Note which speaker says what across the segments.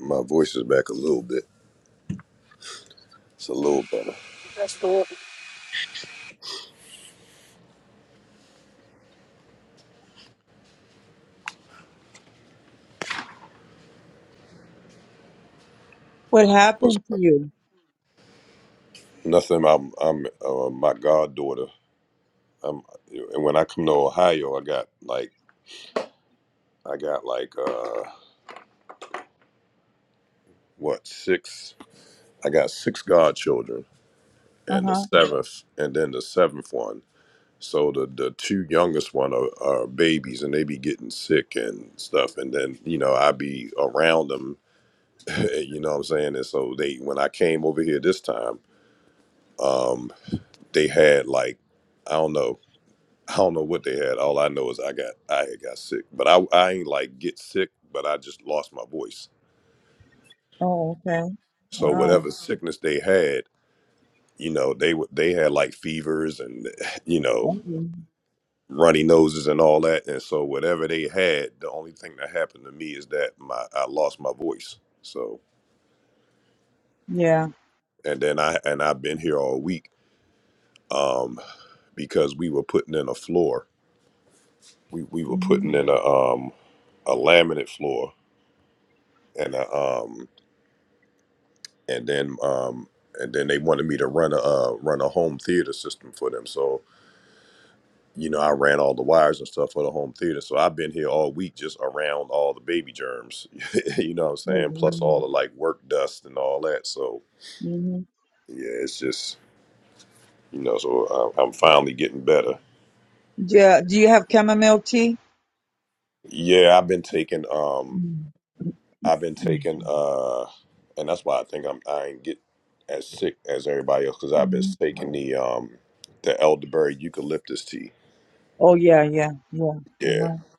Speaker 1: My voice is back a little bit. It's a little better.
Speaker 2: That's cool.
Speaker 3: What
Speaker 1: But
Speaker 3: happened to you?
Speaker 1: nothing. I'm. I'm. Uh, my goddaughter. I'm. And when I come to Ohio, I got like. I got like. Uh, what six? I got six godchildren,
Speaker 3: Uh
Speaker 1: and the
Speaker 3: huh.
Speaker 1: seventh, and then the seventh one. So the the two youngest one are, are babies, and they be getting sick and stuff. And then you know I be around them. you know what I'm saying? And so they when I came over here this time, um, they had like. I don't know I don't know what they had. All I know is I got I had got sick, but I I ain't like get sick, but I just lost my voice.
Speaker 3: Oh, okay.
Speaker 1: So
Speaker 3: Wow.
Speaker 1: whatever sickness they had, you know, they were they had like fevers and you know
Speaker 3: Okay.
Speaker 1: runny noses and all that. And so whatever they had, the only thing that happened to me is that my I lost my voice. So
Speaker 3: Yeah.
Speaker 1: and then I and I've been here all week um, because we were putting in a floor. We we were
Speaker 3: Mm-hmm.
Speaker 1: putting in a um a laminate floor and a um and then um and then they wanted me to run a uh, run a home theater system for them. So you know, I ran all the wires and stuff for the home theater. So I've been here all week just around all the baby germs. you know what I'm saying? Plus all the like work dust and all that. So
Speaker 3: Mm-hmm.
Speaker 1: yeah, it's just you know. So I- I'm finally getting better.
Speaker 3: Yeah. Do you have chamomile tea?
Speaker 1: Yeah, I've been taking um
Speaker 3: Mm-hmm.
Speaker 1: I've been taking uh, and that's why I think I'm I ain't get as sick as everybody else because I've been
Speaker 3: Mm-hmm.
Speaker 1: taking the um the elderberry eucalyptus tea.
Speaker 3: Oh, yeah, yeah, yeah. Uh
Speaker 1: Yeah.
Speaker 3: huh.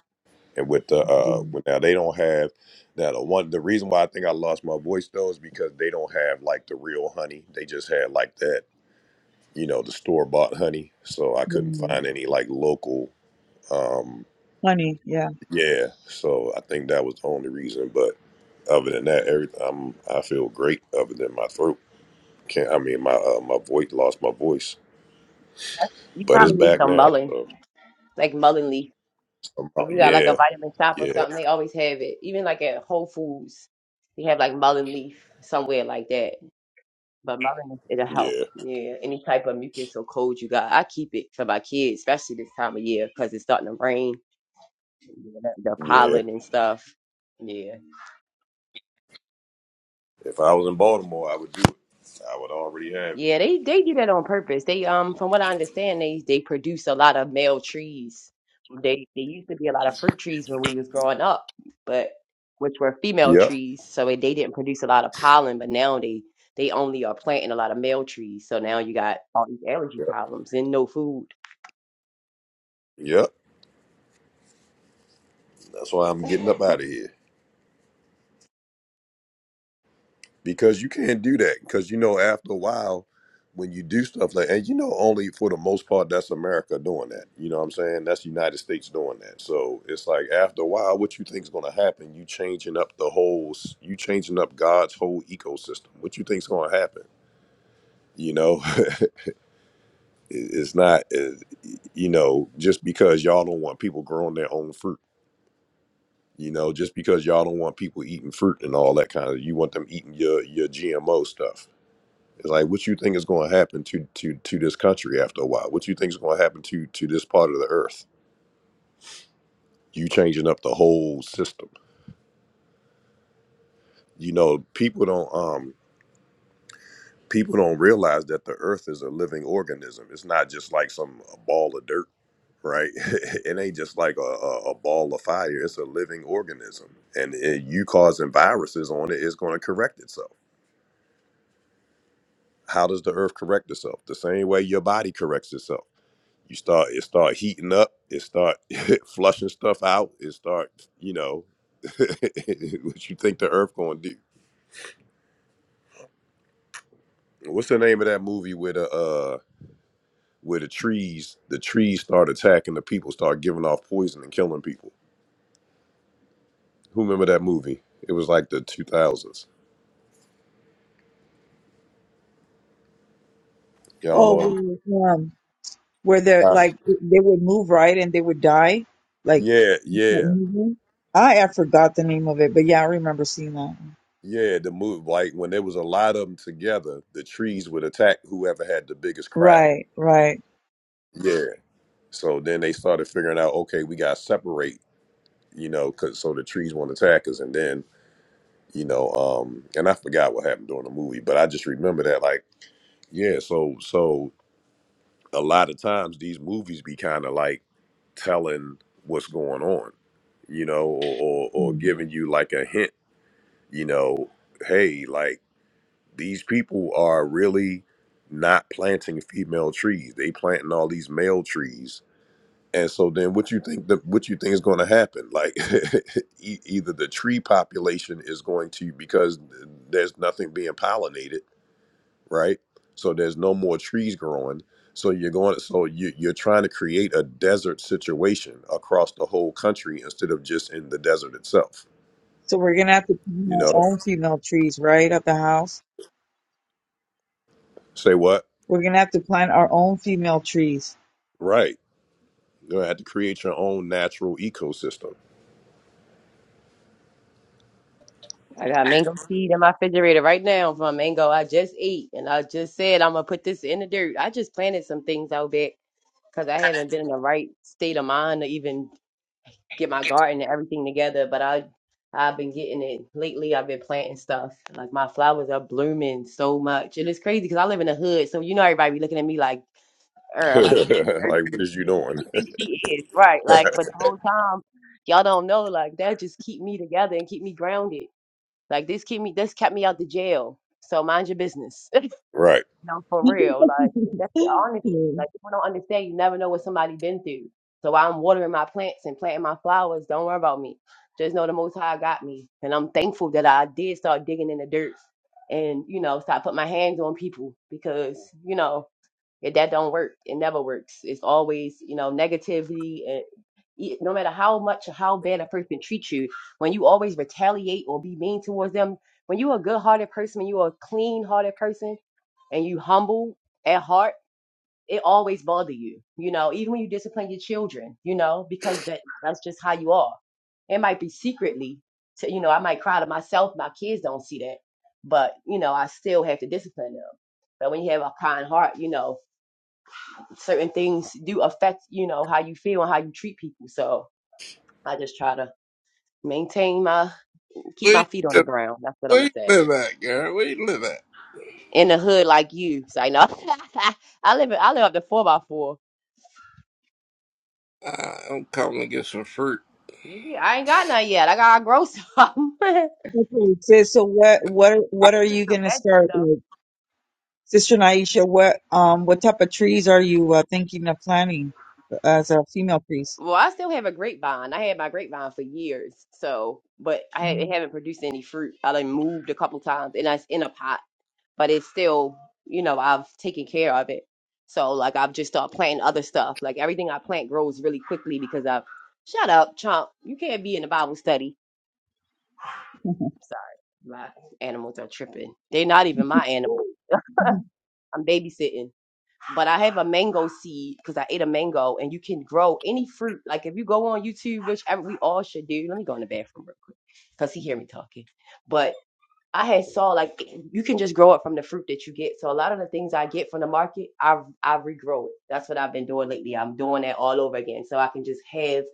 Speaker 1: and with the uh with now they don't have now the one the reason why I think I lost my voice though is because they don't have like the real honey. They just had like that, you know, the store bought honey. So I couldn't find any like local um
Speaker 3: Honey. Yeah.
Speaker 1: yeah. So I think that was the only reason. But other than that, everything I'm I feel great other than my throat. Can't I mean my uh, my voice lost my voice.
Speaker 4: You
Speaker 1: But it's
Speaker 4: probably
Speaker 3: Mm-hmm.
Speaker 4: need
Speaker 1: back
Speaker 4: some
Speaker 1: now.
Speaker 4: mullein,
Speaker 1: So
Speaker 4: like mullein leaf.
Speaker 1: somehow,
Speaker 4: If you got like a
Speaker 1: yeah,
Speaker 4: vitamin shop or
Speaker 1: yeah,
Speaker 4: something, they always have it. Even like at Whole Foods, they have like mullein leaf somewhere like that. But mullein, it'll help.
Speaker 1: yeah,
Speaker 4: Yeah, any type of mucus or cold you got, I keep it for my kids, especially this time of year because it's starting to rain, the the
Speaker 1: yeah.
Speaker 4: pollen and stuff. Yeah.
Speaker 1: If I was in Baltimore I would do it. I would already have it.
Speaker 4: Yeah, they they do that on purpose. They um, from what I understand, they they produce a lot of male trees. They they used to be a lot of fruit trees when we was growing up, but which were female
Speaker 1: Yep.
Speaker 4: trees, so they they didn't produce a lot of pollen. But now they they only are planting a lot of male trees, so now you got all these allergy
Speaker 1: Yep.
Speaker 4: problems and no food.
Speaker 1: Yep. That's why I'm getting up out of here because you can't do that because you know after a while when you do stuff like and you know only for the most part that's America doing that. You know what I'm saying? That's the United States doing that. So it's like after a while what you think is going to happen, you changing up the whole s- you changing up God's whole ecosystem. What you think's going to happen? You know, It- it's not it- you know just because y'all don't want people growing their own fruit You know, just because y'all don't want people eating fruit and all that kind of, you want them eating your your GMO stuff. It's like, what you think is going to happen to to to this country after a while? What you think is going to happen to to this part of the earth? You changing up the whole system. You know, people don't um people don't realize that the earth is a living organism. It's not just like some a ball of dirt, right? it ain't just like a, a, a ball of fire. It's a living organism, and uh, you causing viruses on it is going to correct itself how does the earth correct itself the same way your body corrects itself you start it start heating up it start flushing stuff out it start you know what you think the earth gonna do what's the name of that movie where the uh where the trees the trees start attacking the people start giving off poison and killing people who remember that movie it was like the 2000s y'all know
Speaker 3: Oh,
Speaker 1: what i'm
Speaker 3: well, um, where they're
Speaker 1: Uh,
Speaker 3: like it- they would move right and they would die, like
Speaker 1: yeah yeah
Speaker 3: Mhm. I I forgot the name of it, but yeah, I remember seeing that.
Speaker 1: yeah the move like when there was a lot of them together the trees would attack whoever had the biggest crowd
Speaker 3: Right. Right.
Speaker 1: Yeah. So then they started figuring out, okay, we got to separate, you know, cause so the trees won't attack us. And then, you know, um, and I forgot what happened during the movie, but I just remember that, like, yeah. So, so a lot of times these movies be kind of like telling what's going on, you know, or, or or
Speaker 3: Hmm.
Speaker 1: giving you like a hint, you know, hey, like these people are really not planting female trees. They planting all these male trees and so then what you think the what you think is going to happen like e- either the tree population is going to because there's nothing being pollinated right so there's no more trees growing so you're going so you, you're trying to create a desert situation across the whole country instead of just in the desert itself
Speaker 3: So we're gonna have to plant
Speaker 1: you
Speaker 3: our
Speaker 1: know
Speaker 3: own
Speaker 1: Mhm.
Speaker 3: female trees, right, at the house.
Speaker 1: say what
Speaker 3: We're gonna have to plant our own female trees.
Speaker 1: right you're going to have to create your own natural ecosystem
Speaker 4: I got mango seed in my refrigerator right now from a mango I just ate, and I just said I'm gonna put this in the dirt. I just planted some things out back because I haven't been in the right state of mind to even get my garden and everything together, but I I've been getting it lately. I've been planting stuff. Like my flowers are blooming so much. And it's crazy because I live in the hood. So you know everybody be looking at me like, er, like she
Speaker 1: like what
Speaker 4: irky.
Speaker 1: is you
Speaker 4: who
Speaker 1: doing
Speaker 4: she think she is. Right. Like, but the whole time, y'all don't know, like that just keep me together and keep me grounded. Like this keep me this kept me out the jail. So mind your business.
Speaker 1: right
Speaker 4: No, for real. Like that's the honesty. Like people don't understand. You never know what somebody been through. So while I'm watering my plants and planting my flowers, don't worry about me. Just know the Most High got me, and I'm thankful that I did start digging in the dirt and you know start putting my hands on people because you know yeah, that don't work. It never works. It's always, you know, negativity and e- no matter how much or how bad a person treats you, when you always retaliate or be mean towards them, when you're a good hearted person, when you're a clean hearted person and you humble at heart, it always bother you, you know, even when you discipline your children, you know, because that that's just how you are. It might be secretly to, you know, I might cry to myself, my kids don't see that, but you know, I still have to discipline them. But when you have a kind heart, you know, certain things do affect you know how you feel and how you treat people so i just try to maintain my keep
Speaker 5: Where you
Speaker 4: my feet on
Speaker 5: live,
Speaker 4: the
Speaker 5: at?
Speaker 4: ground that's what i'm
Speaker 5: where you
Speaker 4: gonna say
Speaker 5: live at, Gary? Where you live at?
Speaker 4: in the hood like you say no i live in- i live up to four by four
Speaker 5: Uh, I'm coming to get some fruit.
Speaker 4: You be- i ain't got none yet i gotta grow some
Speaker 3: Okay, sis. So what what are- what are you
Speaker 4: some
Speaker 3: gonna
Speaker 4: veggie
Speaker 3: start
Speaker 4: stuff.
Speaker 3: with, Sister Naisha? What um what type of trees are you uh, thinking of planting as a female trees?
Speaker 4: well i still have a grapevine i had my grapevine for years so but i ha- it haven't produced any fruit i done moved a couple times and that's in a pot but it's still, you know, I've taken care of it. So like I've just started planting other stuff. Like everything I plant grows really quickly because I've shut up, chump. You can't be in the Bible study. Sorry. My animals are tripping. They're not even my animals. I'm babysitting. But I have a mango seed because I ate a mango and you can grow any fruit. Like if you go on YouTube, which ev- we all should do. Let me go in the bathroom real quick. Cause he hear me talking. But. I had saw like you can just grow it from the fruit that you get. So a lot of the things I get from the market, I I regrow it. That's what I've been doing lately. I'm doing that all over again, so I can just have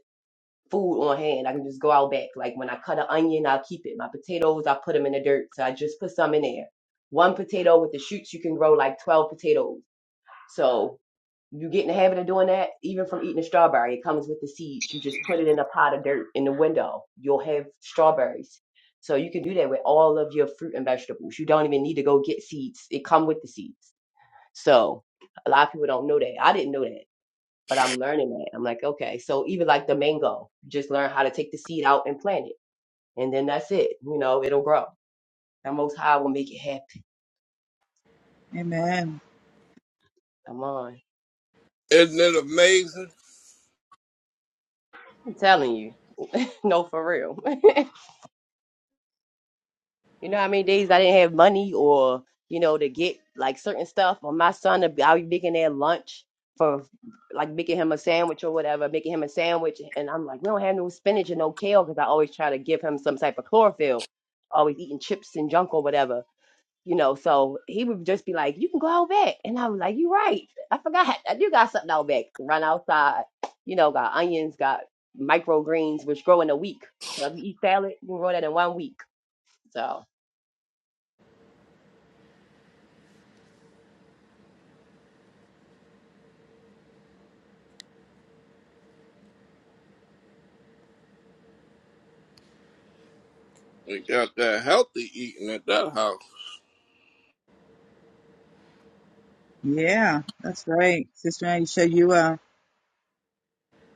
Speaker 4: food on hand. I can just go out back. Like when I cut an onion, I'll keep it. My potatoes, I put them in the dirt. So I just put some in there. One potato with the shoots, you can grow like twelve potatoes. So you get in the habit of doing that, even from eating a strawberry. It comes with the seeds. You just put it in a pot of dirt in the window. You'll have strawberries. So you can do that with all of your fruit and vegetables. You don't even need to go get seeds. It come with the seeds. So a lot of people don't know that. I didn't know that, but I'm learning that. I'm like, okay. So even like the mango, just learn how to take the seed out and plant it. And then that's it. You know, it'll grow. The most high will make it happen.
Speaker 3: Amen.
Speaker 4: Come on.
Speaker 5: Isn't it amazing?
Speaker 4: I'm telling you. No, for real. You know how many days I didn't have money or, you know, to get like certain stuff or my son to I'll be making their lunch for like making him a sandwich or whatever, making him a sandwich and I'm like, we don't have no spinach and no kale because I always try to give him some type of chlorophyll, always eating chips and junk or whatever. You know, so he would just be like, You can go out back and I was like, You right. I forgot I do got something out back. Run outside, you know, got onions, got microgreens which grow in a week. So if you eat salad, you can grow that in one week. So
Speaker 5: We got that healthy eating at that house.
Speaker 3: Yeah, that's right, Sister Naisha. You uh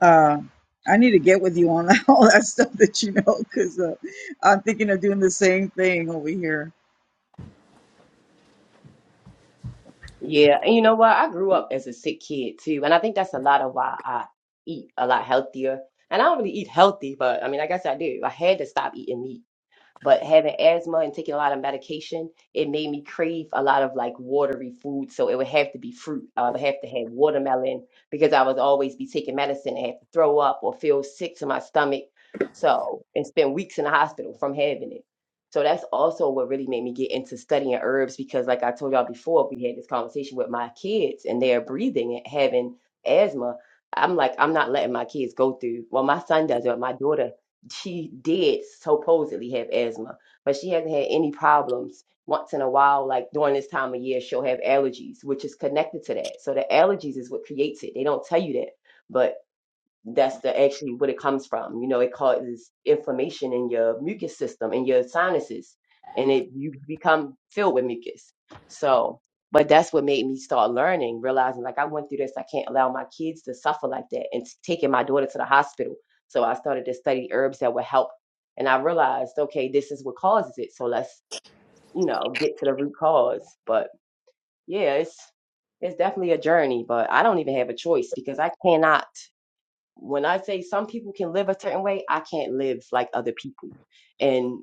Speaker 3: Uh, I need to get with you on all that stuff that you know, because uh, I'm thinking of doing the same thing over here.
Speaker 4: Yeah, and you know what? I grew up as a sick kid too, and I think that's a lot of why I eat a lot healthier. And I don't really eat healthy, but I mean, I guess I do. I had to stop eating meat but having asthma and taking a lot of medication, it made me crave a lot of like watery food. So it would have to be fruit. I would have to have watermelon because I would always be taking medicine and have to throw up or feel sick to my stomach. So and spend weeks in the hospital from having it. So that's also what really made me get into studying herbs because, like I told y'all before, we had this conversation with my kids and they're breathing and having asthma. I'm like, I'm not letting my kids go through. Well, my son does it, but my daughter she did supposedly have asthma, but she hasn't had any problems. Once in a while, like during this time of year, she'll have allergies, which is connected to that. So the allergies is what creates it. They don't tell you that, but that's the actually what it comes from. You know, it causes inflammation in your mucus system in your sinuses, and it you become filled with mucus. So, but that's what made me start learning, realizing like I went through this. I can't allow my kids to suffer like that, and s- taking my daughter to the hospital. So I started to study herbs that would help, and I realized okay, this is what causes it. So let's you know get to the root cause. But yeah, it's it's definitely a journey, but I don't even have a choice because I cannot when I say some people can live a certain way, I can't live like other people. And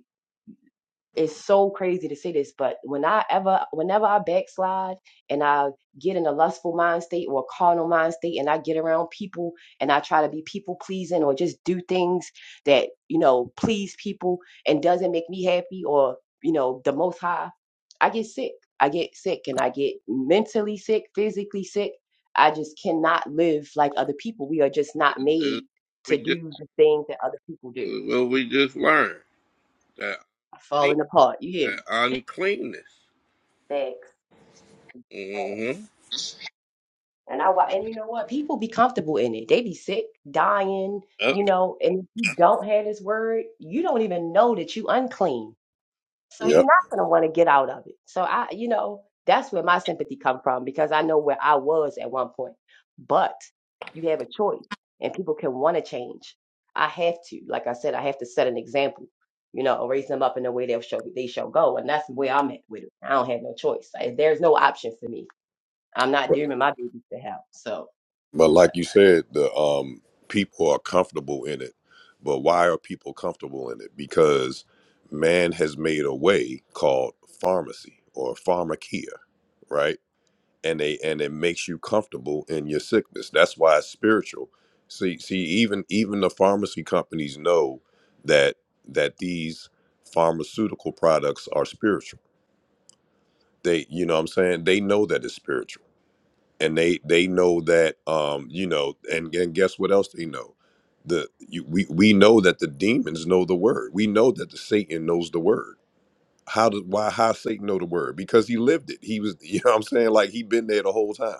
Speaker 4: it's so crazy to say this, but when I ever, whenever I backslide and I get in a lustful mind state or a carnal mind state and I get around people and I try to be people pleasing or just do things that, you know, please people and doesn't make me happy or, you know, the most high, I get sick. I get sick and I get mentally sick, physically sick. I just cannot live like other people. We are just
Speaker 5: It,
Speaker 4: not
Speaker 5: it,
Speaker 4: made
Speaker 5: we
Speaker 4: to
Speaker 5: just,
Speaker 4: do the things that other people do.
Speaker 5: well, we just learned that, clean-
Speaker 4: Falling apart. You hear me?
Speaker 5: that uncleanness.
Speaker 4: Thanks.
Speaker 5: Mm-hmm.
Speaker 4: And I wa and you know what? People be comfortable in it. They be sick, dying,
Speaker 5: Yep.
Speaker 4: you know, and if you don't have this word, you don't even know that you unclean. So you're
Speaker 1: yep
Speaker 4: not gonna want to get out of it. So I, you know, that's where my sympathy come from because I know where I was at one point. But you have a choice and people can want to change. I have to, like I said, I have to set an example, you know, raise them up in the way they'll show they shall go. And that's where I'm at with it. I don't have no choice. Like, there's no option for me. I'm not dooming my babies to hell. So
Speaker 1: But
Speaker 4: but
Speaker 1: like you said, the um, people are comfortable in it. But why are people comfortable in it? Because man has made a way called pharmacy or pharmakia, right? And they and it makes you comfortable in your sickness. That's why it's spiritual. See, see, even even the pharmacy companies know that that these pharmaceutical products are spiritual. They, you know, what I'm saying they know that it's spiritual and they they know that um you know and, and guess what else they know the you, we we know that the demons know the word we know that the satan knows the word how does why how satan know the word because he lived it he was you know what i'm saying like he been there the whole time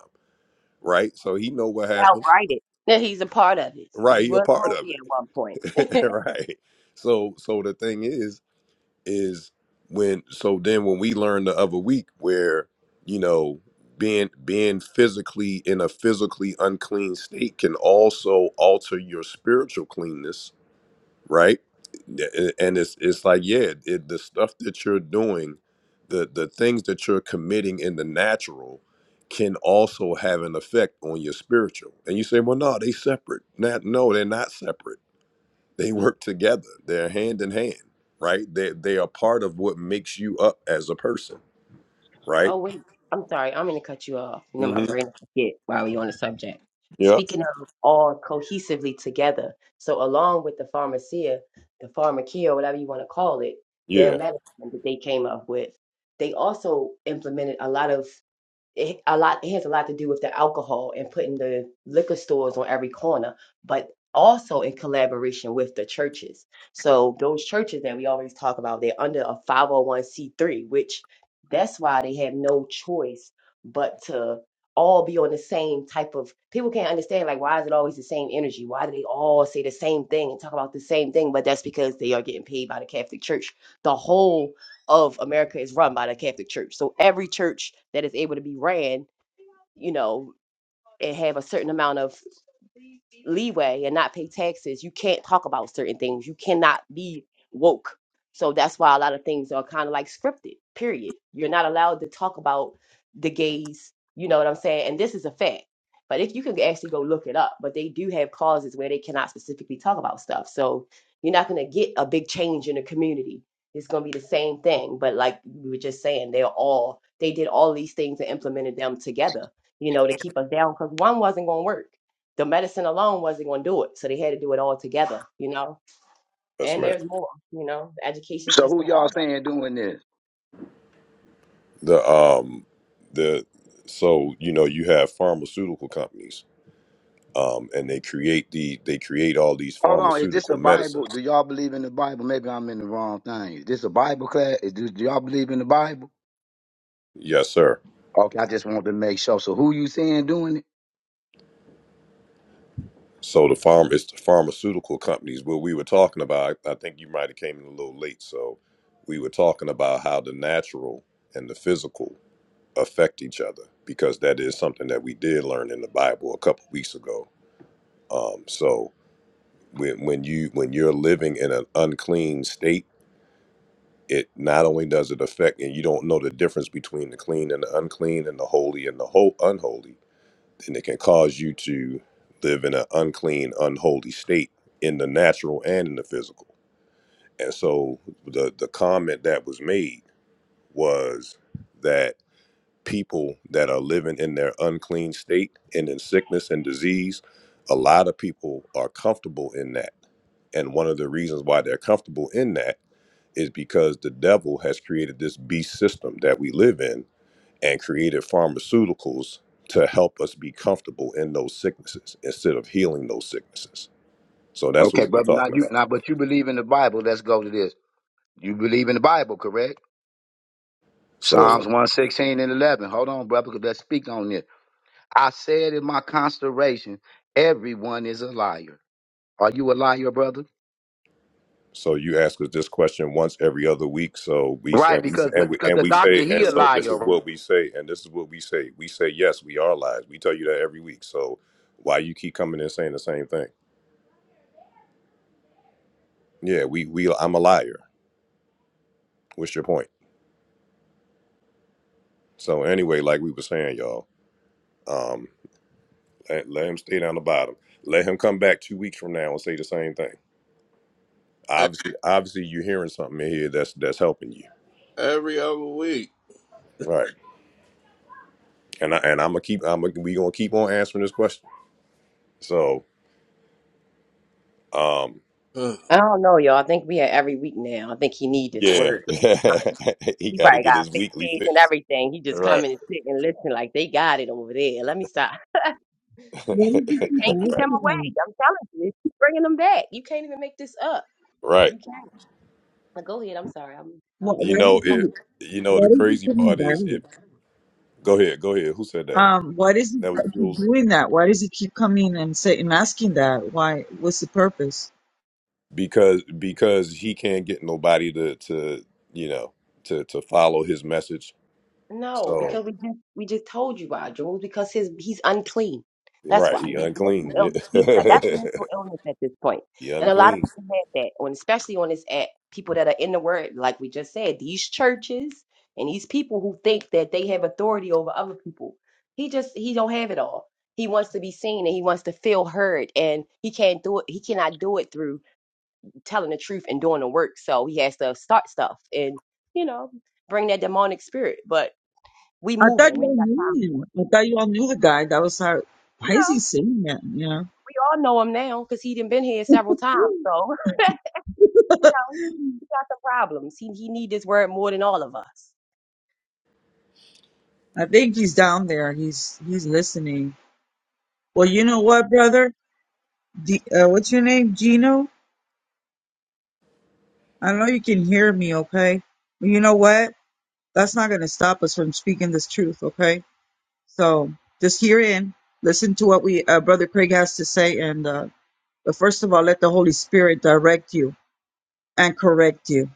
Speaker 1: right so he know what
Speaker 4: he
Speaker 1: happened
Speaker 4: outright it that he's a part of it.
Speaker 1: right
Speaker 4: He
Speaker 1: he a
Speaker 4: was
Speaker 1: part of
Speaker 4: holy at one point.
Speaker 1: it right so so the thing is is when so then when we learned the other week where you know being being physically in a physically unclean state can also alter your spiritual cleanness right A- and it's it's like yeah it, the stuff that you're doing the the things that you're committing in the natural can also have an effect on your spiritual and you say well no they separate not no they're not separate they work together. They're hand in hand, right? They they are part of what makes you up as a person, right?
Speaker 4: Oh wait, I'm sorry, I'm gonna cut you off. You know my
Speaker 1: Mm-hmm.
Speaker 4: brain will forget while we're on the subject.
Speaker 1: Yep.
Speaker 4: Speaking of all cohesively together, so along with the pharmacia, the pharmakia, whatever you want to call it, their
Speaker 1: Yeah.
Speaker 4: medicine that they came up with, they also implemented a lot of it, a lot it has a lot to do with the alcohol and putting the liquor stores on every corner, but also in collaboration with the churches. So those churches that we always talk about, they're under a 501c3, which that's why they have no choice but to all be on the same type of people can't understand like why is it always the same energy? Why do they all say the same thing and talk about the same thing? But that's because they are getting paid by the Catholic Church. The whole of America is run by the Catholic Church. So every church that is able to be ran, you know, and have a certain amount of leeway and not pay taxes, you can't talk about certain things. You cannot be woke. So that's why a lot of things are kind of like scripted, period. You're not allowed to talk about the gays, you know what I'm saying? And this is a fact. But if you can actually go look it up, but they do have clauses where they cannot specifically talk about stuff. So you're not going to get a big change in the community. It's going to be the same thing. But like we were just saying, they're all, they did all these things and implemented them together, you know, to keep us down because one wasn't going to work the medicine alone wasn't going to do it. So they had to do it all together, you know?
Speaker 1: yes,
Speaker 4: And
Speaker 1: man.
Speaker 4: there's more, you know, the education
Speaker 6: So who
Speaker 4: system, all
Speaker 6: y'all
Speaker 4: of
Speaker 6: saying doing this?
Speaker 1: The um the so you know you have pharmaceutical companies um and they create the they create all these
Speaker 6: Hold on, is this
Speaker 1: pharmaceutical
Speaker 6: a Bible?
Speaker 1: medicines.
Speaker 6: Do y'all believe in the Bible? Maybe I'm in the wrong thing. Is this a Bible class? Is this, do y'all believe in the Bible?
Speaker 1: Yes, sir.
Speaker 6: Okay, I just want to make sure. So who you saying doing it?
Speaker 1: So the farm it's the pharmaceutical companies. What we were talking about, I think you might have came in a little late. So we were talking about how the natural and the physical affect each other because that is something that we did learn in the Bible a couple weeks ago. Um, so when when you when you're living in an unclean state, it not only does it affect and you don't know the difference between the clean and the unclean and the holy and the whole unholy, then it can cause you to live in an unclean, unholy state in the natural and in the physical. And so the the comment that was made was that people that are living in their unclean state and in sickness and disease, a lot of people are comfortable in that. And one of the reasons why they're comfortable in that is because the devil has created this beast system that we live in and created pharmaceuticals to help us be comfortable in those sicknesses instead of healing those sicknesses. So that's what
Speaker 6: Okay,
Speaker 1: we were
Speaker 6: brother, not
Speaker 1: talking
Speaker 6: you
Speaker 1: about.
Speaker 6: now, but you believe in the Bible. Let's go to this. You believe in the Bible, correct?
Speaker 1: So
Speaker 6: Psalms 116 and 11. Hold on, brother, 'cause let's speak on this. I said in my constellation, everyone is a liar. Are you a liar, brother?
Speaker 1: So you ask us this question once every other week. So we
Speaker 6: Right,
Speaker 1: and we
Speaker 6: because the,
Speaker 1: and we
Speaker 6: because
Speaker 1: and
Speaker 6: the
Speaker 1: we
Speaker 6: doctor,
Speaker 1: say,
Speaker 6: he
Speaker 1: and
Speaker 6: a
Speaker 1: so this is
Speaker 6: liar,
Speaker 1: what we say, and this is what we say. We say yes, we are liars. We tell you that every week. So why you keep coming and saying the same thing? Yeah, we we I'm a liar. What's your point? So anyway, like we were saying, y'all, um, let, let him stay down the bottom. Let him come back two weeks from now and say the same thing.
Speaker 5: E-
Speaker 1: Obviously, obviously, you're hearing something in here that's that's helping you,
Speaker 5: Every other week.
Speaker 1: right? And I and I'm gonna keep I'm gonna, we gonna keep on answering this question. So. Um,
Speaker 5: Ugh.
Speaker 4: it. I don't know, y'all. I think we had every week now. I think he need this
Speaker 1: Yeah,
Speaker 4: word. He coming.
Speaker 1: he
Speaker 4: He
Speaker 1: got to
Speaker 4: probably
Speaker 1: get
Speaker 4: got a
Speaker 1: his
Speaker 4: fake
Speaker 1: weekly
Speaker 4: page and
Speaker 1: fix.
Speaker 4: everything. He just come
Speaker 1: Right,
Speaker 4: in and sit and listen like they got it over there. Let me stop.
Speaker 3: Why did you
Speaker 4: Spirit
Speaker 3: keep
Speaker 4: Can't keep
Speaker 1: right,
Speaker 4: him
Speaker 3: asking that?
Speaker 4: away. I'm telling you. Keep bringing him back. You can't even make this up.
Speaker 1: right.
Speaker 4: You can't. But go ahead. I'm sorry. I'm,
Speaker 3: Why,
Speaker 4: I'm
Speaker 1: You
Speaker 3: why
Speaker 1: know
Speaker 3: did
Speaker 4: listening.
Speaker 1: if
Speaker 3: you?
Speaker 1: You know
Speaker 3: Why
Speaker 1: the
Speaker 3: did you
Speaker 1: crazy
Speaker 3: coming
Speaker 1: part is
Speaker 3: back?
Speaker 1: if. Go ahead, go ahead. Who said that?
Speaker 3: Um, why does it
Speaker 1: That was
Speaker 3: keep
Speaker 1: Jules.
Speaker 3: doing that? Why does it keep coming and say and asking that? Why? What's the purpose?
Speaker 1: Because because he can't get nobody to to you know to to follow his message.
Speaker 4: No,
Speaker 1: So
Speaker 4: because we just we just told you why, Jules. Because his he's unclean. That's why
Speaker 1: right,
Speaker 4: he
Speaker 1: he
Speaker 4: has mental
Speaker 1: unclean. Yeah.
Speaker 4: illness. He's got- that's mental illness at this point, point.
Speaker 1: he
Speaker 4: and a lot of
Speaker 1: unclean.
Speaker 4: people had that, and especially on this app, people that are in the word, like we just said, these churches and these people who think that they have authority over other people. He just he don't have it all. He wants to be seen and he wants to feel heard, and he can't do it. He cannot do it through telling the truth and doing the work. So he has to start stuff and you know bring that demonic spirit, but. We
Speaker 3: I thought
Speaker 4: moving.
Speaker 3: you
Speaker 4: We ain't
Speaker 3: all
Speaker 4: got time
Speaker 3: knew
Speaker 4: for
Speaker 3: him.
Speaker 4: it.
Speaker 3: I thought you all knew the guy. That was how. Why
Speaker 4: You
Speaker 3: is he
Speaker 4: know,
Speaker 3: saying that? You know.
Speaker 4: we all know him now because he done been here several times. So, you know, he got the problems. He he need this word more than all of us.
Speaker 3: I think he's down there. He's he's listening. Well, you know what, brother? D, uh, what's your name, Gino? I know you can hear me, okay? But you know what? That's not going to stop us from speaking this truth, okay? So just hear in, listen to what we uh, Brother Craig has to say, and uh, but first of all, let the Holy Spirit direct you and correct you.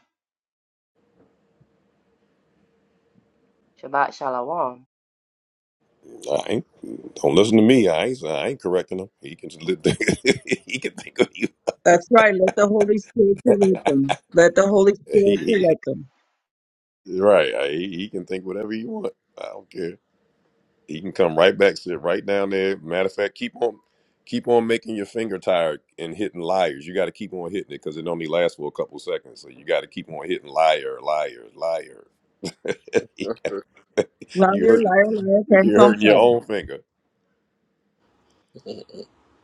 Speaker 4: Shabbat shalom.
Speaker 1: I ain't, don't listen to me. I ain't I ain't correcting him. He can just, he can think of
Speaker 3: That's right. Let the Holy Spirit correct them. Let the Holy Spirit
Speaker 1: you.
Speaker 3: correct them.
Speaker 1: Right. I, he he can think whatever he want. I don't care. He can come right back, sit right down there. Matter of fact, keep on, keep on making your finger tired and hitting liars. You got to keep on hitting it because it only lasts for a couple seconds. So you got to keep on hitting liar, liar, liar.
Speaker 3: Liar,
Speaker 1: you hurting,
Speaker 3: liar, liar, pants
Speaker 1: you're
Speaker 3: on
Speaker 1: hurting your
Speaker 3: fire.
Speaker 1: own finger.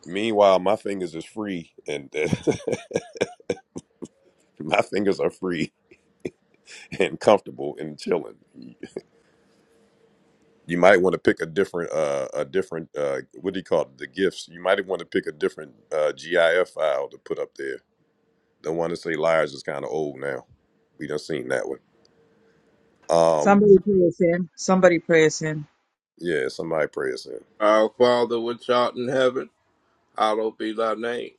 Speaker 1: Meanwhile, my fingers is free and my fingers are free and comfortable and chilling. you might want to pick a different uh a different uh what do you call it the gifts you might want to pick a different uh gif file to put up there the one that say liars is kind of old now we done seen that one um
Speaker 3: Somebody pray us in. Somebody pray us in.
Speaker 1: yeah somebody pray us in
Speaker 5: Our Father which art in heaven, hallowed be thy name.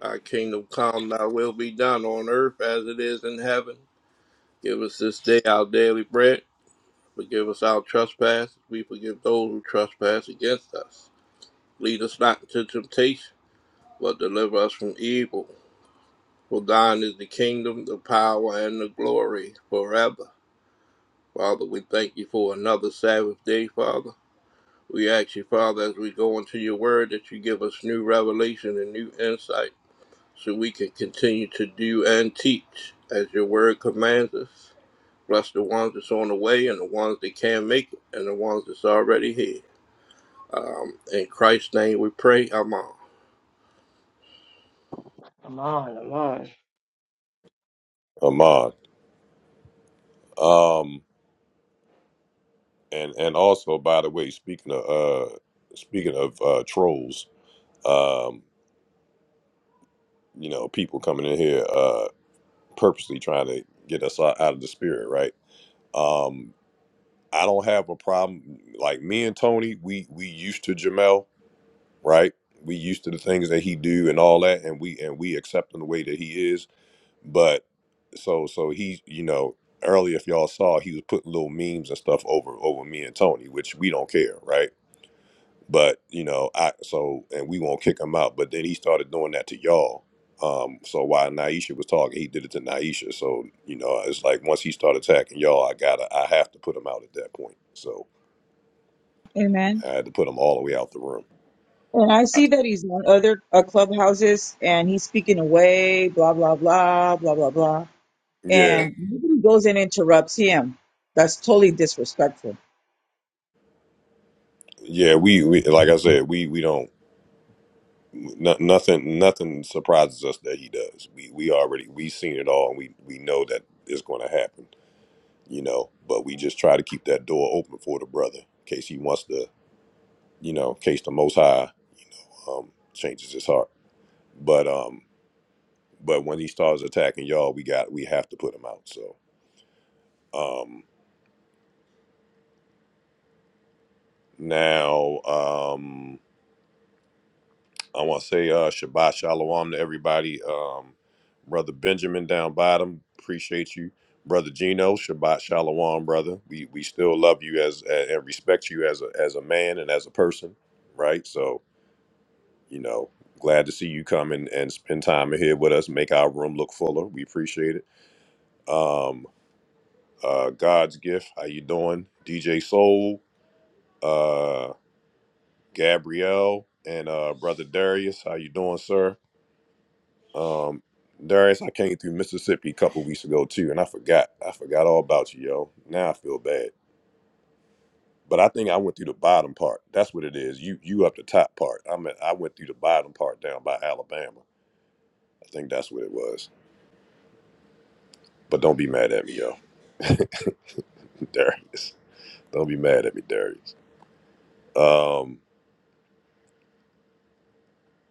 Speaker 5: Thy kingdom come, thy will be done on earth as it is in heaven. Give us this day our daily bread Forgive us our trespasses, we forgive those who trespass against us. Lead us not into temptation, but deliver us from evil. For thine is the kingdom, the power, and the glory forever. Father, we thank you for another Sabbath day, Father. We ask you, Father, as we go into your word, that you give us new revelation and new insight so we can continue to do and teach as your word commands us. Bless the ones that's on the way and the ones that can't make it and the ones that's already here. In Christ's name we pray, Amen.
Speaker 4: Come on, come on.
Speaker 1: amon um and and also by the way speaking of uh speaking of uh trolls um you know people coming in here uh purposely trying to get us out out of the spirit right Um, I don't have a problem. Like me and Tony, we we used to Jamel, right? We used to the things that he do and all that, and we and we accept him the way that he is. But so so he, you know, earlier if y'all saw, he was putting little memes and stuff over over me and Tony, which we don't care, right? But you know, I so and we won't kick him out. But then he started doing that to y'all. Um, so while Naisha was talking, he did it to Naisha. So you know, it's like once he started attacking y'all, I gotta, I have to put him out at that point. So.
Speaker 3: Amen.
Speaker 1: I had to put them all the way out the room.
Speaker 3: And I see that he's on other uh, clubhouses and he's speaking away, blah, blah, blah, blah, blah, blah.
Speaker 1: Yeah,
Speaker 3: And nobody goes and interrupts him. That's totally disrespectful.
Speaker 1: yeah. We, we like I said, we we don't no, nothing nothing surprises us that he does. We we already we seen it all, and we we know that it's going to happen. You know, but we just try to keep that door open for the brother in case he wants to. You know, in case the Most High, you know, um, changes his heart. But um, but when he starts attacking y'all, we got we have to put him out. So um, now um. I want to say uh, Shabbat Shalom to everybody. Um, Brother Benjamin down bottom, appreciate you. Brother Gino, Shabbat Shalom, brother. We we still love you as, a- and respect you as a as a man and as a person, right? So you know, glad to see you come and, and spend time in here with us. Make our room look fuller. We appreciate it. Um, uh, God's gift. How you doing, DJ Soul, uh, Gabrielle, and uh, Brother Darius? How you doing, sir? Um, Darius, I came through Mississippi a couple weeks ago too, and I forgot. I forgot all about you, yo. Now I feel bad. But I think I went through the bottom part. That's what it is. You you up the top part. I mean, I went through the bottom part down by Alabama. I think that's what it was. But don't be mad at me, yo, Darius. Don't be mad at me, Darius. Um,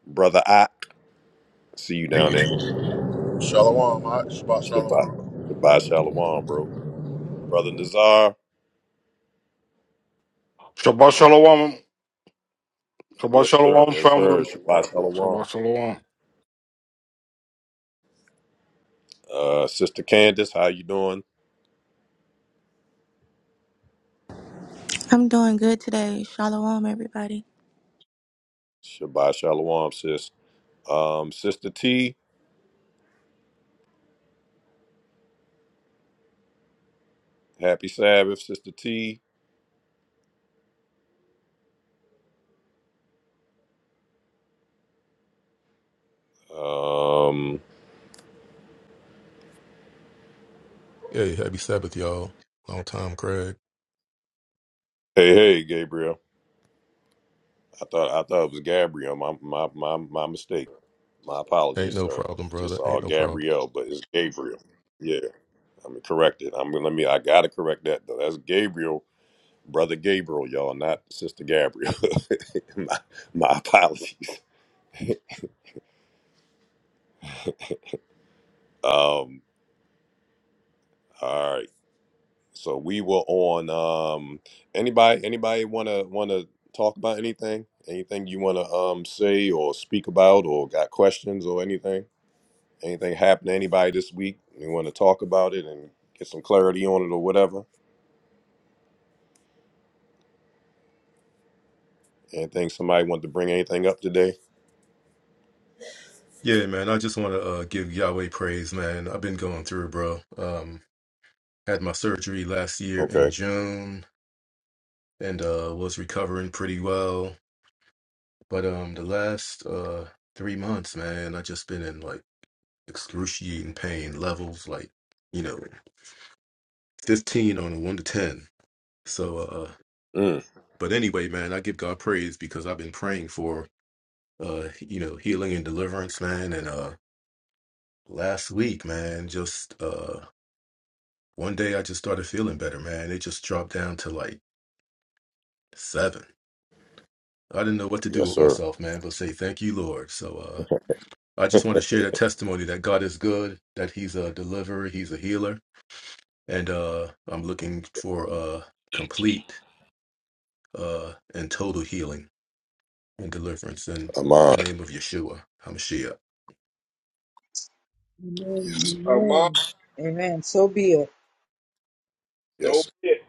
Speaker 1: brother, I see you down there.
Speaker 7: Shalom, Shabbat
Speaker 1: Shabbat,
Speaker 7: Shalom.
Speaker 1: Shabbat Shalom, bro. Brother Nazar,
Speaker 8: Shabbat shalom. Shabbat shalom,
Speaker 1: yes sir.
Speaker 8: family.
Speaker 1: Shabbat
Speaker 8: Shabbat
Speaker 1: Shalom.
Speaker 8: shalom.
Speaker 1: Uh, sister Candace, how you doing?
Speaker 9: I'm doing good today. Shalom, everybody.
Speaker 1: Shabbat shalom, sis. Um, Sister T, happy Sabbath, Sister T. Um,
Speaker 10: Hey, happy Sabbath, y'all. Long time, Craig.
Speaker 1: hey, hey, Gabriel. I thought I thought it was Gabriel. My my my my mistake. My
Speaker 10: Ain't
Speaker 1: apologies,
Speaker 10: no
Speaker 1: sir. I
Speaker 10: problem,
Speaker 1: just
Speaker 10: brother.
Speaker 1: saw
Speaker 10: Ain't no problem.
Speaker 1: Gabrielle, but it's Gabriel. Yeah, I'm corrected. I'm going let me. I gotta correct that though. That's Gabriel, brother Gabriel, y'all, not Sister Gabriel. my, my apologies. Um, all right. So we were on um anybody anybody wanna wanna talk about anything? Anything you wanna um say or speak about or got questions or anything? Anything happened to anybody this week? You wanna talk about it and get some clarity on it or whatever? Anything somebody wanted to bring anything up today?
Speaker 10: Yeah, man. I just want to uh, give Yahweh praise, man. I've been going through it, bro. Um, had my surgery last year in
Speaker 1: Okay.
Speaker 10: June and uh, was recovering pretty well. But um, the last uh, three months, man, I just been in like excruciating pain levels, like you know, fifteen on a one to ten. So, uh,
Speaker 1: Mm,
Speaker 10: but anyway, man, I give God praise because I've been praying for uh you know healing and deliverance man and uh last week man just uh one day i just started feeling better man it just dropped down to like seven i didn't know what to do
Speaker 1: yes,
Speaker 10: with
Speaker 1: sir.
Speaker 10: myself man but say thank you lord so uh i just want to share that testimony that god is good that he's a deliverer he's a healer and uh i'm looking for uh complete uh and total healing and deliverance in
Speaker 1: Amon.
Speaker 10: the name of yeshua hamashiach
Speaker 1: Yes.
Speaker 3: Amen.
Speaker 5: Among
Speaker 3: Amen. Amen. So be it.
Speaker 5: so
Speaker 1: Yes.
Speaker 5: it,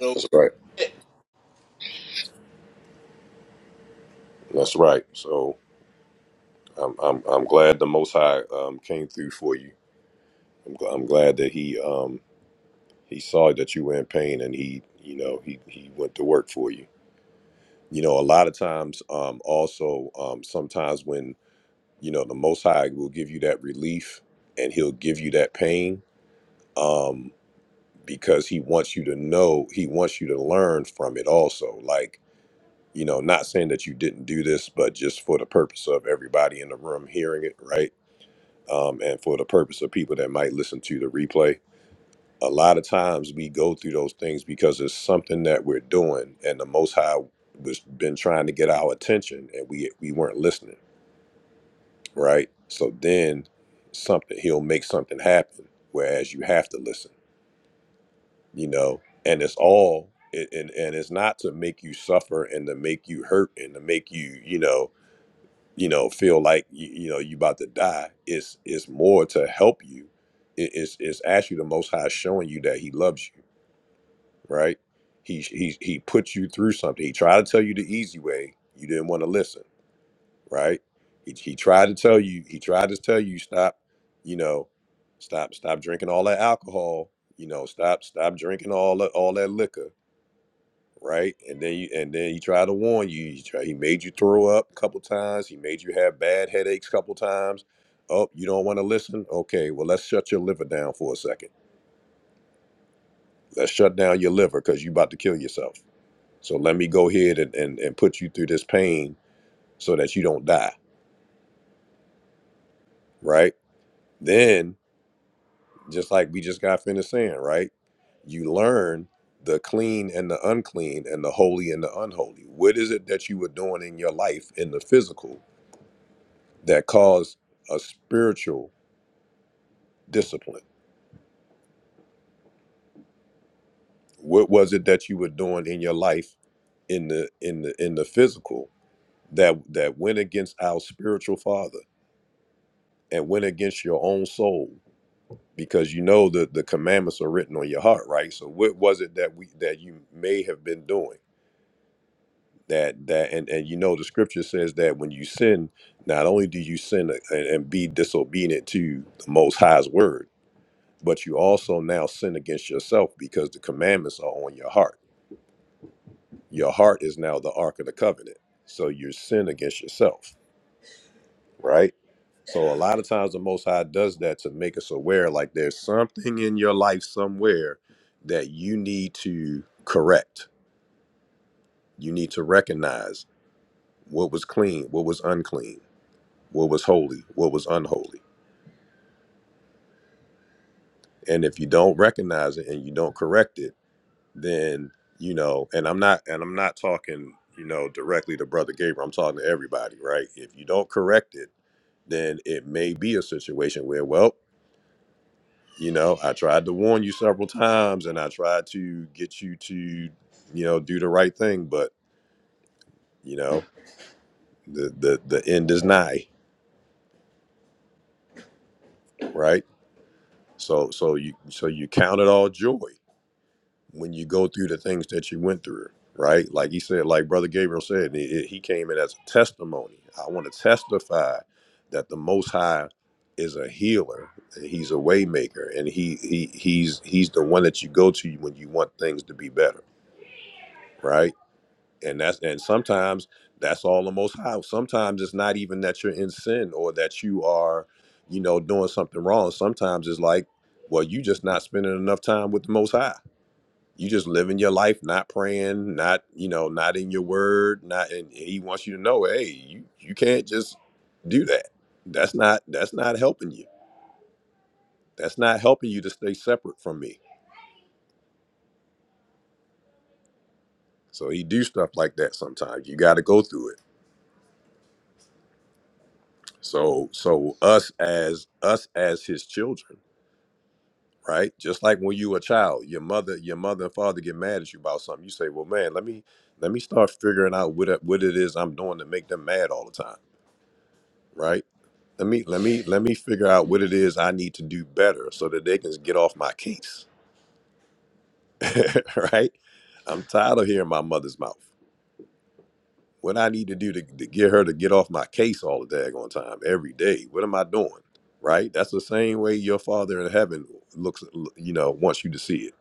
Speaker 5: so
Speaker 1: That's right.
Speaker 5: it.
Speaker 1: That's right. So I'm I'm I'm glad the Most High um came through for you. I'm, gl- I'm glad that he um he saw that you were in pain and he you know he he went to work for you you know a lot of times um also um sometimes when you know the most high will give you that relief and he'll give you that pain um because he wants you to know he wants you to learn from it also like you know not saying that you didn't do this but just for the purpose of everybody in the room hearing it right um and for the purpose of people that might listen to the replay a lot of times we go through those things because it's something that we're doing and the most high was been trying to get our attention and we we weren't listening right so then something he'll make something happen whereas you have to listen you know and it's all and and and it's not to make you suffer and to make you hurt and to make you you know you know feel like you, you know you about to die it's it's more to help you it, it's it's actually the most high showing you that he loves you right? He he he put you through something. He tried to tell you the easy way. You didn't want to listen, right? He, he tried to tell you. He tried to tell you stop. You know, stop stop drinking all that alcohol. You know, stop stop drinking all that all that liquor, right? And then you and then he tried to warn you. He tried, he made you throw up a couple times. He made you have bad headaches a couple times. Oh, you don't want to listen? Okay, well let's shut your liver down for a second. Let's shut down your liver because you about to kill yourself So let me go ahead and, and, and put you through this pain so that you don't die, right? Then, just like we just got finished saying, right? You learn the clean and the unclean and the holy and the unholy. What is it that you were doing in your life in the physical that caused a spiritual discipline? What was it that you were doing in your life in the in the in the physical that that went against our spiritual father and went against your own soul? because you know that the commandments are written on your heart right so what was it that we that you may have been doing that that and and you know the scripture says that when you sin not only do you sin and, and be disobedient to the most high's word but you also now sin against yourself because the commandments are on your heart your heart is now the ark of the covenant so you sin against yourself right So a lot of times the Most High does that to make us aware, like there's something in your life somewhere that you need to correct. You need to recognize what was clean, what was unclean, what was holy, what was unholy. And if you don't recognize it and you don't correct it, then you know. And I'm not, and I'm not talking, you know, directly to Brother Gabriel. I'm talking to everybody, right? If you don't correct it, then it may be a situation where, well. you know i tried to warn you several times and i tried to get you to you know do the right thing but you know the the, the end is nigh right so so you so you count it all joy when you go through the things that you went through right like he said like brother gabriel said he, he came in as a testimony i want to testify that the most high is a healer and he's a waymaker and he he he's he's the one that you go to when you want things to be better right and that's and sometimes that's all the most high sometimes it's not even that you're in sin or that you are you know doing something wrong sometimes it's like well you just not spending enough time with the most high you just living your life not praying not you know not in your word not and he wants you to know hey you you can't just do that that's not that's not helping you that's not helping you to stay separate from me so he do stuff like that sometimes you got to go through it So so us as us as his children, right? Just like when you a child, your mother your mother and father get mad at you about something. You say, "Well, man, let me let me start figuring out what it- what it is I'm doing to make them mad all the time." Right? Let me let me let me figure out what it is I need to do better so that they can get off my case. right? I'm tired of hearing my mother's mouth. What I need to do to, to get her to get off my case all the daggone time, every day. What am I doing? Right? That's the same way your father in heaven looks, you know, wants you to see it.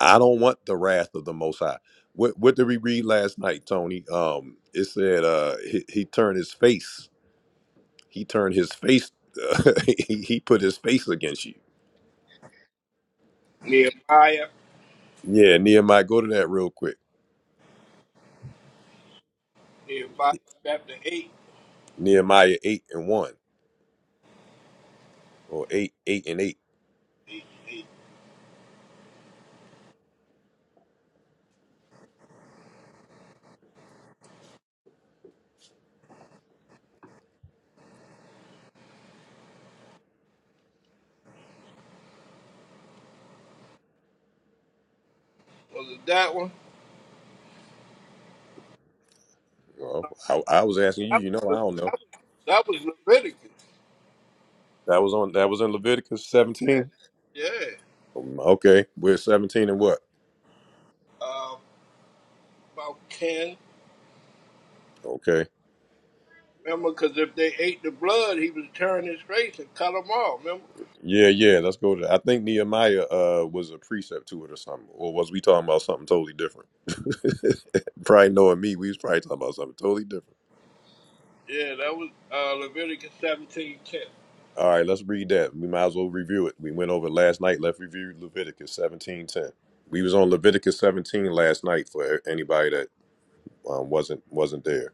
Speaker 1: I don't want the wrath of the Most High. What What did we read last night, Tony? Um, it said uh, he, he turned his face. He turned his face. he, he put his face against you.
Speaker 5: Nehemiah,
Speaker 1: Yeah, Nehemiah, go to that real quick.
Speaker 5: Nehemiah chapter eight.
Speaker 1: Nehemiah eight and one, or eight eight and eight.
Speaker 5: Was it that one?
Speaker 1: Well, I, I was asking you.
Speaker 5: That
Speaker 1: You know,
Speaker 5: was
Speaker 1: I don't know.
Speaker 5: that was that was Leviticus.
Speaker 1: That was on that was in Leviticus 17.
Speaker 5: Yeah,
Speaker 1: Um, Okay, we're 17 and what?
Speaker 5: uh, about ten.
Speaker 1: Okay.
Speaker 5: Remember, because if they ate the blood, he would turn his face and cut them off. Remember?
Speaker 1: Yeah, yeah, let's go to that. I think Nehemiah uh was a precept to it or something. Or was we talking about something totally different? probably knowing me, we was probably talking about something totally different.
Speaker 5: Yeah, that was uh, Leviticus seventeen ten.
Speaker 1: All right, let's read that. We might as well review it. We went over it last night, let's review Leviticus 17:10. We was on Leviticus 17 last night for anybody that um, wasn't wasn't there.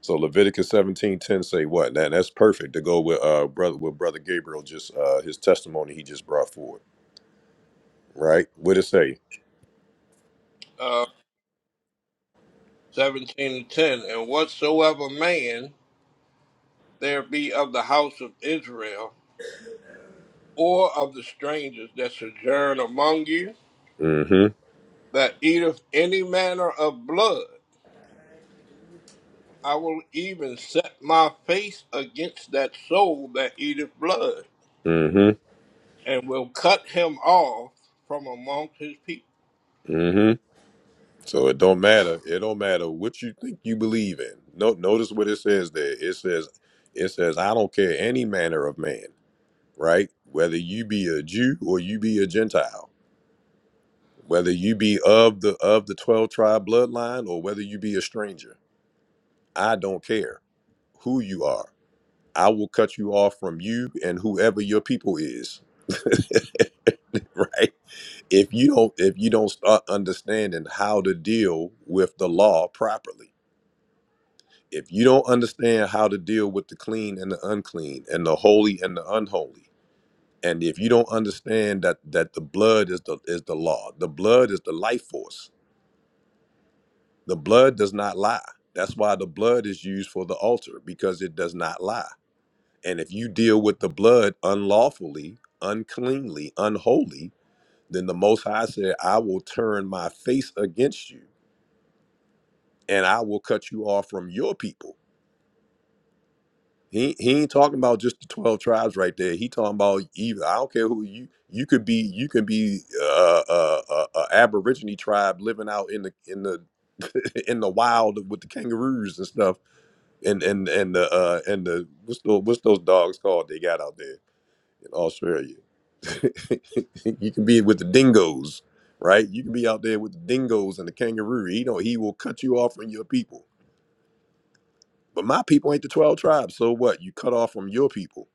Speaker 1: So Leviticus seventeen ten say what? Now that's perfect to go with uh brother with brother Gabriel just uh his testimony he just brought forward, right? What it say?
Speaker 5: Uh, seventeen and ten. And whatsoever man there be of the house of Israel. or of the strangers that sojourn among you,
Speaker 1: Mm-hmm.
Speaker 5: that eateth any manner of blood. I will even set my face against that soul that eateth blood,
Speaker 1: Mm-hmm.
Speaker 5: and will cut him off from amongst his people.
Speaker 1: Mm-hmm. So it don't matter. It don't matter what you think you believe in. No notice what it says there. It says it says I don't care any manner of man, right? Whether you be a Jew or you be a Gentile, whether you be of the of the twelve tribe bloodline or whether you be a stranger. I don't care who you are. I will cut you off from you and whoever your people is. right? If you don't if you don't start understanding how to deal with the law properly. If you don't understand how to deal with the clean and the unclean and the holy and the unholy. And if you don't understand that that the blood is the is the law. The blood is the life force. The blood does not lie. That's why the blood is used for the altar because it does not lie And if you deal with the blood unlawfully, uncleanly, unholy, then the Most High said, I will turn my face against you and I will cut you off from your people. He, he ain't talking about just the 12 tribes right there. He talking about even I don't care who you you could be you can be uh, uh, uh, uh aborigine tribe living out in the in the in the wild with the kangaroos and stuff and and and the uh and the what's the, what's those dogs called they got out there in Australia. you can be with the dingoes, right? You can be out there with the dingoes and the kangaroo. He don't. He will cut you off from your people. But my people ain't the twelve tribes. So what? You cut off from your people.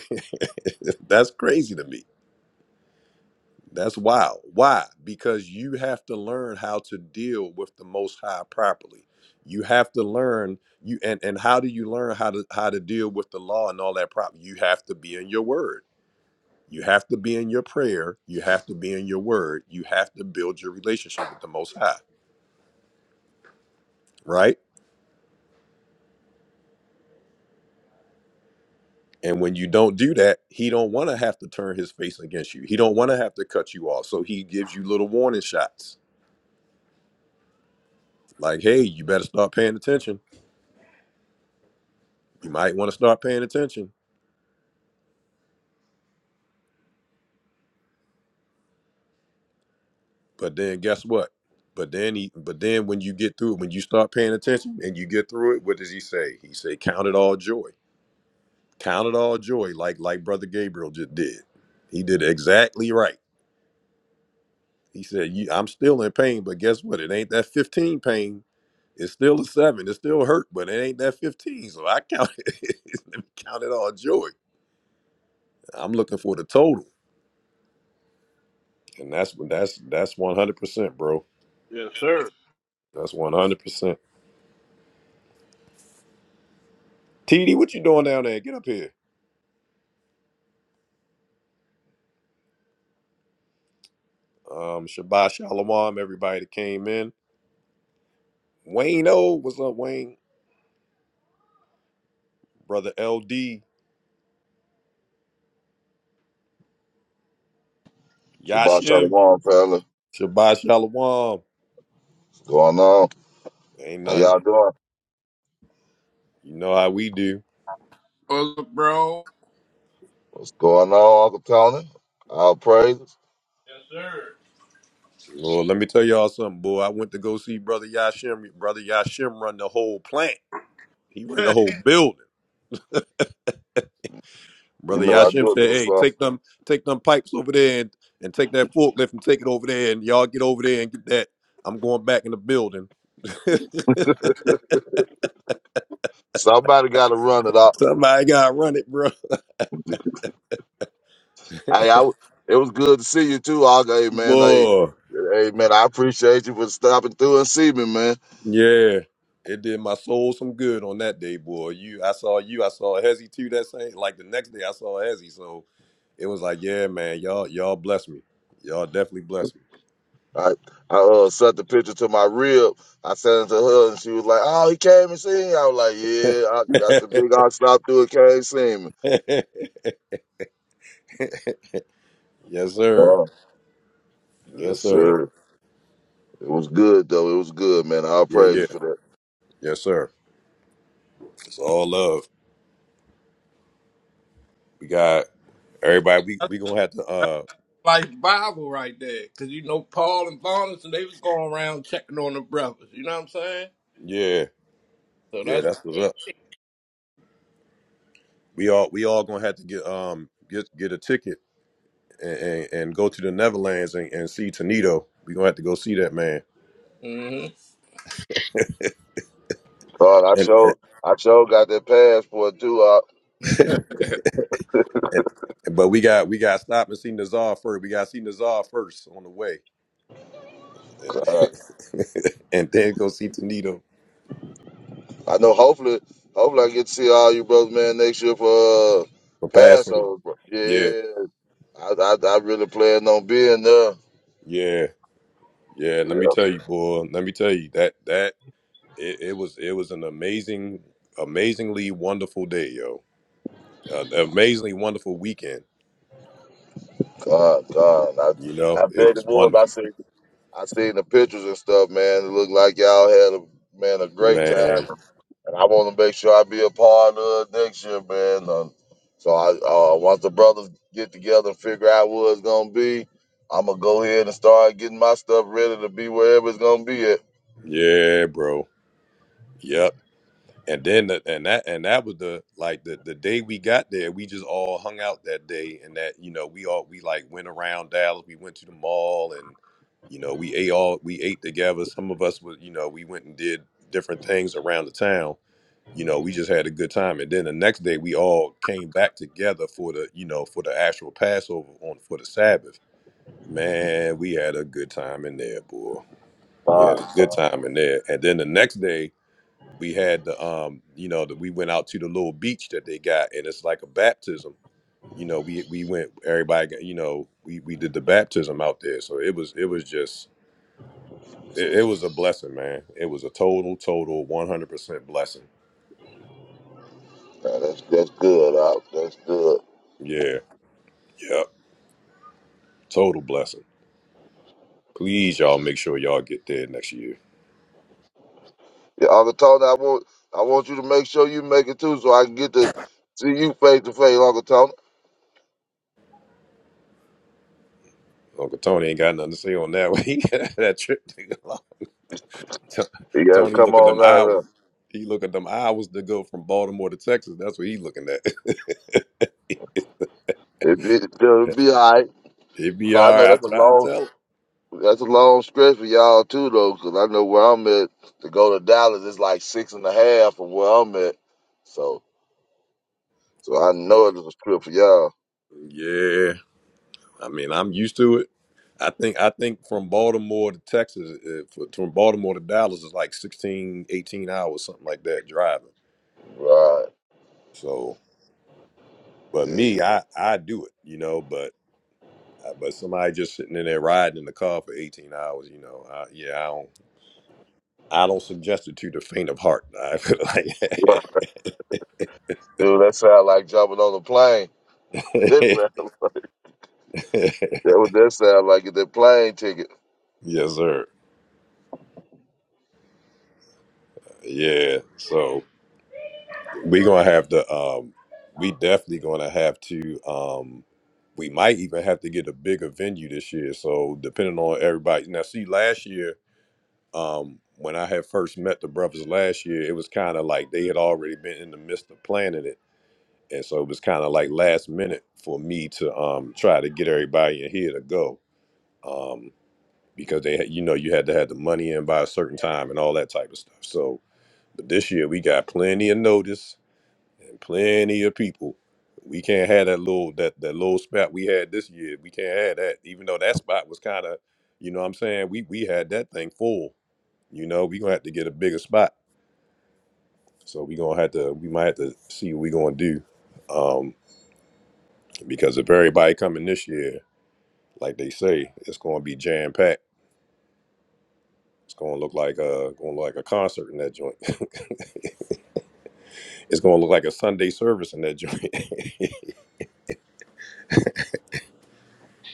Speaker 1: That's crazy to me. That's wild. Why? Because you have to learn how to deal with the Most High properly. You have to learn you and and how do you learn how to how to deal with the law and all that problem? You have to be in your word. You have to be in your prayer. You have to be in your word. You have to build your relationship with the Most High, right? And when you don't do that, he don't want to have to turn his face against you. He don't want to have to cut you off. So he gives you little warning shots, like, "Hey, you better start paying attention. You might want to start paying attention." But then, guess what? But then he, but then when you get through it, when you start paying attention and you get through it, what does he say? He say, "Count it all joy. Count it all joy," like like Brother Gabriel just did. He did exactly right He said, you, I'm still in pain, but guess what? It ain't that 15 pain. It's still a seven. It still hurt, but it ain't that 15. So I count it. Let me count it all joy. I'm looking for the total. And that's that's that's 100%, bro.
Speaker 5: Yes, sir.
Speaker 1: That's 100%. TD, what you doing down there? Get up here. Um, Shabbat Shalom, everybody that came in. Wayne O, what's up, Wayne? Brother LD,
Speaker 11: Shabbat
Speaker 1: Yashim,
Speaker 11: Shalom, fella.
Speaker 1: Shabbat Shalom.
Speaker 11: What's going on?
Speaker 1: Ain't
Speaker 11: How
Speaker 1: nothing.
Speaker 11: y'all doing?
Speaker 1: You know how we do.
Speaker 5: Brother, bro.
Speaker 11: What's going on, Uncle Tony? All praises.
Speaker 5: Yes, sir.
Speaker 1: Lord, let me tell y'all something, boy. I went to go see Brother Yashim. Brother Yashim run the whole plant. He run the whole building.
Speaker 11: You
Speaker 1: Brother
Speaker 11: know I
Speaker 1: Yashim
Speaker 11: do it,
Speaker 1: said,
Speaker 11: little
Speaker 1: "Hey,
Speaker 11: son.
Speaker 1: take them, take them pipes over there, and, and take that forklift and take it over there, and y'all get over there and get that. I'm going back in the building.
Speaker 11: Somebody got to run it up.
Speaker 1: Somebody got to run it, bro.
Speaker 11: Hey, I, it was good to see you too, Uncle. Hey, man. Hey,
Speaker 1: Boy,
Speaker 11: hey, man. I appreciate you for stopping through and see me, man.
Speaker 1: yeah, it did my soul some good on that day, boy. You, I saw you, I saw Hezzy too. That same, like the next day, I saw Hezzy. So it was like, yeah, man, y'all, y'all bless me. Y'all definitely bless me.
Speaker 11: I, I uh, sent the picture to my rib. I sent it to her, and she was like, "Oh, he came and seen." You. I was like, "Yeah." I, that's a big. I stopped through and came and see me.
Speaker 1: yes,
Speaker 11: Come
Speaker 1: sir.
Speaker 11: yes,
Speaker 1: Yes, sir.
Speaker 11: sir. It was good though. It was good, man. All
Speaker 1: Yeah, yeah.
Speaker 11: praises for that.
Speaker 1: Yes, sir. It's all love. We got everybody. We
Speaker 5: That's
Speaker 1: we gonna have to.
Speaker 5: that's
Speaker 1: Uh,
Speaker 5: like Bible right there, because you know Paul and Barnabas, and they was going around checking on the brothers. You know what I'm saying?
Speaker 1: yeah,
Speaker 5: So
Speaker 1: yeah.
Speaker 5: that's.
Speaker 1: That's what's up. We all we all gonna have to get um get get a ticket and and, and go to the Netherlands and, and see Tonito. We gonna have to go see that man.
Speaker 5: real.
Speaker 11: God, I
Speaker 1: And,
Speaker 11: sure, I sure got that passport too. Uh,
Speaker 5: hmm
Speaker 1: and but we got we got to stop and see Nazar first. We got to see Nazar first on the way, and then go see Tonito
Speaker 11: I know. Hopefully, hopefully I get to see all you brothers, man, next year for uh,
Speaker 1: for passing.
Speaker 11: Passover. Bro.
Speaker 1: Yeah,
Speaker 11: Yeah, I, I, I really plan on being there.
Speaker 1: yeah. Yeah, let me
Speaker 11: Yeah,
Speaker 1: tell you, boy. Let me tell you that that it, it was it was an amazing, amazingly wonderful day, yo. An amazingly wonderful weekend.
Speaker 11: God, God,
Speaker 1: You
Speaker 11: I, I
Speaker 1: know, it
Speaker 11: bet it
Speaker 1: was
Speaker 11: was. I
Speaker 1: wonderful,
Speaker 11: seen, I seen the pictures and stuff, man. It looked like y'all had a man a great time.
Speaker 1: man.
Speaker 11: and I want to make sure I be a part of it next year, man. Um, so I uh, once the brothers get together and figure out what it's gonna be, I'm gonna go ahead and start getting my stuff ready to be wherever it's gonna be at.
Speaker 1: Yeah, bro. Yep. And then the, and that and that was the like the the day we got there, we just all hung out that day and that, you know, we all we like went around Dallas, we went to the mall and you know, we ate all we ate together. Some of us was, you know, we went and did different things around the town. You know, we just had a good time. And then the next day we all came back together for the, you know, for the actual Passover on for the Sabbath. Man, we had a good time in there, boy. We had
Speaker 11: Fine.
Speaker 1: a good time in there. And then the next day we had the um you know that we went out to the little beach that they got and it's like a baptism you know we we went everybody got, you know we we did the baptism out there so it was it was just it, it was a blessing man it was a total total 100% blessing
Speaker 11: Now, that's that's good. Uh, that's good.
Speaker 1: yeah yep total blessing please y'all make sure y'all get there next year
Speaker 11: Yeah, Uncle Tony, I want I want you to make sure you make it too, so I can get to see you face to face, Uncle Tony.
Speaker 1: uncle tony ain't got nothing to say on that one he got that trip to go.
Speaker 11: You gotta
Speaker 1: tony
Speaker 11: come
Speaker 1: look at
Speaker 11: on
Speaker 1: them
Speaker 11: out
Speaker 1: hours
Speaker 11: of
Speaker 1: he look at them hours to go from baltimore to texas that's what he looking at
Speaker 11: there. It, it, it'll be all right.
Speaker 1: It be
Speaker 11: 'Cause I
Speaker 1: all
Speaker 11: know
Speaker 1: right. I
Speaker 11: that's a
Speaker 1: try to
Speaker 11: long.
Speaker 1: tell. 'em.
Speaker 11: That's a long stretch for y'all too, though, 'cause I know where I'm at. To go to Dallas, it's like six and a half from where I'm at. So, so I know it was a trip for y'all.
Speaker 1: Yeah, I mean, I'm used to it. I think I think from Baltimore to Texas, uh, for- from Baltimore to Dallas is like 16, 18 hours, something like that, driving.
Speaker 11: Right?
Speaker 1: So, but
Speaker 11: Yeah,
Speaker 1: me, I I do it, you know. But uh, but somebody just sitting in there riding in the car for eighteen hours, you know. I, yeah, I don't I don't suggest it to the faint of heart. I feel like,
Speaker 11: you- dude, that sound like jumping on a plane. That's what that sound like get that plane ticket.
Speaker 1: yes, sir. Yeah. So. We're gonna have to. Um, we definitely gonna have to. Um, we might even have to get a bigger venue this year. So depending on everybody. Now, see, last year, um, when I had first met the brothers last year, it was kind of like they had already been in the midst of planning it, and so it was kind of like last minute for me to um try to get everybody in here to go. Um, because they, had, you know, you had to have the money in by a certain time and all that type of stuff. So, but this year we got plenty of notice and plenty of people. We can't have that little that that little spot we had this year. We can't have that. Even though that spot was kind of, you know, what I'm saying we we had that thing full. You know, we gonna have to get a bigger spot. So we gonna have to we might have to see what we gonna do, um, because if everybody coming this year, like they say, it's gonna be jam packed. It's gonna look like a gonna look like a concert in that joint. it's gonna look like a Sunday service in that joint.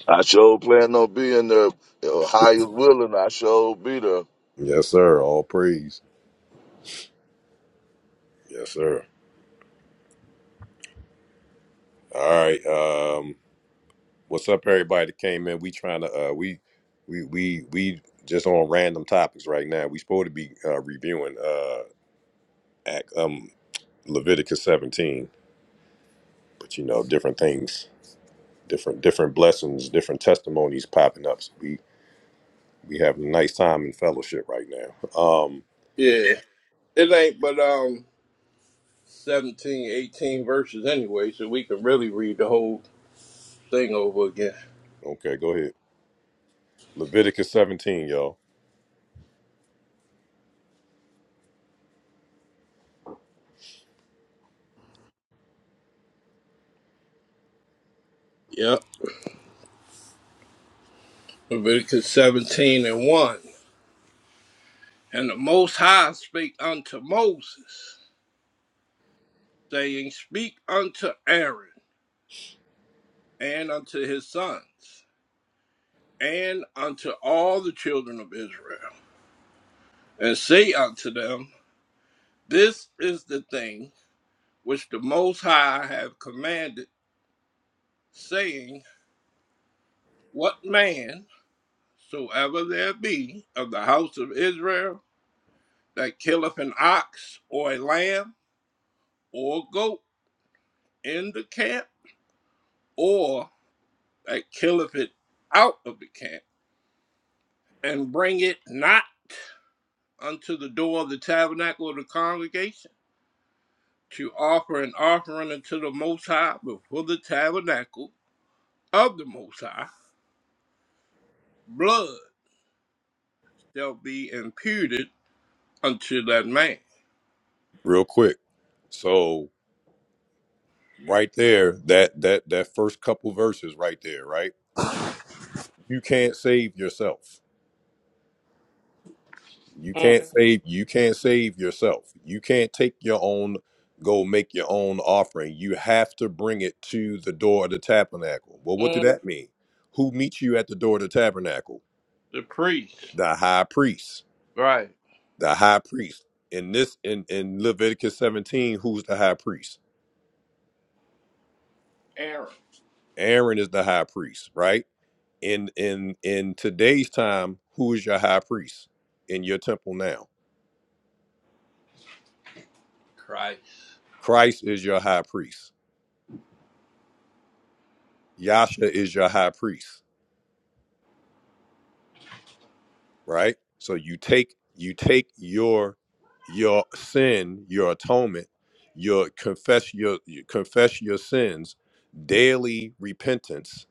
Speaker 11: I sure plan on being there. If Ohio's willing, I sure be there.
Speaker 1: yes, sir. All praise. Yes, sir. All right. um, What's up, everybody that came in? We trying to uh, we we we we just on random topics right now. We supposed to be uh, reviewing uh, Act, um, Leviticus 17, but you know, different things, different different blessings, different testimonies popping up. So we we having a nice time in fellowship right now. Um,
Speaker 5: yeah, it ain't. But um, 17, 18 verses anyway, so we can really read the whole thing over again.
Speaker 1: okay, go ahead. Leviticus 17, y'all,
Speaker 5: Yep. Leviticus 17 and 1. And the Most High spake unto Moses, saying, Speak unto Aaron and unto his sons and unto all the children of Israel, and say unto them, This is the thing which the Most High have commanded, saying, What man soever there be of the house of Israel, that killeth an ox or a lamb or a goat in the camp, or that killeth it out of the camp, and bring it not unto the door of the tabernacle of the congregation to offer an offering unto the Most High before the tabernacle of the Most High, blood shall be imputed unto that man.
Speaker 1: real quick. So right there, that that that first couple verses right there, right? You can't save yourself You
Speaker 5: Mm,
Speaker 1: can't save you can't save yourself. You can't take your own go make your own offering. You have to bring it to the door of the tabernacle. Well, what do
Speaker 5: mm.
Speaker 1: that mean? Who meets you at the door of the tabernacle?
Speaker 5: The priest,
Speaker 1: The high priest.
Speaker 5: right?
Speaker 1: The high priest. In this in, in Leviticus 17, who's the high priest?
Speaker 5: Aaron,
Speaker 1: Aaron is the high priest, right? In in in today's time, who is your high priest in your temple now?
Speaker 5: Christ.
Speaker 1: Christ is your high priest. Yasha is your high priest. right? So you take you take your your sin, your atonement, your confess your you confess your sins, daily repentance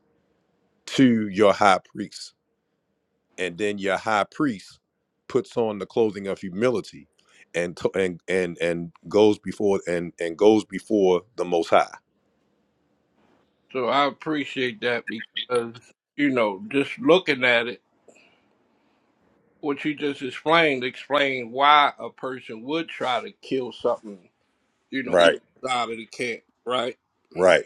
Speaker 1: to your high priest, and then your high priest puts on the clothing of humility and to, and and and goes before and and goes before the Most High.
Speaker 5: So I appreciate that because, you know, just looking at it, what you just explained, explained why a person would try to kill something, you know,
Speaker 1: Right,
Speaker 5: out of the cat, right?
Speaker 1: right,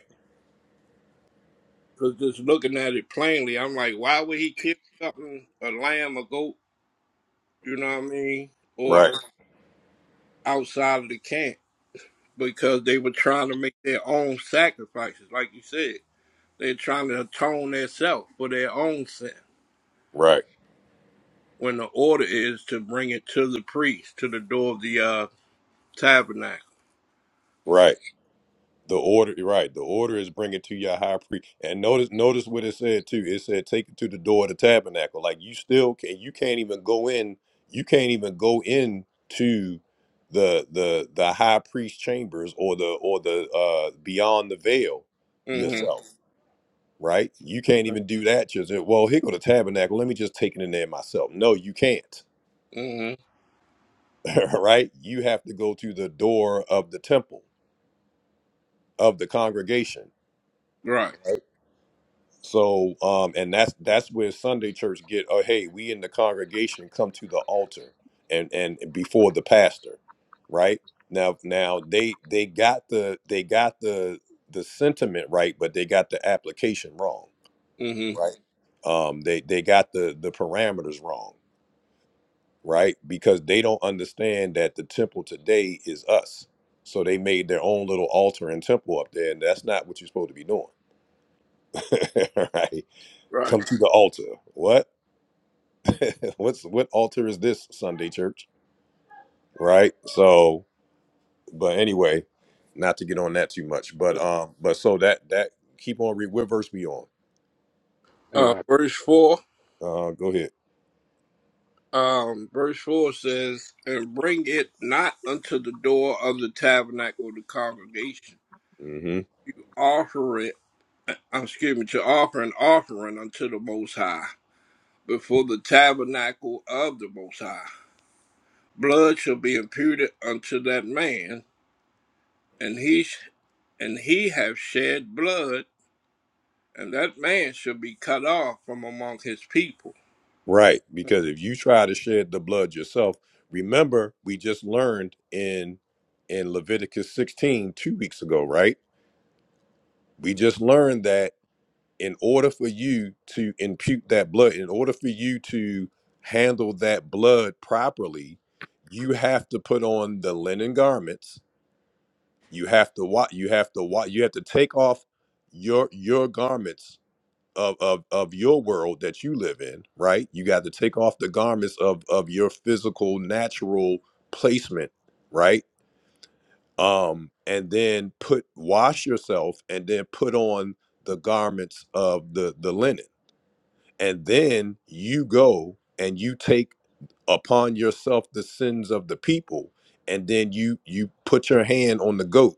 Speaker 5: Because just looking at it plainly, I'm like, why would he kill something, a lamb, a goat, you know what I mean? Or
Speaker 1: right,
Speaker 5: outside of the camp because they were trying to make their own sacrifices, like you said. They're trying to atone themselves for their own sin.
Speaker 1: right,
Speaker 5: when the order is to bring it to the priest, to the door of the uh, tabernacle.
Speaker 1: right. The order, right? The order is bring it to your high priest. And notice, notice what it said too. It said, "Take it to the door of the tabernacle." Like you still can, you can't even go in. You can't even go in to the the the high priest chambers or the or the uh beyond the veil
Speaker 5: Mm-hmm.
Speaker 1: yourself, right? You can't even do that. Just uh, well, here go the tabernacle. Let me just take it in there myself. No, you can't.
Speaker 5: Mm-hmm.
Speaker 1: right? You have to go to the door of the temple of the congregation
Speaker 5: Right.
Speaker 1: right? So, um, and that's that's where Sunday church get. Oh, hey, we in the congregation come to the altar and and before the pastor, right now. Now they they got the they got the the sentiment right, but they got the application wrong,
Speaker 5: Mm-hmm.
Speaker 1: right? Um, they they got the the parameters wrong, right? Because they don't understand that the temple today is us. So they made their own little altar and temple up there, and that's not what you're supposed to be doing, right?
Speaker 5: Right.
Speaker 1: Come to the altar. What? What's what altar is this Sunday church? Right? So, but anyway, not to get on that too much, but um, but so that that keep on read. What verse we on?
Speaker 12: Hey,
Speaker 5: Uh,
Speaker 12: Ak.
Speaker 5: verse four.
Speaker 1: Uh, go ahead.
Speaker 5: Um, verse four says, "And bring it not unto the door of the tabernacle of the congregation.
Speaker 1: hmm
Speaker 5: Offer it. uh, Excuse me. To offer an offering unto the Most High before the tabernacle of the Most High. Blood shall be imputed unto that man, and he sh- and he have shed blood." and that man shall be cut off from among his people.
Speaker 1: Right, because if you try to shed the blood yourself, remember we just learned in in Leviticus sixteen two weeks ago, right? We just learned that. in order for you to impute that blood, in order for you to handle that blood properly, you have to put on the linen garments. You have to wa You have to wa You have to take off your your garments of of of your world that you live in. Right? You got to take off the garments of of your physical natural placement. Right? Um, and then put wash yourself, and then put on the garments of the the linen and then you go and you take upon yourself the sins of the people and then you you put your hand on the goat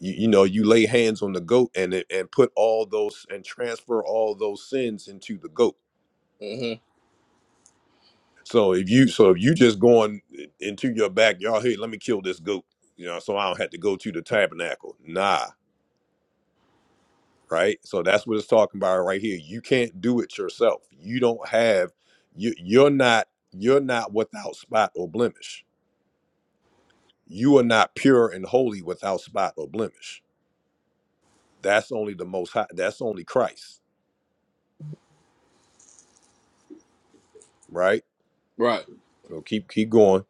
Speaker 1: you, you know you lay hands on the goat and it- and put all those and transfer all those sins into the goat
Speaker 5: hmm
Speaker 1: so if you so if you just going into your backyard hey let me kill this goat you know so i don't have to go to the tabernacle Nah. right? So that's what it's talking about right here. You can't do it yourself. You don't have you you're not you're not without spot or blemish. You are not pure and holy without spot or blemish. That's only the most high that's only Christ, right?
Speaker 5: Right.
Speaker 1: So keep keep going.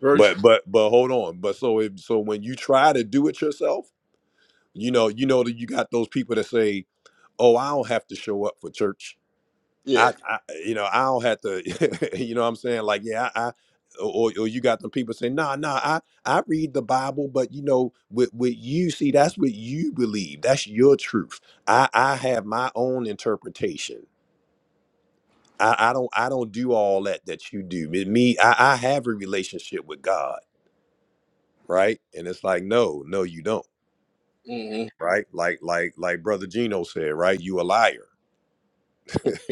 Speaker 5: Verse.
Speaker 1: But but but hold on. But so if so when you try to do it yourself, you know, you know that you got those people that say, Oh, I don't have to show up for church
Speaker 5: Yeah.
Speaker 1: I, I you know, I don't have to, you know what I'm saying? Like, yeah, I, I or, or you got them people saying, nah, nah, I, I read the Bible, but you know, with, with you, see, that's what you believe. That's your truth. I, I have my own interpretation. I, I don't, I don't do all that that you do. Me, me, I, I have a relationship with God, right? And it's like, no, no, you don't,
Speaker 5: hmm
Speaker 1: right? Like, like, like Brother Gino said, right? You a liar,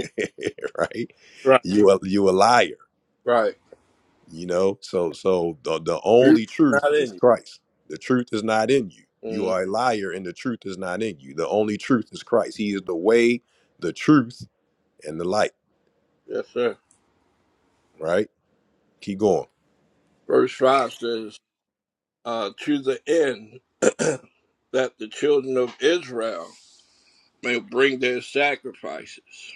Speaker 1: right?
Speaker 5: Right.
Speaker 1: You a, you a liar
Speaker 5: Right.
Speaker 1: You know, so so the the
Speaker 5: Who's
Speaker 1: only truth
Speaker 5: Not
Speaker 1: is
Speaker 5: in you.
Speaker 1: Christ. The truth is not in you. You
Speaker 5: Mhm.
Speaker 1: are a liar, and the truth is not in you. The only truth is Christ. He is the way, the truth, and the light.
Speaker 5: Yes, sir.
Speaker 1: Right? Keep going.
Speaker 5: Verse five says, uh, "To the end that the children of Israel may bring their sacrifices,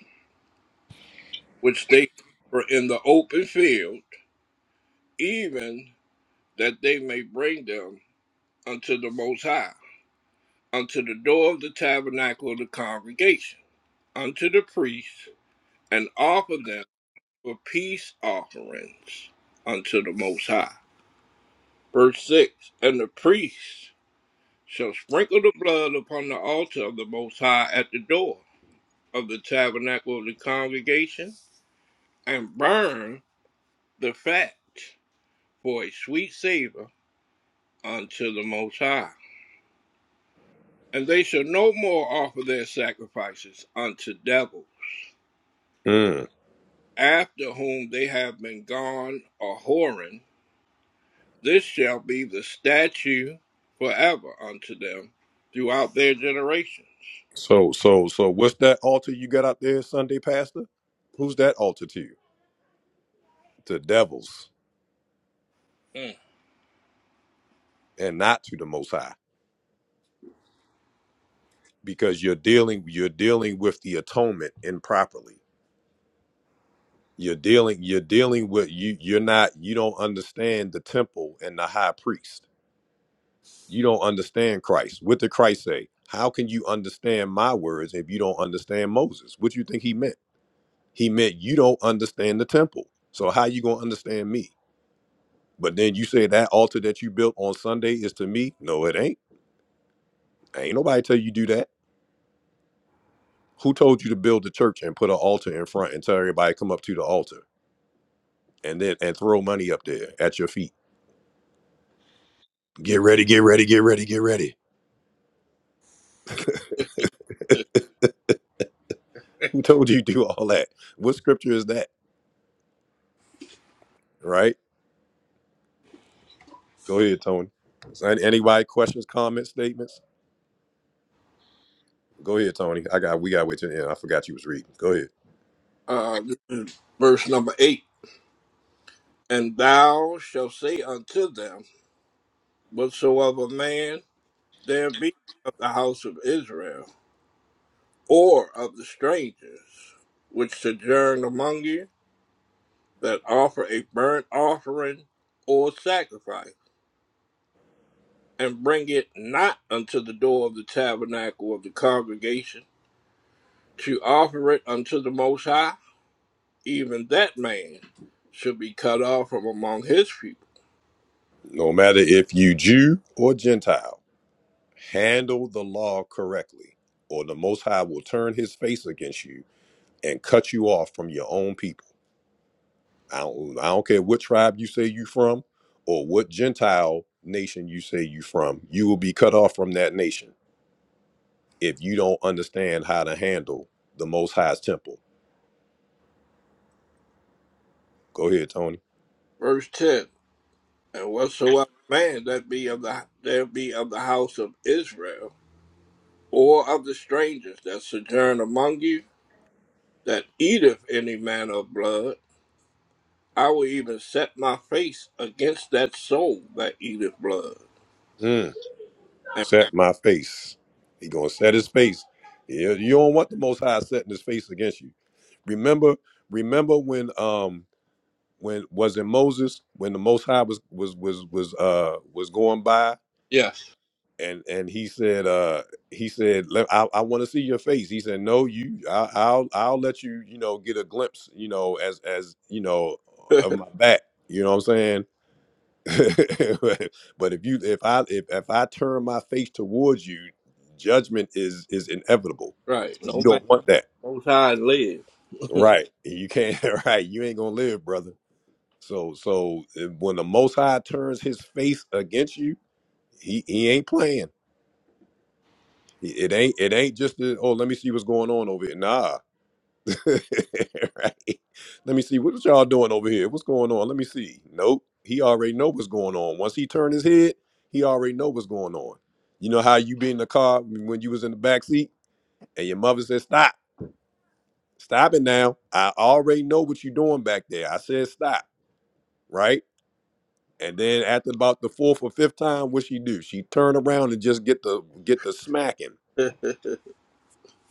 Speaker 5: which they offer in the open field, even that they may bring them unto the Most High, unto the door of the tabernacle of the congregation, unto the priest." and offer them for peace offerings unto the Most High. Verse 6 And the priest shall sprinkle the blood upon the altar of the Most High at the door of the tabernacle of the congregation, and burn the fat for a sweet savor unto the Most High. And they shall no more offer their sacrifices unto devils,
Speaker 1: Mm.
Speaker 5: after whom they have been gone a whoring This shall be the statute forever unto them throughout their generations.
Speaker 1: So so so, what's that altar you got out there, Sunday Pastor? Who's that altar to? you? To devils,
Speaker 5: Mm.
Speaker 1: and not to the Most High, because you're dealing you're dealing with the atonement improperly. You're dealing you're dealing with you you're not you don't understand the temple and the high priest. You don't understand Christ. What did Christ say? How can you understand my words if you don't understand Moses? What you think he meant? He meant you don't understand the temple. So how you gonna understand me? But then you say that altar that you built on Sunday is to me. No, it ain't. Ain't nobody tell you do that. Who told you to build the church and put an altar in front and tell everybody come up to the altar and then and throw money up there at your feet? Get ready, get ready, get ready, get ready. Who told you to do all that? What scripture is that? Right? Go ahead, Tony. Is any- anybody questions, comments, statements? Go ahead, Tony. I got we got wait till the end. I forgot you was reading. Go ahead.
Speaker 5: Uh, verse number eight. And thou shalt say unto them, Whatsoever man there be of the house of Israel, or of the strangers which sojourn among you, that offer a burnt offering or sacrifice, and bring it not unto the door of the tabernacle of the congregation, to offer it unto the Most High, even that man should be cut off from among his people.
Speaker 1: No matter if you Jew or Gentile, handle the law correctly, or the Most High will turn His face against you and cut you off from your own people. I don't, I don't care what tribe you say you from, or what Gentile nation you say you from. You will be cut off from that nation if you don't understand how to handle the Most High's temple. Go ahead, Tony.
Speaker 5: Verse ten, and whatsoever man that be of the that be of the house of Israel, or of the strangers that sojourn among you, that eateth any manner of blood, I will even set my face against that soul that eateth blood.
Speaker 1: Mm,
Speaker 5: And
Speaker 1: set my face. He gonna set his face. Yeah, you don't want the Most High setting his face against you. Remember, remember when um when was it Moses when the Most High was was was was uh was going by
Speaker 5: yes,
Speaker 1: and and he said uh he said let, I I want to see your face. He said no you I, I'll I'll let you you know get a glimpse you know as as you know of my back. You know what I'm saying? but if you if I if, if I turn my face towards you, judgment is is inevitable.
Speaker 5: right, no
Speaker 1: You
Speaker 5: man
Speaker 1: don't want that.
Speaker 5: most high lives.
Speaker 1: Right. You can't right, you ain't gonna live, brother. So so eh, when the most high turns his face against you, he, he ain't playing. He- It ain't it ain't just the, oh let me see what's going on over here. Nah, right? Let me see what y'all doing over here. What's going on? Let me see. Nope. He already know what's going on. Once he turned his head, he already know what's going on. You know how you be in the car when you was in the back seat and your mother said, "Stop, stop it now." I already know what you doing back there. I said, "Stop," right? And then after about the fourth or fifth time, what she do? She turn around and just get the get the smacking,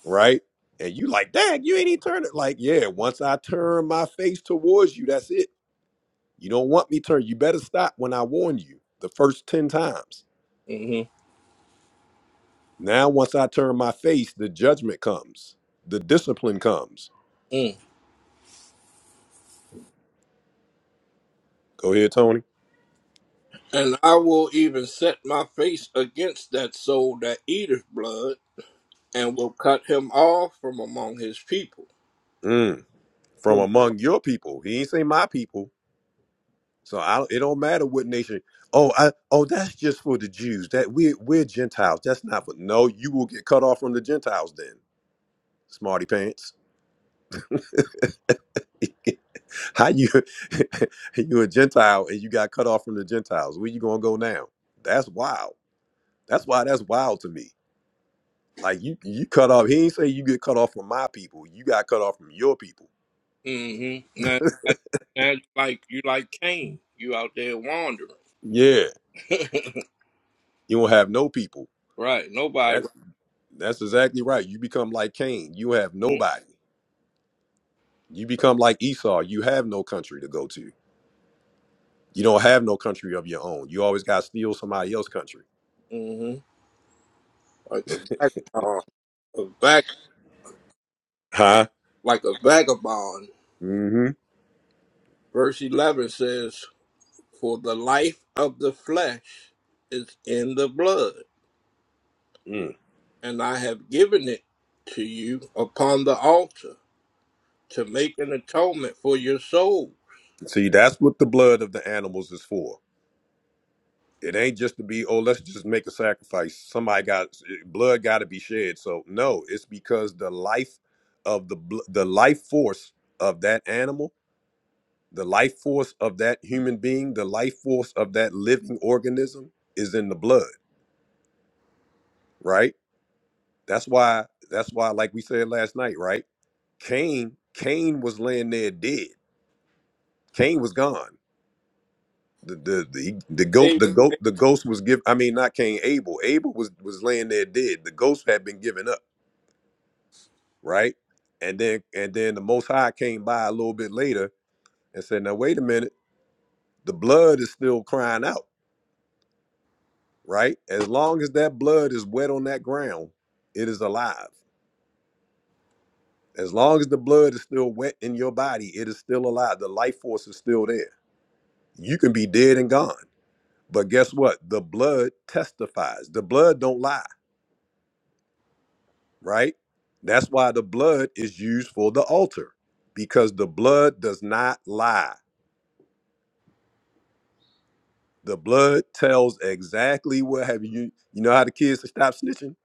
Speaker 1: right? And you like, dang, you ain't even turn it. Like, yeah, once I turn my face towards you, that's it. You don't want me turned. You better stop when I warn you the first 10 times.
Speaker 5: hmm
Speaker 1: Now, once I turn my face, the judgment comes, the discipline comes. Go ahead, Tony.
Speaker 5: And I will even set my face against that soul that eateth blood and will cut him off from among his people.
Speaker 1: Mm, from
Speaker 5: hmm
Speaker 1: among your people. He ain't say my people. So I don't, it don't matter what nation. Oh, I, oh, that's just for the Jews. That we we're, we're Gentiles. That's not for. No, you will get cut off from the Gentiles then, smarty pants. How you you a Gentile and you got cut off from the Gentiles? Where you gonna go now? That's wild. That's why that's wild to me. Like you you cut off. He ain't say you get cut off from my people. You got cut off from your people.
Speaker 5: Now, like- now you like you like Cain, you out there wandering,
Speaker 1: Yeah, you won't have no people.
Speaker 5: right? Nobody,
Speaker 1: That's that's exactly right. You become like Cain. You have
Speaker 5: right.
Speaker 1: nobody. You become like Esau. You have no country to go to. You don't have no country of your own. You always got to steal somebody else's country.
Speaker 5: mm-hmm. like a vagabond, a vag,
Speaker 1: Huh?
Speaker 5: like a vagabond.
Speaker 1: Mm-hmm.
Speaker 5: Verse eleven says, "For the life of the flesh is in the blood,
Speaker 1: Mm.
Speaker 5: and I have given it to you upon the altar to make an atonement for your soul."
Speaker 1: See, that's what the blood of the animals is for. It ain't just to be, oh, let's just make a sacrifice. Somebody got blood got to be shed. So no, it's because the life of the bl- the life force of that animal, the life force of that human being, the life force of that living organism is in the blood, right? That's why that's why like we said last night, right? Cain, Cain was laying there dead. Cain was gone. the the the, the goat
Speaker 5: Amen.
Speaker 1: the goat the ghost was given i mean not cain abel abel was was laying there dead the ghost had been given up right and then and then the most high came by a little bit later and said now wait a minute the blood is still crying out right as long as that blood is wet on that ground it is alive as long as the blood is still wet in your body it is still alive the life force is still there you can be dead and gone but guess what the blood testifies the blood don't lie right? That's why the blood is used for the altar because the blood does not lie. The blood tells exactly what have you. You know how the kids to stop snitching.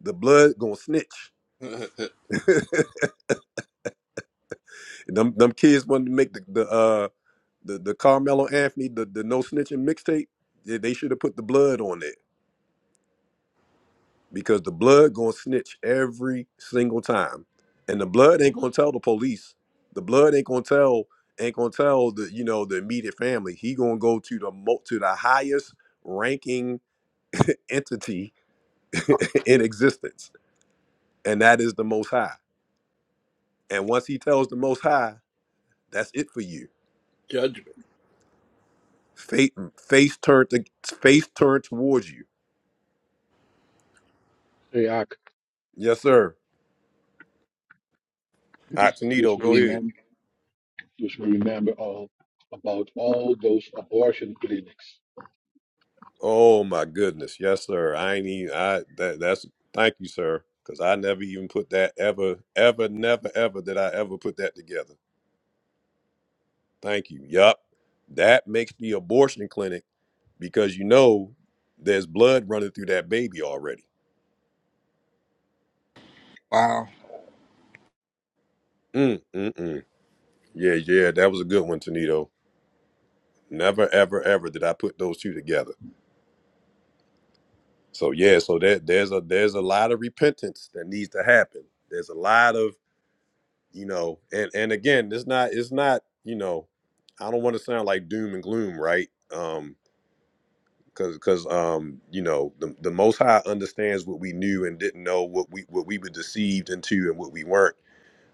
Speaker 1: The blood gonna snitch. them them kids wanted to make the the uh the, the Carmelo Anthony the, the no snitching mixtape. They, they should have put the blood on there because the blood gonna snitch every single time, and the blood ain't gonna tell the police. The blood ain't gonna tell ain't gonna tell the you know the immediate family. He gonna go to the mo- to the highest ranking entity in existence, and that is the Most High. And once he tells the Most High, that's it for you.
Speaker 5: Judgment.
Speaker 1: Fate face turned to, face turned towards you.
Speaker 12: Hey, Ak.
Speaker 1: Yes, sir. All right,
Speaker 12: Just
Speaker 1: Tonito, go ahead.
Speaker 12: remember, just remember all about all those abortion clinics.
Speaker 1: Oh my goodness, yes, sir. I ain't even. I that that's thank you, sir, because I never even put that ever, ever, never, ever did I ever put that together. Thank you. Yup, that makes the abortion clinic because you know there's blood running through that baby already.
Speaker 5: Wow.
Speaker 1: Mm, mm, mm. Yeah, yeah, that was a good one, Tonito. Never, ever, ever did I put those two together. So yeah, so that there's a there's a lot of repentance that needs to happen. There's a lot of you know and and again it's not it's not you know i don't want to sound like doom and gloom right um because because um you know the, the most high understands what we knew and didn't know what we what we were deceived into and what we weren't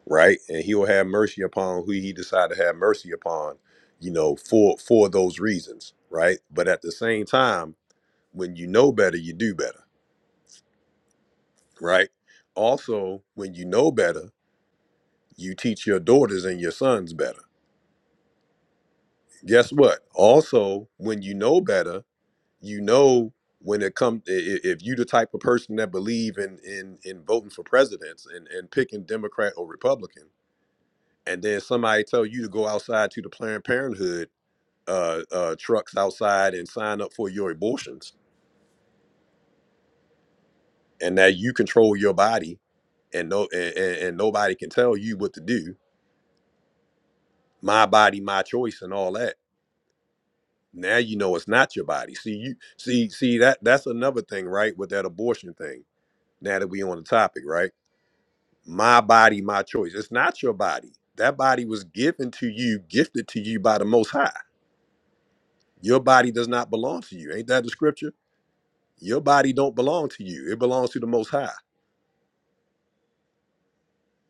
Speaker 1: right and he'll have mercy upon who he decided to have mercy upon you know for for those reasons right but at the same time when you know better you do better right also when you know better you teach your daughters and your sons better guess what? Also, when you know better, you know when it comes if you the type of person that believe in in in voting for presidents and and picking Democrat or Republican, and then somebody tell you to go outside to the Planned Parenthood uh, uh, trucks outside and sign up for your abortions, and that you control your body, and no and, and and nobody can tell you what to do. My body, my choice, and all that. Now you know it's not your body. See you see see that that's another thing, right? With that abortion thing now that we on the topic, right? My body, my choice. It's not your body. That body was given to you, gifted to you by the Most High. Your body does not belong to you. Ain't that the scripture? Your body don't belong to you. It belongs to the Most High,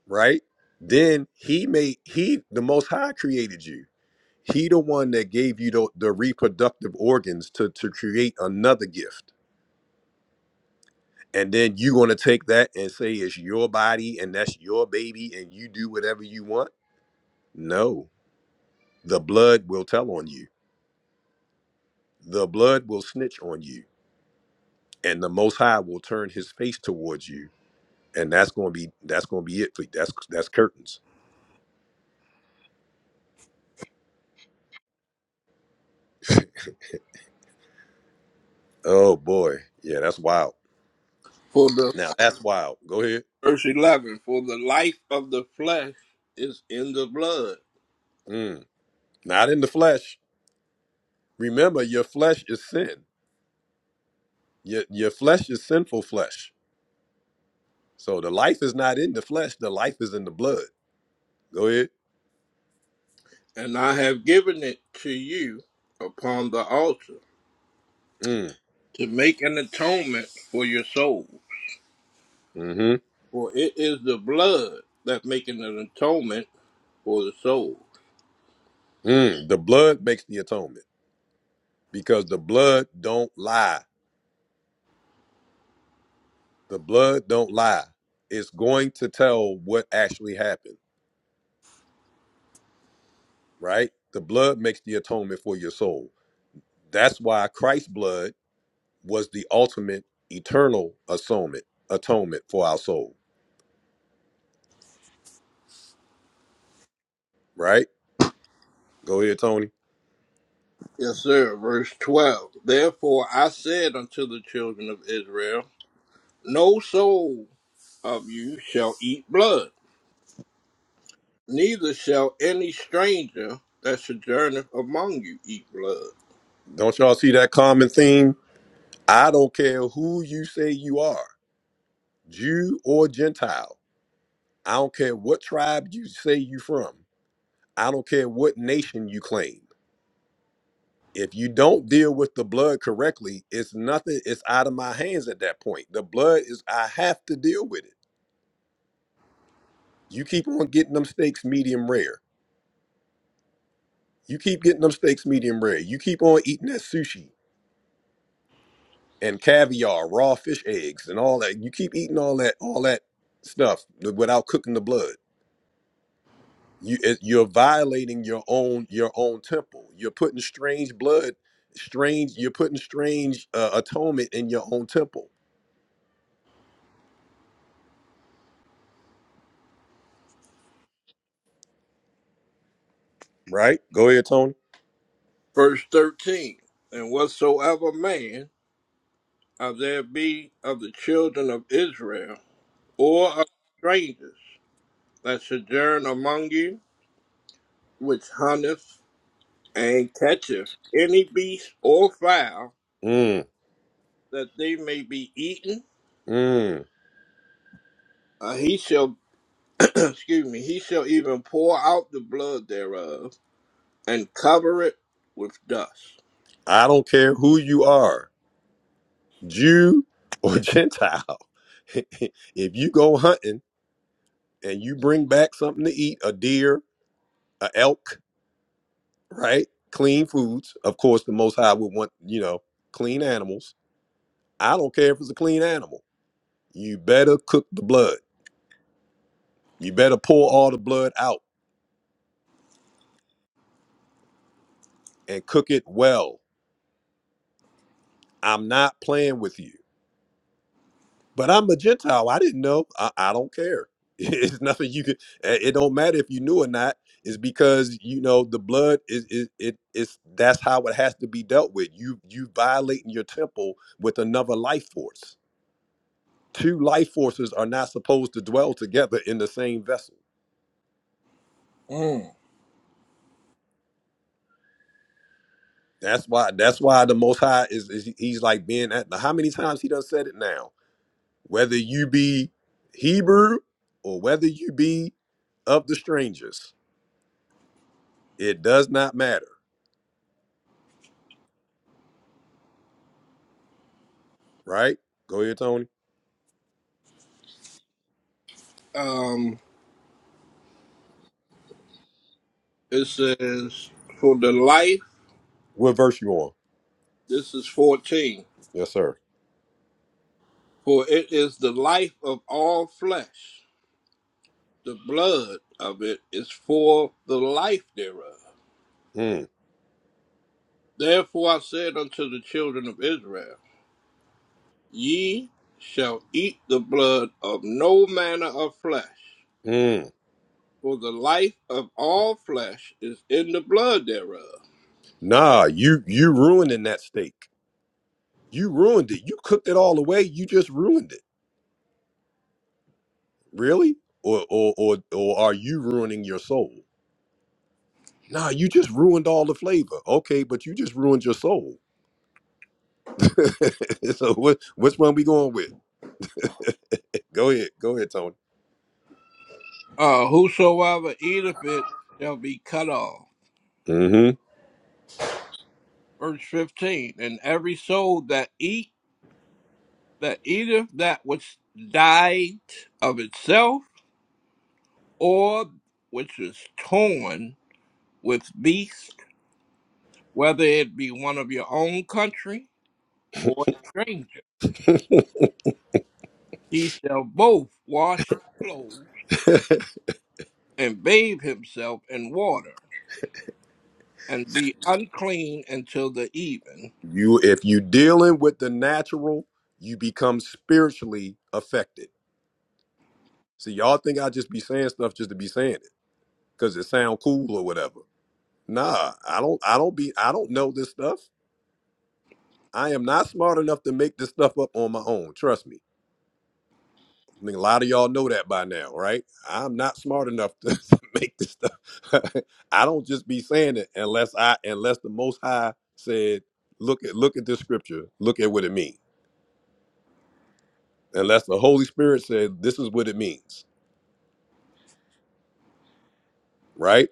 Speaker 1: right? Then He made He, the Most High, created you. He, the one that gave you the, the reproductive organs to to create another gift. And then you gonna take that and say it's your body and that's your baby and you do whatever you want. No, The blood will tell on you. The blood will snitch on you. And the most high will turn his face towards you. And that's gonna be that's gonna be it for you. That's that's curtains. Oh boy. Yeah, that's wild.
Speaker 5: For the
Speaker 1: Now that's wild. Go ahead.
Speaker 5: verse 11, for the life of the flesh is in the blood,
Speaker 1: Mm. Not in the flesh. Remember, your flesh is sin. Your your flesh is sinful flesh. So the life is not in the flesh, the life is in the blood. Go ahead.
Speaker 5: and I have given it to you upon the altar
Speaker 1: Mm.
Speaker 5: to make an atonement for your soul.
Speaker 1: hmm
Speaker 5: For it is the blood that maketh an atonement for the soul.
Speaker 1: Mm. The blood makes the atonement because the blood don't lie the blood don't lie it's going to tell what actually happened right the blood makes the atonement for your soul that's why christ's blood was the ultimate eternal atonement atonement for our soul right go ahead tony
Speaker 5: Yes, sir. Verse 12. Therefore I said unto the children of Israel, No soul of you shall eat blood, neither shall any stranger that sojourneth among you eat blood
Speaker 1: don't y'all see that common theme i don't care who you say you are jew or gentile i don't care what tribe you say you from i don't care what nation you claim if you don't deal with the blood correctly, it's nothing, it's out of my hands at that point. The blood is, I have to deal with it. You keep on getting them steaks medium rare. You keep getting them steaks medium rare. You keep on eating that sushi and caviar, raw fish eggs, and all that. You keep eating all that, all that stuff without cooking the blood. You, it, you're violating your own, your own temple. You're putting strange blood, strange. You're putting strange uh, atonement in your own temple. Right? Go ahead, Tony.
Speaker 5: Verse 13 And whatsoever man of there be of the children of Israel, or of strangers that sojourn among you, which hunteth and catcheth any beast or fowl,
Speaker 1: Mm.
Speaker 5: that they may be eaten,
Speaker 1: Mm,
Speaker 5: uh, he shall, excuse me, he shall even pour out the blood thereof and cover it with dust.
Speaker 1: I don't care who you are, Jew or Gentile. if you go hunting and you bring back something to eat, a deer, a elk, right? Clean foods. Of course, the Most High would want, you know, clean animals. I don't care if it's a clean animal. You better cook the blood. You better pour all the blood out and cook it well. I'm not playing with you. But I'm a Gentile. I didn't know. I, I don't care. It's nothing you could. eh, It don't matter if you knew or not. It's because you know the blood is is it is that's how it has to be dealt with. You you violating your temple with another life force. Two life forces are not supposed to dwell together in the same vessel.
Speaker 5: Mm.
Speaker 1: That's why that's why the Most High is, is he's like being at how many times he done said it now. Whether you be Hebrew or whether you be of the strangers It does not matter, right? Go ahead, Tony.
Speaker 5: Um, it says, For the life,
Speaker 1: What verse you on?
Speaker 5: this is 14.
Speaker 1: Yes, sir.
Speaker 5: For it is the life of all flesh. The blood of it is for the life thereof.
Speaker 1: Mm,
Speaker 5: Therefore I said unto the children of Israel, Ye shall eat the blood of no manner of flesh,
Speaker 1: mm.
Speaker 5: for the life of all flesh is in the blood thereof.
Speaker 1: Nah, you you ruining that steak. You ruined it. You cooked it all away. You just ruined it. Really? Or or or or are you ruining your soul? Nah, you just ruined all the flavor. Okay, but you just ruined your soul. so what which one we going with? Go ahead. Go ahead, Tony.
Speaker 5: Uh, whosoever eateth it shall be cut off.
Speaker 1: hmm
Speaker 5: Verse 15 And every soul that eat that eateth that which died of itself, or which is torn with beast, whether it be one of your own country or a stranger. He shall both wash his clothes and bathe himself in water, and be unclean until the even.
Speaker 1: You if you dealing with the natural, you become spiritually affected. See, y'all think I just be saying stuff just to be saying it because it sound cool or whatever. Nah, I don't. I don't be. I don't know this stuff. I am not smart enough to make this stuff up on my own. Trust me. I think a lot of y'all know that by now, right? I'm not smart enough to, to make this stuff. I don't just be saying it unless I unless the Most High said, "Look at look at this scripture. Look at what it means." Unless the Holy Spirit said, "This is what it means," right?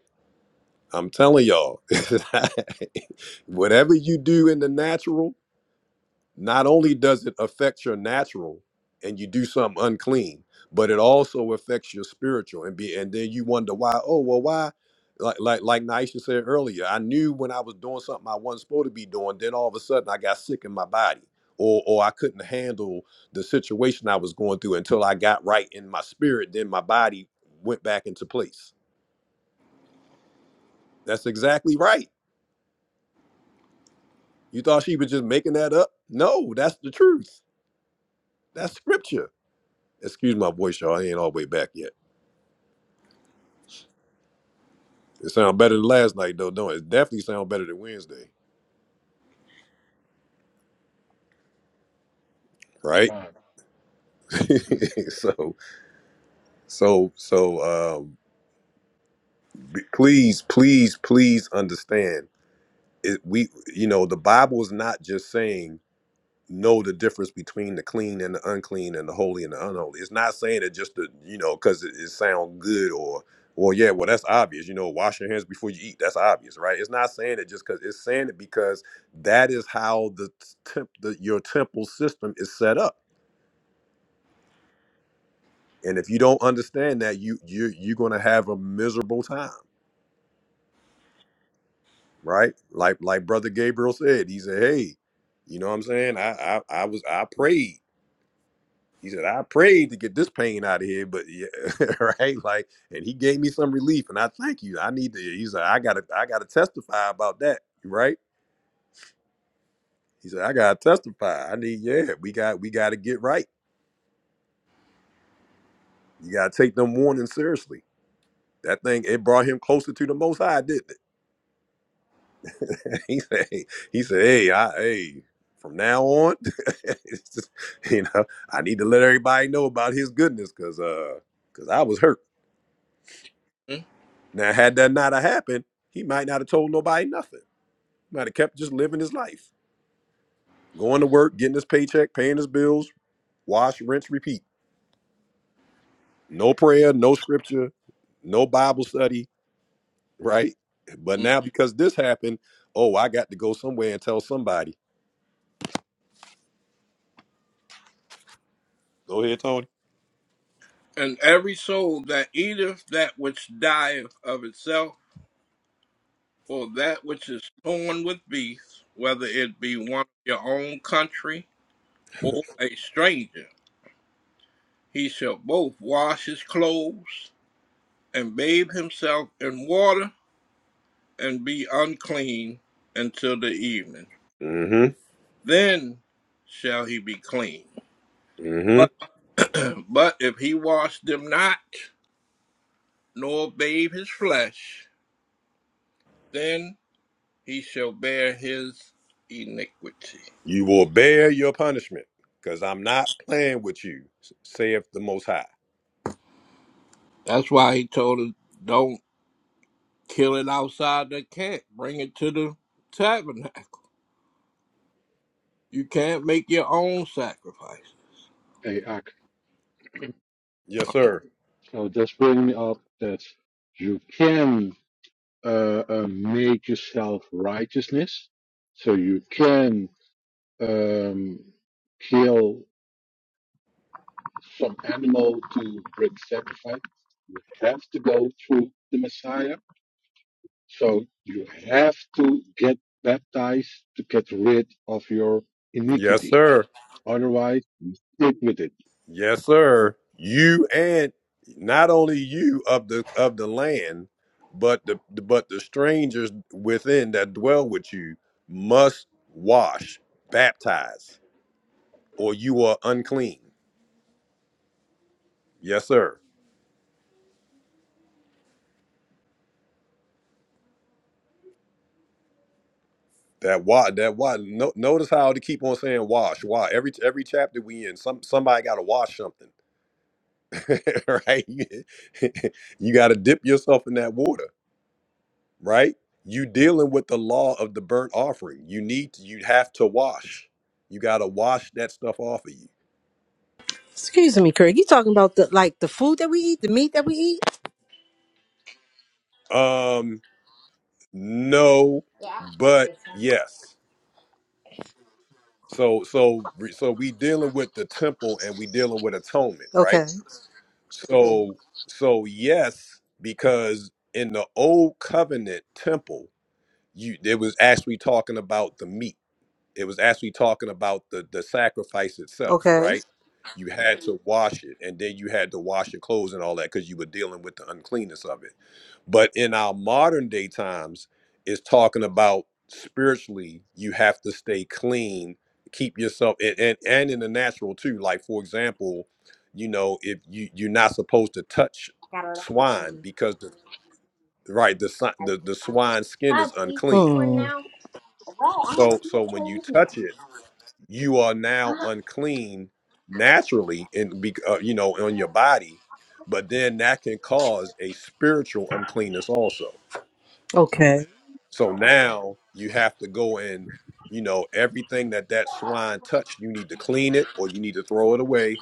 Speaker 1: I'm telling y'all, whatever you do in the natural, not only does it affect your natural and you do something unclean, but it also affects your spiritual and be and then you wonder why, oh well why like like like Naisha said earlier, I knew when I was doing something I wasn't supposed to be doing, then all of a sudden I got sick in my body. Or, or I couldn't handle the situation I was going through until I got right in my spirit. Then my body went back into place. That's exactly right. You thought she was just making that up? No, that's the truth. That's scripture. Excuse my voice, y'all. I ain't all the way back yet. It sounds better than last night, though, don't it? It definitely sounds better than Wednesday, right?
Speaker 12: Fine.
Speaker 1: so, so, so, um, b- please, please, please understand. It, we, you know, the Bible is not just saying know the difference between the clean and the unclean and the holy and the unholy. It's not saying it just to, you know, because it, it sounds good or, well, yeah, well, that's obvious. You know, wash your hands before you eat. That's obvious, right? It's not saying it just because it's saying it because that is how the, temp, the your temple system is set up. And if you don't understand that, you you you're gonna have a miserable time, right? Like like Brother Gabriel said, he said, "Hey, you know what I'm saying? I I, I was I prayed." He said, I prayed to get this pain out of here, but yeah, right. Like, and he gave me some relief. And I thank you. I need to, he said, I gotta, I gotta testify about that. Right. He said, I gotta testify. I need, yeah, we got, we gotta get right. You gotta take them warnings seriously. That thing, it brought him closer to the most high, didn't it? he said, "Hey," he said, Hey, I hey, from now on, it's just, you know, I need to let everybody know about his goodness because uh because I was hurt. Now, had that not have happened, he might not have told nobody nothing. Might have kept just living his life, going to work, getting his paycheck, paying his bills, wash, rinse, repeat. No prayer, no scripture, no Bible study, right? But
Speaker 5: Mhm.
Speaker 1: now because this happened, oh, I got to go somewhere and tell somebody. Go ahead, Tony.
Speaker 5: And every soul that eateth that which dieth of itself, or that which is torn with beasts, whether it be one of your own country or a stranger, he shall both wash his clothes and bathe himself in water, and be unclean until the evening.
Speaker 1: Mm-hmm.
Speaker 5: Then shall he be clean.
Speaker 1: Mm-hmm.
Speaker 5: But, but if he wash them not, nor bathe his flesh, then he shall bear his iniquity.
Speaker 1: You will bear your punishment, because I'm not playing with you, saith the most high.
Speaker 5: That's why he told us, don't kill it outside the camp. Bring it to the tabernacle. You can't make your own sacrifice.
Speaker 12: Hey, Ak.
Speaker 1: Yes, sir.
Speaker 12: So just bring me up that you can uh, uh, make yourself righteousness. So you can um, kill some animal to bring sacrifice. You have to go through the Messiah. So you have to get baptized to get rid of your
Speaker 1: Yes,
Speaker 12: iniquity.
Speaker 1: sir.
Speaker 12: Otherwise, stick with it.
Speaker 1: Yes, sir. You and not only you of the of the land, but the but the strangers within that dwell with you must wash, baptize, or you are unclean. Yes, sir. That why that why no, notice how to keep on saying wash why every every chapter we in some somebody got to wash something right you you got to dip yourself in that water right? You dealing with the law of the burnt offering. You need to, you have to wash. You got to wash that stuff off of you.
Speaker 13: Excuse me, Craig. You talking about the like the food that we eat, the meat that we eat?
Speaker 1: Um, no, but yes. So so so we dealing with the temple and we dealing with atonement, right?
Speaker 13: Okay.
Speaker 1: So so yes, because in the old covenant temple, you it was actually talking about the meat it was actually talking about the the sacrifice itself,
Speaker 13: Okay.
Speaker 1: right? You had to Mhm. wash it, and then you had to wash your clothes and all that because you were dealing with the uncleanness of it. But in our modern day times, it's talking about spiritually, you have to stay clean, keep yourself, and and, and in the natural too. Like for example, you know, if you you're not supposed to touch swine because the right the si- the, the swine skin is unclean.
Speaker 13: Hmm.
Speaker 1: So so when you touch it you are now unclean naturally and be uh, you know on your body but then that can cause a spiritual uncleanness also
Speaker 13: Okay.
Speaker 1: so now you have to go and you know everything that that swine touched you need to clean it or you need to throw it away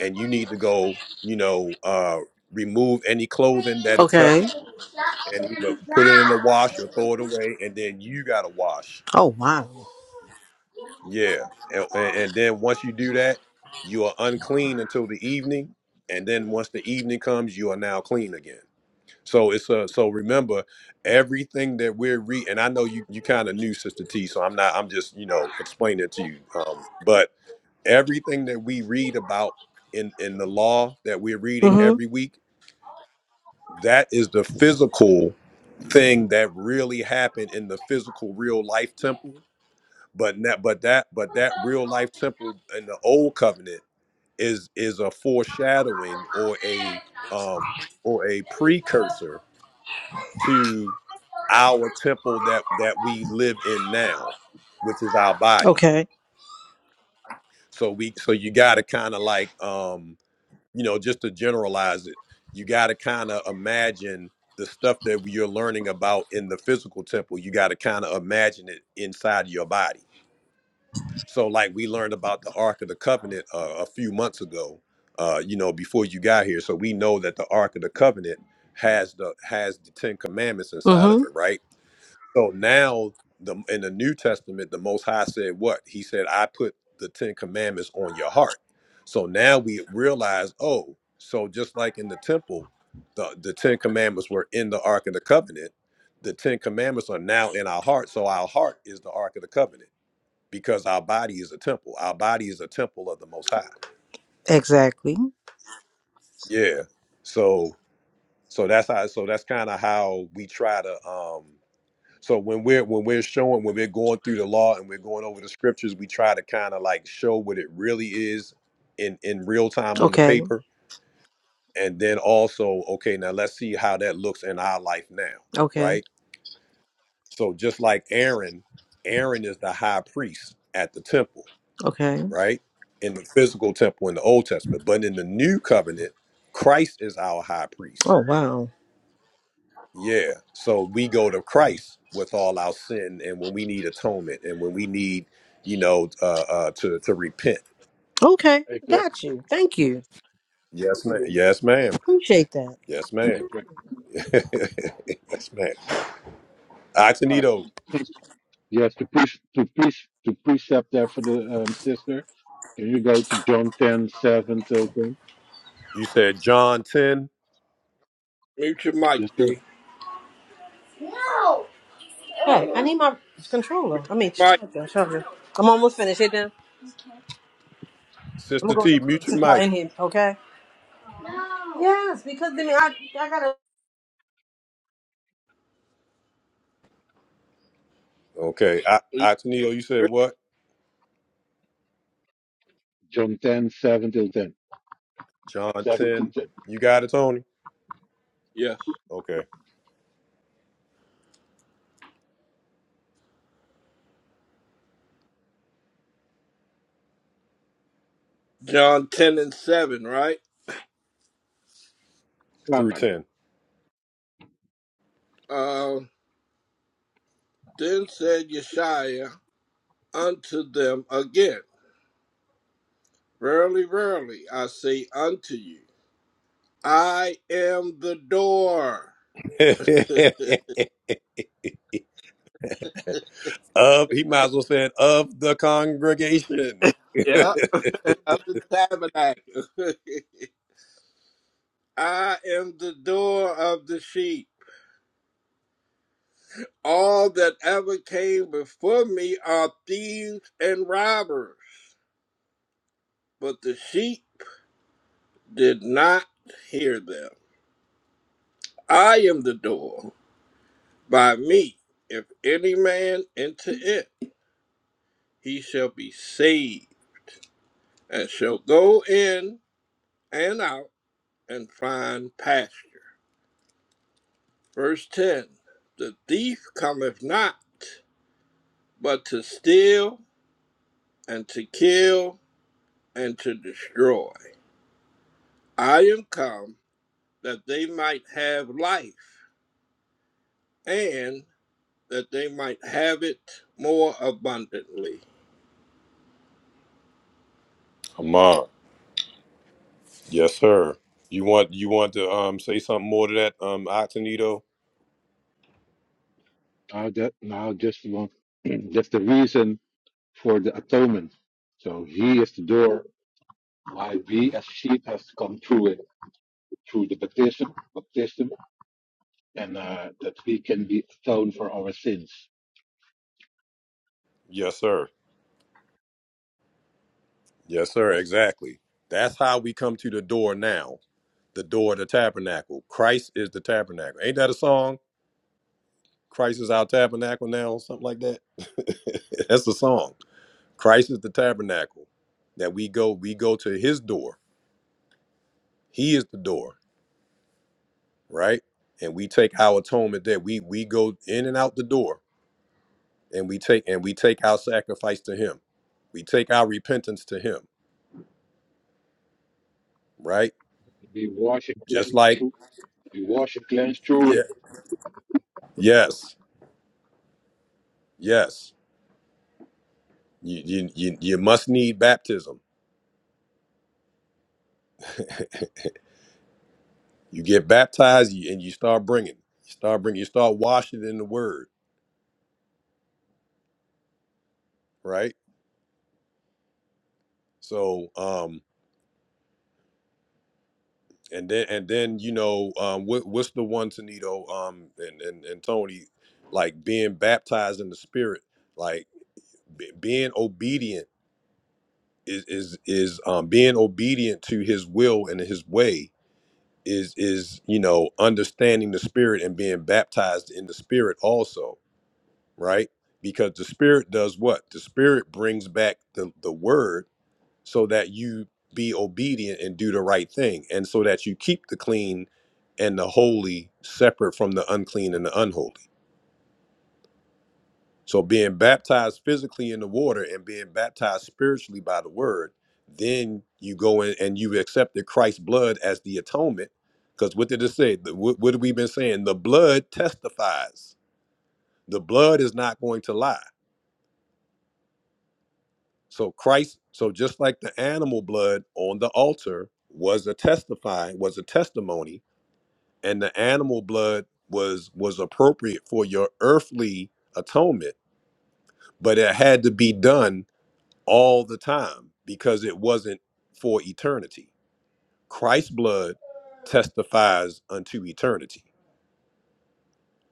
Speaker 1: and you need to go you know uh remove any clothing that it
Speaker 13: Okay.
Speaker 1: touched and either put it in the wash or throw it away and then you got to wash
Speaker 13: Oh wow.
Speaker 1: Yeah, and, and then once you do that, you are unclean until the evening, and then once the evening comes, you are now clean again. So it's a so remember everything that we're re and I know you you kind of knew Sister T, so I'm not I'm just you know explaining it to you. Um, but everything that we read about in in the law that we're reading every
Speaker 13: Mm-hmm.
Speaker 1: week, that is the physical thing that really happened in the physical real life temple but that but that but that real life temple in the old covenant is is a foreshadowing or a um or a precursor to our temple that that we live in now which is our body
Speaker 13: Okay.
Speaker 1: so we so you got to kind of like um you know just to generalize it you got to kind of imagine the stuff that you're learning about in the physical temple you got to kind of imagine it inside your body So, like we learned about the Ark of the Covenant uh, a few months ago, uh, you know, before you got here. So we know that the Ark of the Covenant has the has the Ten Commandments inside
Speaker 13: Mm-hmm.
Speaker 1: of it, right? So now, the in the New Testament, the Most High said what? He said, "I put the Ten Commandments on your heart." So now we realize, oh, so just like in the temple, the the Ten Commandments were in the Ark of the Covenant. The Ten Commandments are now in our heart, so our heart is the Ark of the Covenant because our body is a temple. Our body is a temple of the Most High.
Speaker 13: Exactly.
Speaker 1: Yeah. So so that's how so that's kind of how we try to um so when we're when we're showing when we're going through the law and we're going over the scriptures, we try to kind of like show what it really is in in real time on the
Speaker 13: Okay.
Speaker 1: paper and then also okay now let's see how that looks in our life now,
Speaker 13: Okay.
Speaker 1: right? So just like Aaron, Aaron is the high priest at the temple
Speaker 13: Okay.
Speaker 1: right? In the physical temple in the Old Testament, but in the new covenant, Christ is our high priest.
Speaker 13: Oh wow.
Speaker 1: Yeah. So we go to Christ with all our sin and when we need atonement and when we need, you know, uh, uh to to repent.
Speaker 13: Okay.
Speaker 12: Exact,
Speaker 13: Got you. Thank you.
Speaker 1: Yes, ma'am. Yes, ma'am.
Speaker 13: Appreciate that.
Speaker 1: Yes, ma'am.
Speaker 12: exact.
Speaker 1: yes, ma'am.
Speaker 12: Ah,
Speaker 1: Atenito,
Speaker 12: Yes, to push to push to precept there for the um, sister. Can you go to John ten seven till ten?
Speaker 1: you said John 10.
Speaker 5: Mute your mic,
Speaker 12: Yes, sir.
Speaker 5: D.
Speaker 13: Hey, I need my controller.
Speaker 5: Mute
Speaker 13: I mean,
Speaker 5: your
Speaker 13: charger. charger. I'm almost finished. Hit down. I'm gonna
Speaker 1: Sister
Speaker 13: go in the
Speaker 1: T,
Speaker 13: room
Speaker 1: mute your
Speaker 13: since y'all
Speaker 1: mic.
Speaker 13: in here. Okay. Yes, because then I I gotta
Speaker 1: Okay. I
Speaker 5: mic.
Speaker 1: Atenito, you said what?
Speaker 12: John ten seven till ten.
Speaker 1: John
Speaker 12: Seven till
Speaker 1: 10.
Speaker 12: ten.
Speaker 1: You got it, Tony?
Speaker 5: Yes.
Speaker 1: Okay.
Speaker 5: John 10 and 7, right?
Speaker 12: Come
Speaker 1: Through
Speaker 12: on.
Speaker 1: 10.
Speaker 5: Uh, then said Yeshua unto them again, Verily, verily, I say unto you, I am the door
Speaker 1: Of he might as well said of the congregation.
Speaker 5: Yeah. of the tabernacle. I am the door of the sheep. All that ever came before me are thieves and robbers, but the sheep did not hear them. I am the door. by me. If any man enter it, he shall be saved, and shall go in and out and find pasture. Verse 10 The thief cometh not, but to steal, and to kill, and to destroy. I am come that they might have life, and that they might have it more abundantly.
Speaker 1: Come on. Yes, sir. You want you want to um say something more to that, um, Atenito?
Speaker 12: Now that now just one. That's the reason for the atonement. So he is the door. Why we as sheep have to come through it through the baptism, baptism and uh, that we can be atoned for our sins.
Speaker 1: Yes, sir. Yes, sir, exactly. That's how we come to the door now, the door of the tabernacle. Christ is the tabernacle. Ain't that a song? Christ is our tabernacle now, or something like that. That's the song. Christ is the tabernacle. That we go, we go to his door. He is the door. right? And we take our atonement there. We we go in and out the door, and we take and we take our sacrifice to Him. We take our repentance to Him, right?
Speaker 12: We wash and
Speaker 1: Just
Speaker 12: cleanse
Speaker 1: like
Speaker 12: through, we wash and cleanse through
Speaker 1: yeah,
Speaker 12: it.
Speaker 1: yes, yes. You you you, you must need baptism. You get baptized you- and you start bringing, you start bringing, you start washing in the Word, right? So um. And then, and then, you know, um, what, what's the one, Tanito, um, and, and, and Tony, like being baptized in the Spirit, like be- being obedient is is is um, being obedient to his will and his way is is you know understanding the spirit and being baptized in the spirit also right because the spirit does what the spirit brings back the, the word so that you be obedient and do the right thing and so that you keep the clean and the holy separate from the unclean and the unholy So being baptized physically in the water and being baptized spiritually by the word, then you go in and you accepted Christ's blood as the atonement. Because what did it say? The- What, what have we been saying? The blood testifies. The blood is not going to lie. So Christ, so just like the animal blood on the altar was a testifying, was a testimony, and the animal blood was was appropriate for your earthly atonement, but it had to be done all the time because it wasn't for eternity. Christ's blood testifies unto eternity.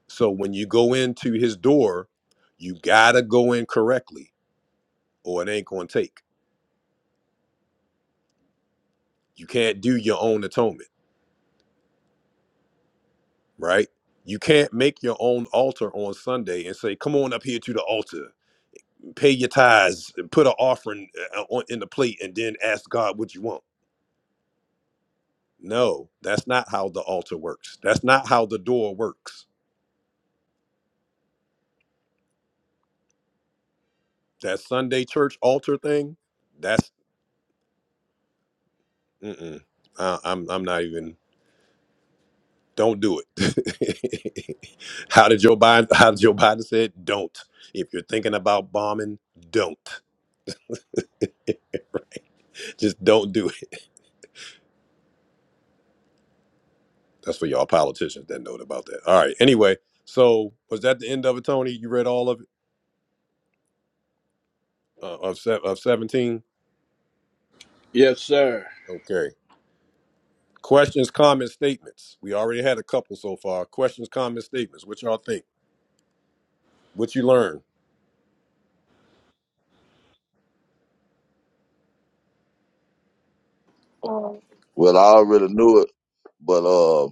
Speaker 1: So when you go into his door, you got to go in correctly or it ain't going to take. You can't do your own atonement, right? You can't make your own altar on Sunday and say, "Come on up here to the altar, pay your tithes, and put an offering uh, on- in the plate, and then ask God what you want." No, that's not how the altar works. That's not how the door works that Sunday church altar thing, that's mm-mm. Uh, I'm I'm not even. Don't do it. how did Joe Biden? How did Joe Biden said? Don't. If you're thinking about bombing, don't. Just don't do it. That's for y'all politicians that know about that. All right. Anyway, so was that the end of it, Tony? You read all of it uh, of se- of seventeen.
Speaker 5: Yes, sir.
Speaker 1: Okay. Questions, comments, statements. We already had a couple so far. Questions, comments, statements. What y'all think? What you learn?
Speaker 14: Well,
Speaker 11: Well, I already knew it. But uh,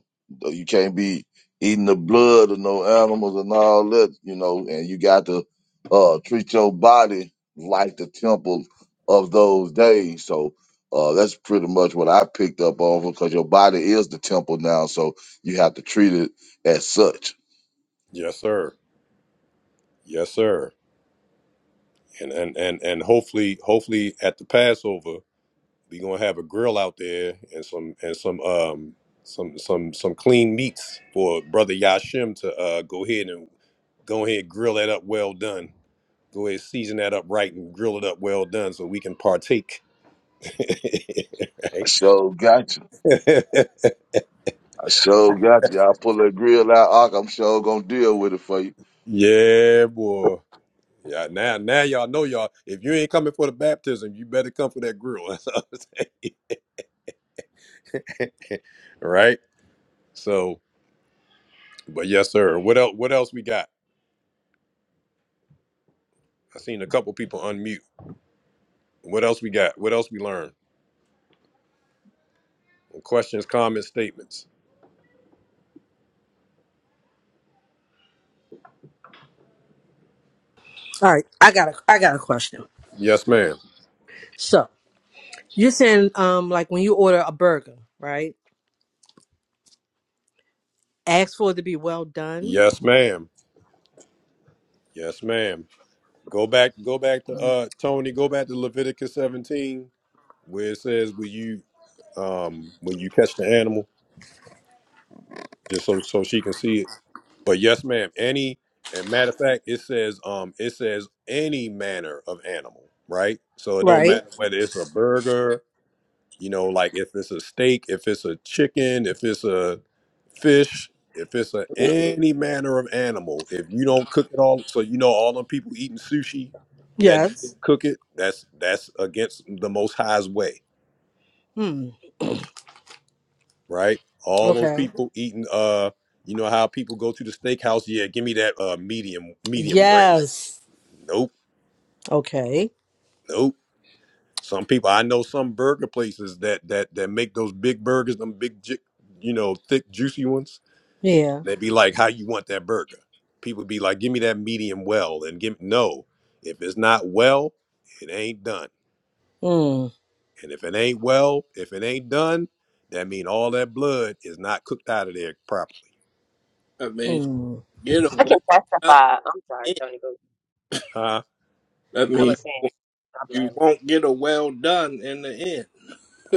Speaker 11: you can't be eating the blood of no animals and all that, you know. And you got to uh treat your body like the temple of those days. So uh, that's pretty much what I picked up on because your body is the temple now, so you have to treat it as such.
Speaker 1: Yes, sir. Yes, sir. and and and and hopefully hopefully at the Passover we gonna have a grill out there and some and some um some some some clean meats for brother Yashim to uh go ahead and go ahead and grill that up well done. Go ahead season that up right and grill it up well done so we can partake.
Speaker 11: I
Speaker 1: Right?
Speaker 11: sure got you. I sure got you. I'll pull that grill out, Ark. I'm sure gonna deal with it for you.
Speaker 1: yeah, boy. Yeah, now now y'all know y'all. If you ain't coming for the baptism, you better come for that grill. That's all I'm saying. right? So But yes, sir. What else? What else we got? I seen a couple people unmute. What else we got? What else we learned? Questions, comments, statements.
Speaker 13: All right, I got a I got a question.
Speaker 1: Yes, ma'am.
Speaker 13: So you're saying um like when you order a burger, right? Ask for it to be well done,
Speaker 1: Yes, ma'am. Yes, ma'am. Go back. Go back to uh Tony. Go back to Leviticus 17, where it says, "Will you um when you catch the animal, just so so she can see it." But yes, ma'am. Any and matter of fact, it says um it says any manner of animal, right? So it don't
Speaker 13: right?
Speaker 1: matter whether it's a burger You know, like if it's a steak, if it's a chicken, if it's a fish, if it's a any manner of animal, if you don't cook it all, so you know all them people eating sushi that
Speaker 13: Yes.
Speaker 1: didn't cook it, that's that's against the Most High's way,
Speaker 13: Hmm.
Speaker 1: right? All those
Speaker 13: Okay.
Speaker 1: people eating, uh, you know how people go to the steakhouse, yeah, give me that uh medium medium rare.
Speaker 13: Yes.
Speaker 1: Nope,
Speaker 13: Okay.
Speaker 1: nope. Some people I know some burger places that that that make those big burgers, them big, ju- you know, thick juicy ones
Speaker 13: Yeah.
Speaker 1: They'd be like, "How you want that burger?" People be like, "Give me that medium well," and give no. If it's not well, it ain't done.
Speaker 13: Hmm.
Speaker 1: And if it ain't well, if it ain't done, that mean all that blood is not cooked out of there properly,
Speaker 5: I mean,
Speaker 13: Hmm.
Speaker 5: get
Speaker 4: I
Speaker 5: away.
Speaker 4: can testify. I'm sorry, Tony. Boo.
Speaker 1: huh?
Speaker 5: That
Speaker 4: I
Speaker 5: means
Speaker 4: was saying, I'm
Speaker 5: you
Speaker 4: laughing.
Speaker 5: won't get a well done in the end.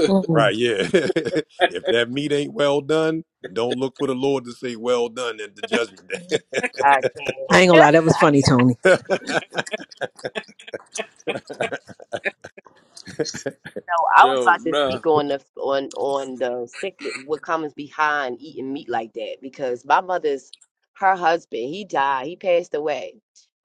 Speaker 13: Mm.
Speaker 1: Right? Yeah. if that meat ain't well done, don't look for the Lord to say "Well done" at the judgment day.
Speaker 4: I can.
Speaker 13: I ain't gonna lie, that was funny, Tony.
Speaker 4: No, I was
Speaker 5: So
Speaker 4: about to
Speaker 5: the
Speaker 4: speak on the on on the sickness, what comes behind eating meat like that because my mother's her husband, he died, he passed away.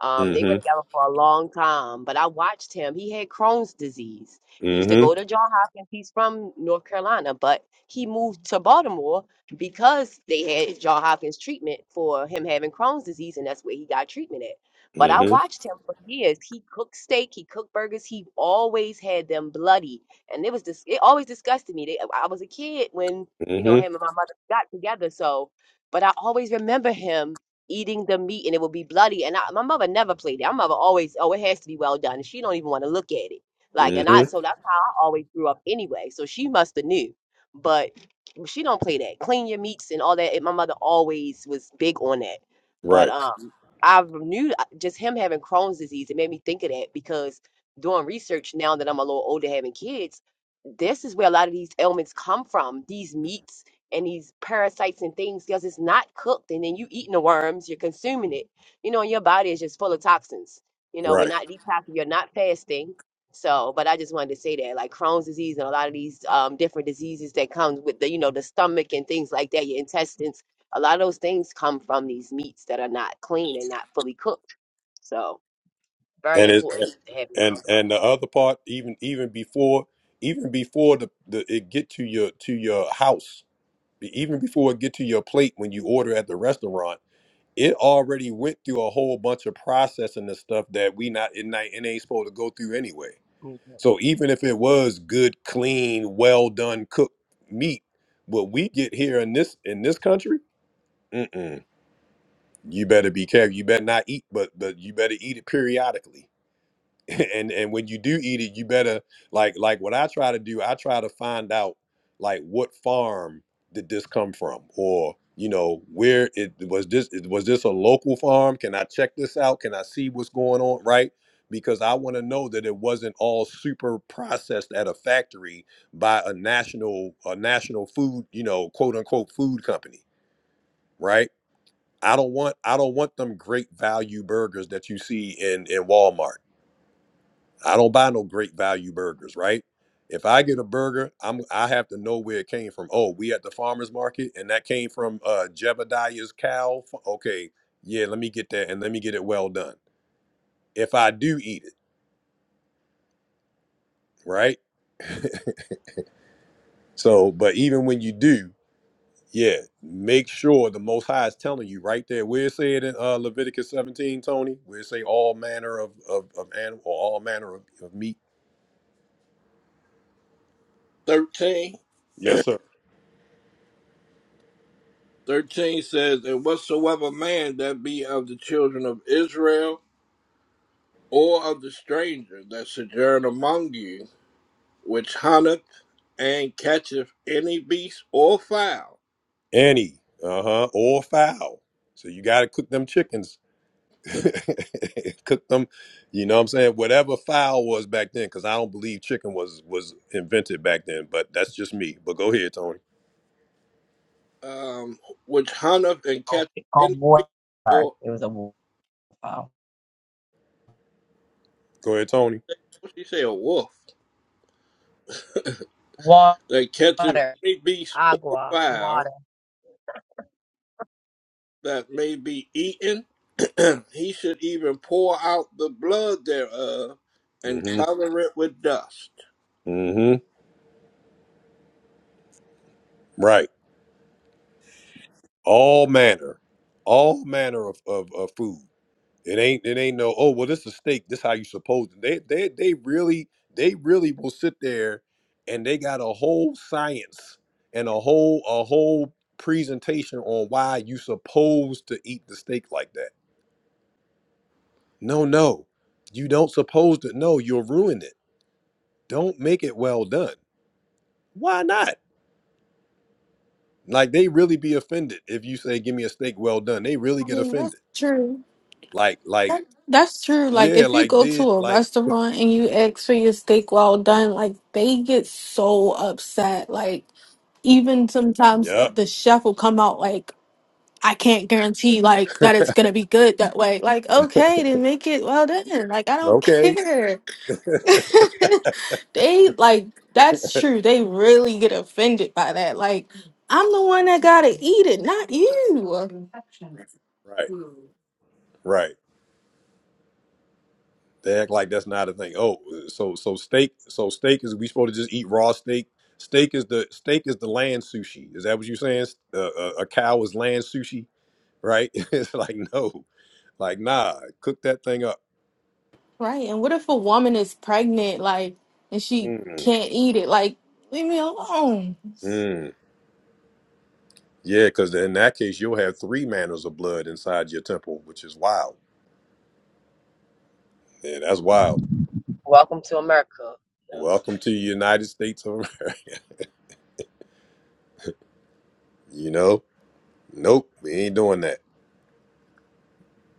Speaker 4: Um, they were
Speaker 1: mm-hmm.
Speaker 4: together for a long time, but I watched him. He had Crohn's disease. He used to go
Speaker 1: Mm-hmm.
Speaker 4: to John Hopkins. He's from North Carolina, but he moved to Baltimore because they had John Hopkins treatment for him having Crohn's disease, and that's where he got treatment at. But I
Speaker 1: Mm-hmm.
Speaker 4: watched him for years. He cooked steak, he cooked burgers, he always had them bloody and it was just it always disgusted me. They, I was a kid when you know him
Speaker 1: Mm-hmm.
Speaker 4: and my mother got together, so but I always remember him eating the meat and it would be bloody. And I, my mother never played it. My mother always, oh, it has to be well done. She don't even want to look at it. Like, and I
Speaker 1: Mm-hmm.
Speaker 4: so that's how I always grew up anyway. So she must have knew, but she don't play that. Clean your meats and all that. And my mother always was big on that. But
Speaker 1: Right.
Speaker 4: um, I knew uh, just him having Crohn's disease. It made me think of that because doing research now that I'm a little older, having kids this is where a lot of these ailments come from these meats and these parasites and things because it's not cooked and then you eating the worms you're consuming it you know and your body is just full of toxins you know we're
Speaker 1: Right.
Speaker 4: not detoxing you're not fasting so but i just wanted to say that like crohn's disease and a lot of these um, different diseases that comes with the you know the stomach and things like that your intestines a lot of those things come from these meats that are not clean and not fully cooked so very
Speaker 1: and it
Speaker 4: important to have it
Speaker 1: and and the other part even even before even before the, the it get to your to your house even before it get to your plate when you order at the restaurant it already went through a whole bunch of processing and stuff that we not it, not it ain't supposed to go through anyway
Speaker 4: around It was a,
Speaker 1: so even if it was good clean well done cooked meat what we get here in this in this country mm-mm. you better be careful you better not eat but but you better eat it periodically and and when you do eat it you better like like what i try to do i try to find out like what farm did this come from or you know where it was this it- was this a local farm can i check this out can i see what's going on right because i want to know that it wasn't all super processed at a factory by a national a national food you know quote unquote food company right i don't want i don't want them great value burgers that you see in in walmart I don't buy no great value burgers, right? If I get a burger, I'm I have to know where it came from. Oh, we at the farmers market, and that came from uh, Jebediah's cow. F- Okay, yeah, let me get that, and let me get it well done. If I do eat it, right? So, but even when you do, yeah, make sure the Most High is telling you right there where it said in uh, Leviticus 17, Tony, where it say all manner of of, of animal, or all manner of, of meat.
Speaker 5: 13,
Speaker 1: Yes, sir.
Speaker 5: 13 says, And whatsoever man that be of the children of Israel, or of the stranger that sojourn among you, which hunteth and catcheth any beast or fowl,
Speaker 1: Any, uh huh, or fowl. So you got to cook them chickens cooked them. You know what I'm saying? Whatever fowl was back then, because I don't believe chicken was was invented back then. But that's just me. But go ahead, Tony.
Speaker 5: um, which hunteth and
Speaker 4: oh,
Speaker 5: catcheth
Speaker 4: oh,
Speaker 5: any
Speaker 4: boy,
Speaker 5: beast or,
Speaker 4: it was a wow.
Speaker 1: Go ahead, Tony.
Speaker 5: what she say, a wolf,
Speaker 4: water,
Speaker 5: that catcheth any beast or
Speaker 4: agua, water.
Speaker 5: fowl that may be eaten, he should even pour out the blood thereof and
Speaker 1: Mm-hmm.
Speaker 5: cover it with dust.
Speaker 1: Mm-hmm. Right. All manner, all manner of, of, of food. It ain't it ain't no. Oh well, this is steak. This how you supposed to. They they they really they really will sit there, and they got a whole science and a whole a whole presentation on why you supposed to eat the steak like that No, no. You don't supposed to know. You'll ruin it. Don't make it well done. Why not? Like they really be offended if you say give me a steak well done. They really
Speaker 14: I
Speaker 1: get
Speaker 14: mean, that's
Speaker 1: offended.
Speaker 14: true.
Speaker 1: Like like
Speaker 14: That, that's true. Like,
Speaker 1: yeah,
Speaker 14: if you
Speaker 1: like
Speaker 14: go
Speaker 1: did
Speaker 14: to a
Speaker 1: like
Speaker 14: restaurant and you ask for your steak well done, like, they get so upset. Like, even sometimes
Speaker 1: Yep.
Speaker 14: the chef will come out, like, I can't guarantee, like, that it's gonna be good that way. Like, okay, then make it well done. Like, I don't
Speaker 1: Okay.
Speaker 14: care. they, like, that's true. They really get offended by that. Like, I'm the one that gotta eat it, not you.
Speaker 1: Right. Right. They act like that's not a thing. Oh, so so steak so steak is we supposed to just eat raw steak? Steak is the steak is the land sushi. Is that what you're saying? Uh, a, a cow is land sushi, right? it's like no. Like nah, cook that thing up.
Speaker 14: Right. And what if a woman is pregnant, like, and she can't eat it? Like, leave me alone.
Speaker 1: Mm, yeah, because in that case, you'll have three manners of blood inside your temple, which is wild. Yeah, that's wild.
Speaker 4: Welcome to America.
Speaker 1: Welcome to the United States of America. You know, nope, we ain't doing that.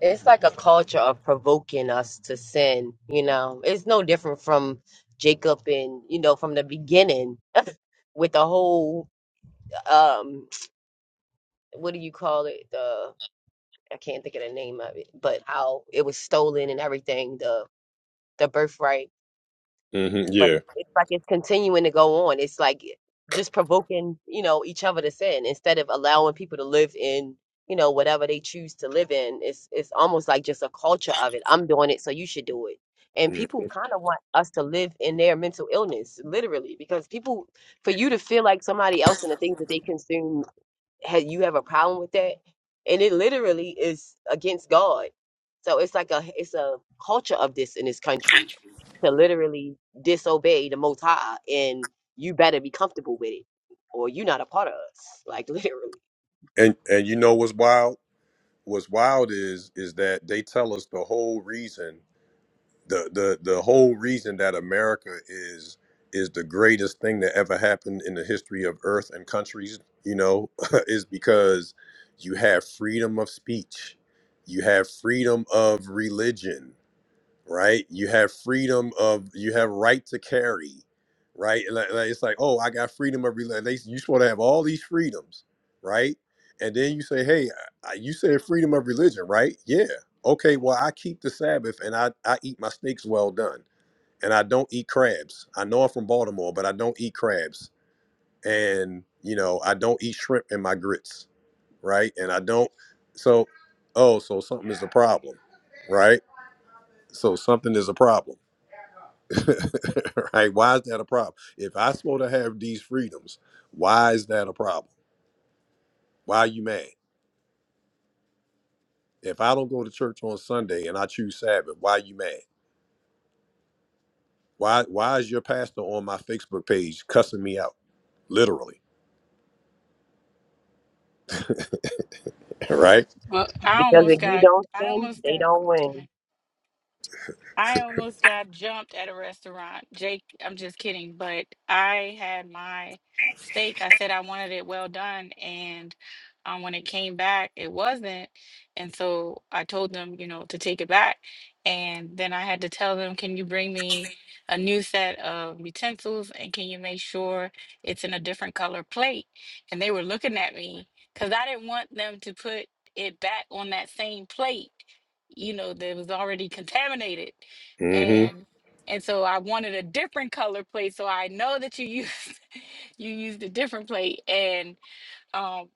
Speaker 4: It's like a culture of provoking us to sin, you know. It's no different from Jacob and, you know, from the beginning with the whole um what do you call it? The I can't think of the name of it, but how it was stolen and everything, the the birthright
Speaker 1: hmm
Speaker 4: but
Speaker 1: yeah,
Speaker 4: it's like it's continuing to go on. It's like just provoking, you know, each other to sin instead of allowing people to live in, you know, whatever they choose to live in. It's it's almost like just a culture of it. I'm doing it, so you should do it. And
Speaker 1: Mhm.
Speaker 4: people kind of want us to live in their mental illness, literally, because people, for you to feel like somebody else and the things that they consume had you have a problem with that and it literally is against god so it's like a it's a culture of this in this country to literally disobey the most high and you better be comfortable with it or you're not a part of us like literally
Speaker 1: and and you know what's wild? What's wild is is that they tell us the whole reason the the the whole reason that America is is the greatest thing that ever happened in the history of Earth and countries, you know, is because you have freedom of speech, you have freedom of religion, right? You have freedom of you have right to carry, right? Like, like, it's like, oh, I got freedom of religion. You supposed to have all these freedoms, right? And then you say, hey, I- you said freedom of religion, right? Yeah. Okay. Well, I keep the Sabbath and I I eat my steaks well done, and I don't eat crabs. I know I'm from Baltimore, but I don't eat crabs, and you know I don't eat shrimp in my grits, right? And I don't. So, oh, so something is a problem, right? So something is a problem right? Why is that a problem? If I supposed to have these freedoms, why is that a problem? Why are you mad? If I don't go to church on Sunday and I choose Sabbath, why are you mad? Why why is your pastor on my Facebook page cussing me out? Literally. Right?
Speaker 15: Well, I
Speaker 4: because
Speaker 15: almost
Speaker 4: if you
Speaker 15: got,
Speaker 4: don't
Speaker 15: I
Speaker 4: sin
Speaker 15: almost
Speaker 4: they
Speaker 15: got.
Speaker 4: don't
Speaker 15: okay.
Speaker 4: win
Speaker 15: I almost got jumped at a restaurant. Jake, I'm just kidding, but I had my steak. I said I wanted it well done, and um, when it came back, it wasn't. And so I told them, you know, to take it back. And then I had to tell them, can you bring me a new set of utensils and can you make sure it's in a different color plate? And they were looking at me because I didn't want them to put it back on that same plate you know, that was already contaminated
Speaker 1: Mm-hmm.
Speaker 15: and and so I wanted a different color plate. So I know that you used you used a different plate, and um,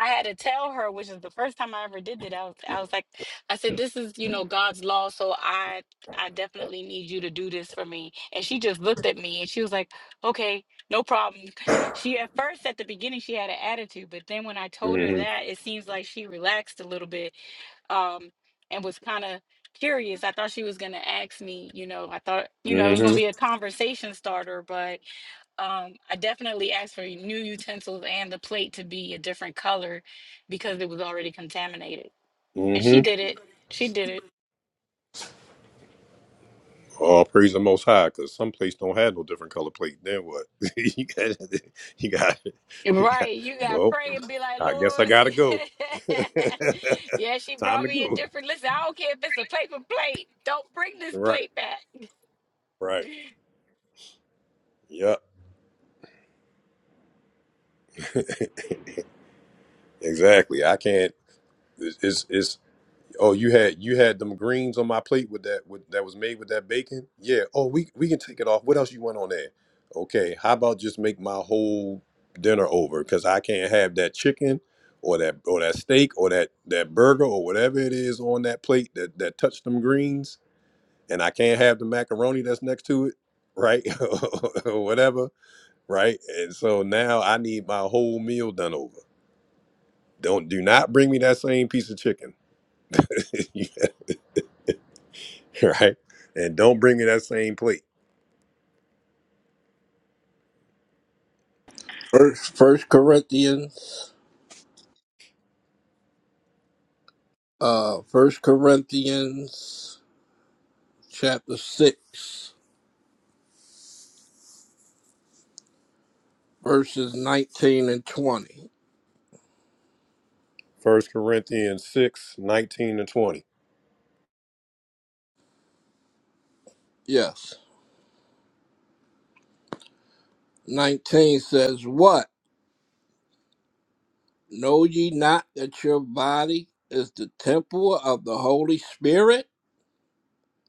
Speaker 15: I had to tell her, which is the first time I ever did that. I was I was like, I said, this is you know God's law, so I I definitely need you to do this for me. And she just looked at me and she was like, okay, no problem. She at first at the beginning she had an attitude, but then when I told her
Speaker 1: Mm-hmm.
Speaker 15: that, it seems like she relaxed a little bit um, and was kind of curious. I thought she was going to ask me, you know, I thought, you know, it was going to be
Speaker 1: Mm-hmm.
Speaker 15: a conversation starter, but um, I definitely asked for new utensils and the plate to be a different color because it was already contaminated. And she
Speaker 1: Mm-hmm.
Speaker 15: did it. She did it.
Speaker 1: Oh, praise the most high, because some place don't have no different color plate. Then what? you got you got you got
Speaker 15: Right, you gotta
Speaker 1: well,
Speaker 15: pray and be like,
Speaker 1: I guess
Speaker 15: Lord,
Speaker 1: I gotta go.
Speaker 15: yeah, she
Speaker 1: Time
Speaker 15: brought
Speaker 1: to
Speaker 15: me a
Speaker 1: go.
Speaker 15: different. Listen, I don't care if it's a paper plate. Don't bring this
Speaker 1: Right.
Speaker 15: plate back.
Speaker 1: Right. Yep. Exactly. I can't. It's, it's it's. Oh, you had you had them greens on my plate with that with that was made with that bacon. Yeah. Oh, we we can take it off. What else you want on there? Okay. How about just make my whole dinner over because I can't have that chicken or that or that steak or that that burger or whatever it is on that plate that that touched them greens and I can't have the macaroni that's next to it. Right. or whatever. Right. And so now I need my whole meal done over Don't do not bring me that same piece of chicken, right? And don't bring me that same plate.
Speaker 5: First, First Corinthians, uh, First Corinthians, chapter six, verses nineteen and twenty.
Speaker 1: First Corinthians 6 19 and 20.
Speaker 5: Yes, nineteen says, "What know ye not that your body is the temple of the Holy Spirit,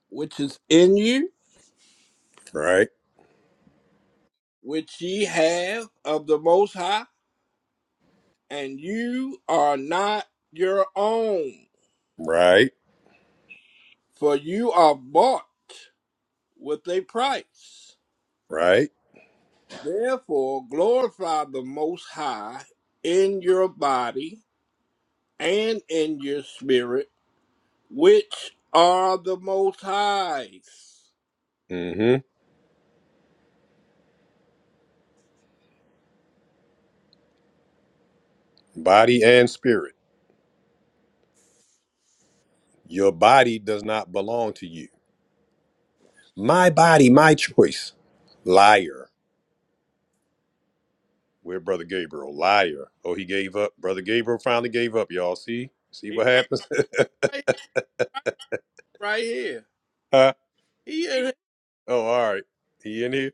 Speaker 5: which is in you,
Speaker 1: Right,
Speaker 5: which ye have of the Most High?" and you are not your own,
Speaker 1: right,
Speaker 5: for you are bought with a price.
Speaker 1: right.
Speaker 5: Therefore, glorify the Most High in your body and in your spirit, which are the Most High's.
Speaker 1: Mm-hmm. Body and spirit. Your body does not belong to you. My body, my choice. Liar. Where, Brother Gabriel. Liar. Oh, he gave up. Brother Gabriel finally gave up, y'all. See? See
Speaker 5: He
Speaker 1: what
Speaker 5: right,
Speaker 1: happens?
Speaker 5: right right here.
Speaker 1: Huh?
Speaker 5: He in here.
Speaker 1: oh, all right. He in here?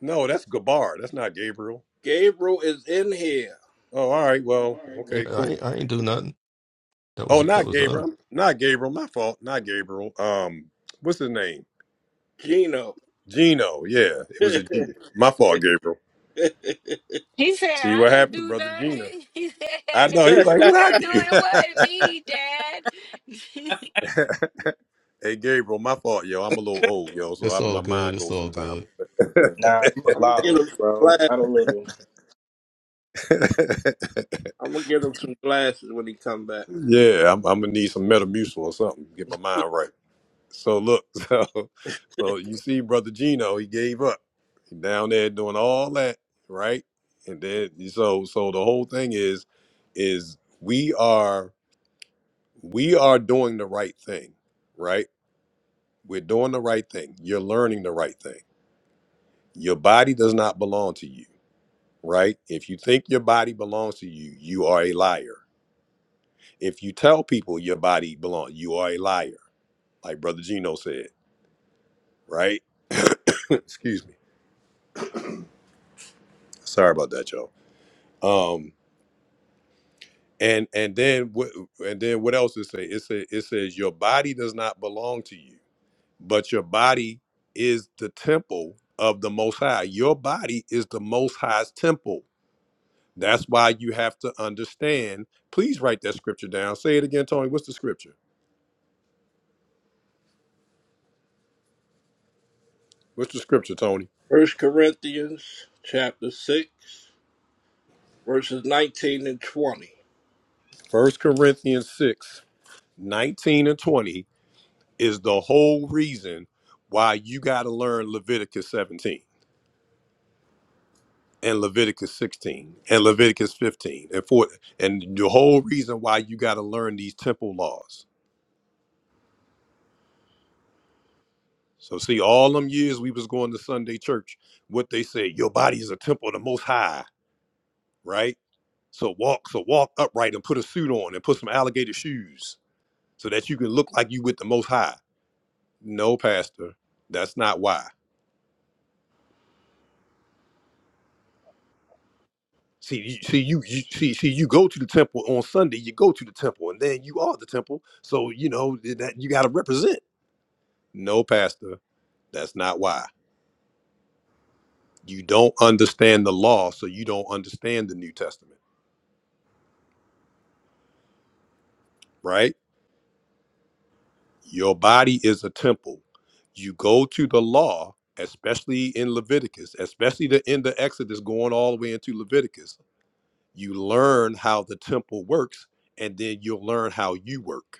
Speaker 1: No, that's Gabar. That's not Gabriel.
Speaker 5: Gabriel is in here.
Speaker 1: Oh, all right. Well,
Speaker 10: Yeah,
Speaker 1: okay,
Speaker 10: I,
Speaker 1: cool.
Speaker 10: I that
Speaker 1: Oh, not
Speaker 10: was the other.
Speaker 1: Gabriel. Not Gabriel. My fault. Not Gabriel. Um, what's his name?
Speaker 5: Gino.
Speaker 1: Gino. Yeah, it
Speaker 5: I'm
Speaker 1: was a G. My fault, Gabriel.
Speaker 15: He said,
Speaker 1: See
Speaker 15: I
Speaker 1: what
Speaker 15: didn't
Speaker 1: happens,
Speaker 15: do
Speaker 1: brother Gino.
Speaker 15: nothing. He
Speaker 1: I
Speaker 15: said,
Speaker 1: know. He's like,
Speaker 15: I
Speaker 1: what I
Speaker 15: ain't doing
Speaker 1: do?
Speaker 15: it. It wasn't me, Dad.
Speaker 1: hey, Gabriel. My fault, yo. I'm a little old, yo, so
Speaker 10: it's
Speaker 1: I,
Speaker 10: all
Speaker 1: my
Speaker 10: good
Speaker 1: mind
Speaker 10: it's
Speaker 1: goes
Speaker 10: all good
Speaker 1: sometimes.
Speaker 16: Nah, you a
Speaker 5: gonna
Speaker 16: lot
Speaker 5: get
Speaker 16: old,
Speaker 5: him some
Speaker 16: bro.
Speaker 5: glasses.
Speaker 16: Not a little.
Speaker 5: I'm gonna get him some glasses when he come back.
Speaker 1: yeah, I'm, I'm gonna need some Metamucil or something. to Get my mind right. So look, so so you see, brother Gino, he gave up. He down there doing all that, right? And then so so the whole thing is is we are we are doing the right thing, right? We're doing the right thing. You're learning the right thing. Your body does not belong to you, right? If you think your body belongs to you, you are a liar. If you tell people your body belongs, you are a liar, like brother Gino said, right? Excuse me. Sorry about that, y'all. Um, and and then what? And then what else it say? It say it says your body does not belong to you, but your body is the temple of the Most High. Your body is the Most High's temple. That's why you have to understand. Please write that scripture down. Say it again, Tony. What's the scripture? What's the scripture, Tony?
Speaker 5: First Corinthians chapter six, verses nineteen and twenty.
Speaker 1: First Corinthians 6 19 and 20 is the whole reason why you got to learn Leviticus 17 and Leviticus 16 and Leviticus 15 and 4 and the whole reason why you got to learn these temple laws. So see all them years we was going to Sunday church, what they say, your body is a temple of the most high, right? So walk so walk upright and put a suit on and put some alligator shoes so that you can look like you with the most high. No pastor, that's not why. See, you, see, you, you see, see, you go to the temple on Sunday. You go to the temple, and then you are the temple. So you know that you got to represent. No, pastor. That's not why. You don't understand the law, so you don't understand the New Testament, right? Your body is a temple. You go to the law, especially in Leviticus, especially the end of Exodus going all the way into Leviticus. You learn how the temple works, and then you'll learn how you work.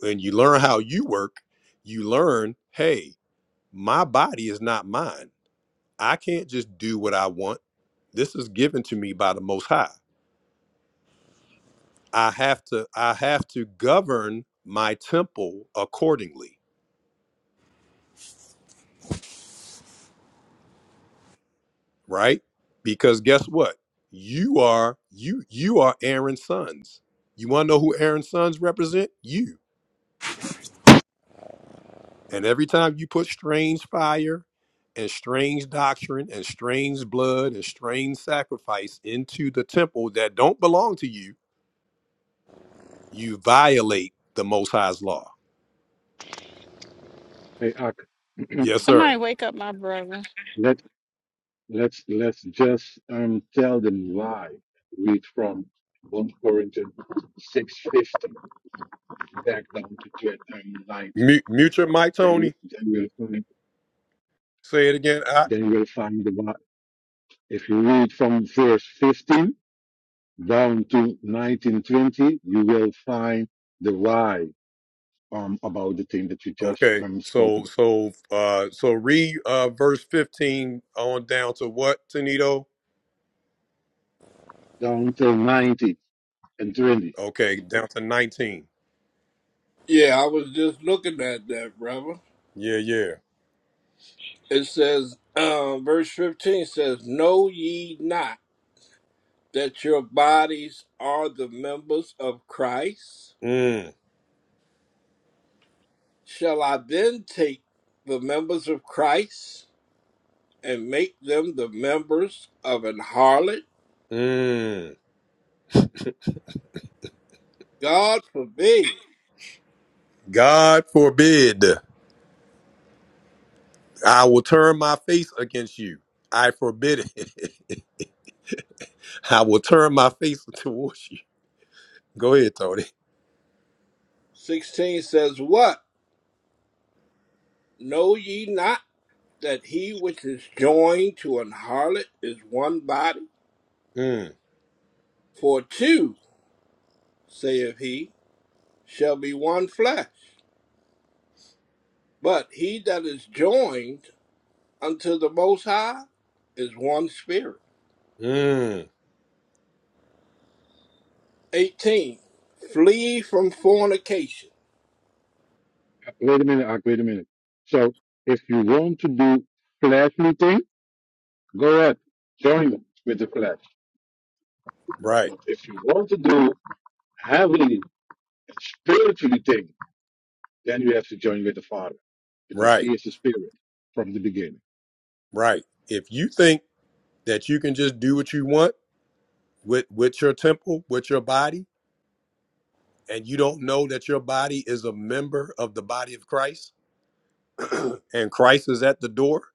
Speaker 1: When you learn how you work, you learn, hey, my body is not mine. I can't just do what I want. This is given to me by the Most High. I have to I have to govern my temple accordingly, right? Because guess what? You are you you are Aaron's sons. You want to know who Aaron's sons represent? You. And every time you put strange fire and strange doctrine and strange blood and strange sacrifice into the temple that don't belong to you, you violate the Most High's law.
Speaker 12: Hey, Ak,
Speaker 1: Yes, sir.
Speaker 15: Somebody wake up my brother.
Speaker 12: let, let's, let's just um, tell them why. Read from 1 Corinthians 6:15 back down to 20, um, 19.
Speaker 1: Mute, mute your mic,
Speaker 12: Then you,
Speaker 1: Tony.
Speaker 12: then you will find,
Speaker 1: Say it again.
Speaker 12: then you will find the why. If you read from verse 15 down to 1920, you will find the why um, about the thing that you just
Speaker 1: Okay,
Speaker 12: um, spoke
Speaker 1: so
Speaker 12: about,
Speaker 1: so uh so read uh verse 15 on down to what, Tanito?
Speaker 12: down till 90 and 20.
Speaker 1: Okay, down to 19.
Speaker 5: Yeah, I was just looking at that, brother.
Speaker 1: Yeah, yeah.
Speaker 5: It says, uh, verse fifteen says, "Know ye not that your bodies are the members of Christ?
Speaker 1: Mm.
Speaker 5: Shall I then take the members of Christ and make them the members of an harlot?
Speaker 1: Mm.
Speaker 5: God forbid."
Speaker 1: God forbid I will turn my face against you. I forbid it. I will turn my face towards you. Go ahead, Tony.
Speaker 5: Sixteen says, "What? Know ye not?" that he which is joined to an harlot is one body?
Speaker 1: Mm.
Speaker 5: For two, saith he, shall be one flesh. But he that is joined unto the Most High is one spirit.
Speaker 1: Mm.
Speaker 5: 18. Flee from fornication.
Speaker 12: Wait a minute, Ak, wait a minute. So if you want to do flash meeting, go ahead, join them with the flash.
Speaker 1: Right,
Speaker 12: But if you want to do heavily and spiritually thing, then you have to join with the Father because He
Speaker 1: right,
Speaker 12: is the Spirit from the beginning.
Speaker 1: right. If you think that you can just do what you want with with your temple, with your body, and you don't know that your body is a member of the body of Christ and Christ is at the door,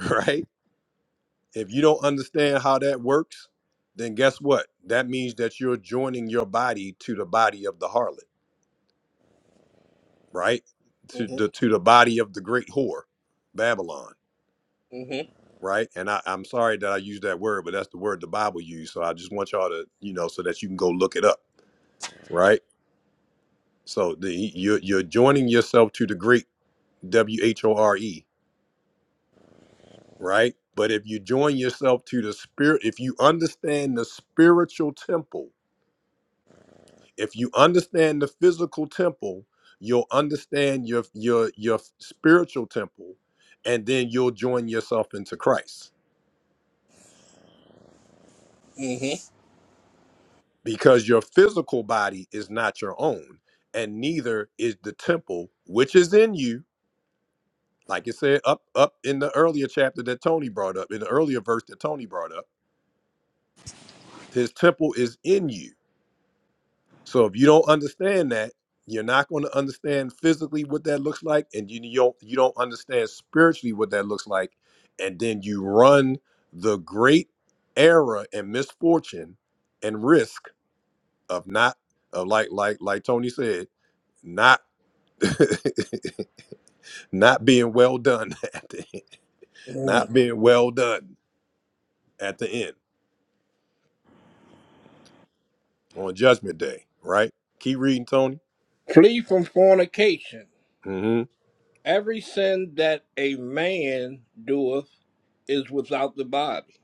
Speaker 1: right? If you don't understand how that works, then guess what? That means that you're joining your body to the body of the harlot, right? To
Speaker 5: hmm
Speaker 1: the to the body of the great whore, Babylon,
Speaker 5: hmm
Speaker 1: right? And I, I'm sorry that I used that word, but that's the word the Bible used. So I just want y'all to, you know, so that you can go look it up, right? So the, you're you're joining yourself to the great W H O R E right? But if you join yourself to the spirit, if you understand the spiritual temple, if you understand the physical temple, you'll understand your your your spiritual temple, and then you'll join yourself into Christ because your physical body is not your own, and neither is the temple which is in you. Like it said up up in the earlier chapter that Tony brought up, in the earlier verse that Tony brought up, his temple is in you So if you don't understand that, you're not going to understand physically what that looks like, and you you don't you don't understand spiritually what that looks like, and then you run the great error and misfortune and risk of not of like like like Tony said, not not being well done at the end,
Speaker 5: hmm
Speaker 1: not being well done at the end on Judgment Day, right? Keep reading, Tony.
Speaker 5: Flee from fornication.
Speaker 1: hmm
Speaker 5: Every sin that a man doeth is without the body.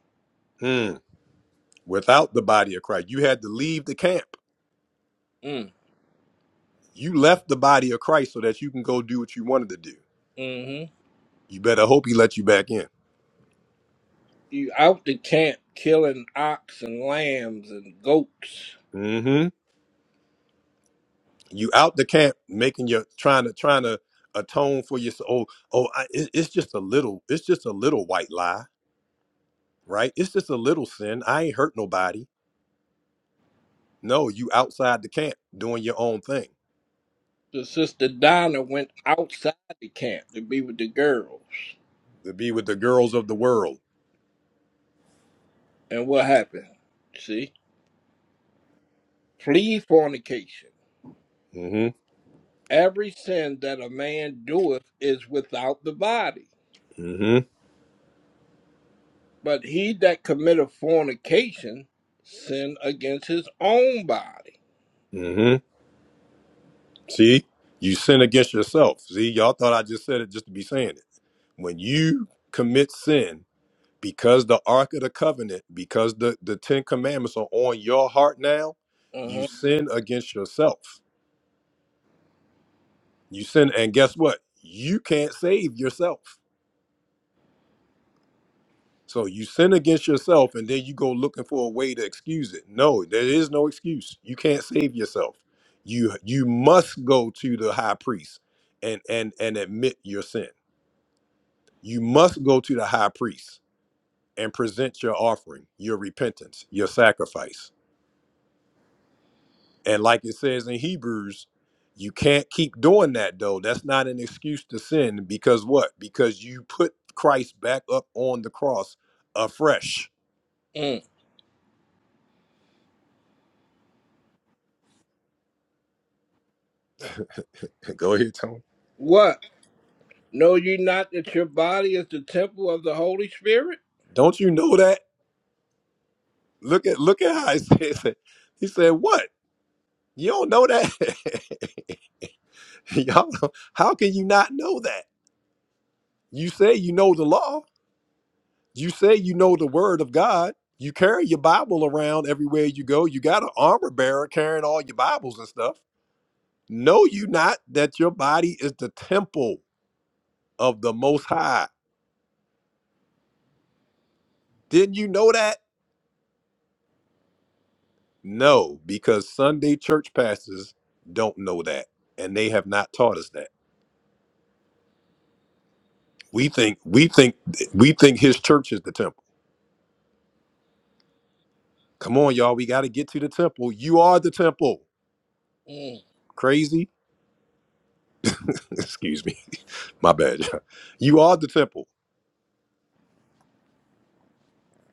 Speaker 1: Mm. Without the body of Christ, you had to leave the camp
Speaker 5: Mm.
Speaker 1: You left the body of Christ so that you can go do what you wanted to do.
Speaker 5: mm-hmm,
Speaker 1: You better hope he let you back in.
Speaker 5: you out the camp killing ox and lambs and goats.
Speaker 1: hmm You out the camp making your trying to trying to atone for your oh oh I, it- it's just a little it's just a little white lie right it's just a little sin I ain't hurt nobody no you outside the camp doing your own thing
Speaker 5: The sister Donna went outside the camp to be with the girls.
Speaker 1: to be with the girls of the world
Speaker 5: And what happened? See? Flee fornication.
Speaker 1: hmm
Speaker 5: Every sin that a man doeth is without the body.
Speaker 1: hmm
Speaker 5: But he that committeth fornication sin against his own body.
Speaker 1: hmm see you sin against yourself see y'all thought I just said it just to be saying it when you commit sin because the ark of the covenant because the the 10 commandments are on your heart now you
Speaker 5: Uh-huh.
Speaker 1: sin against yourself you sin and guess what you can't save yourself so you sin against yourself and then you go looking for a way to excuse it no there is no excuse you can't save yourself you you must go to the high priest and and and admit your sin you must go to the high priest and present your offering your repentance your sacrifice And like it says in Hebrews, you can't keep doing that though. That's not an excuse to sin because what? Because you put Christ back up on the cross afresh.
Speaker 5: Mm.
Speaker 1: Go ahead, Tony.
Speaker 5: What? Know ye not that your body is the temple of the Holy Spirit?
Speaker 1: Don't you know that? Look at look at how he says it. He said, What? You don't know that? Y'all don't- how can you not know that? You say you know the law. You say you know the word of God. You carry your Bible around everywhere you go. You got an armor bearer carrying all your Bibles and stuff Know you not that your body is the temple of the Most High? Didn't you know that? No, because Sunday church pastors don't know that, and they have not taught us that. We think we think we think his church is the temple. Come on, y'all, we got to get to the temple. You are the temple.
Speaker 5: Mm.
Speaker 1: Crazy? Excuse me, my bad. you are the temple.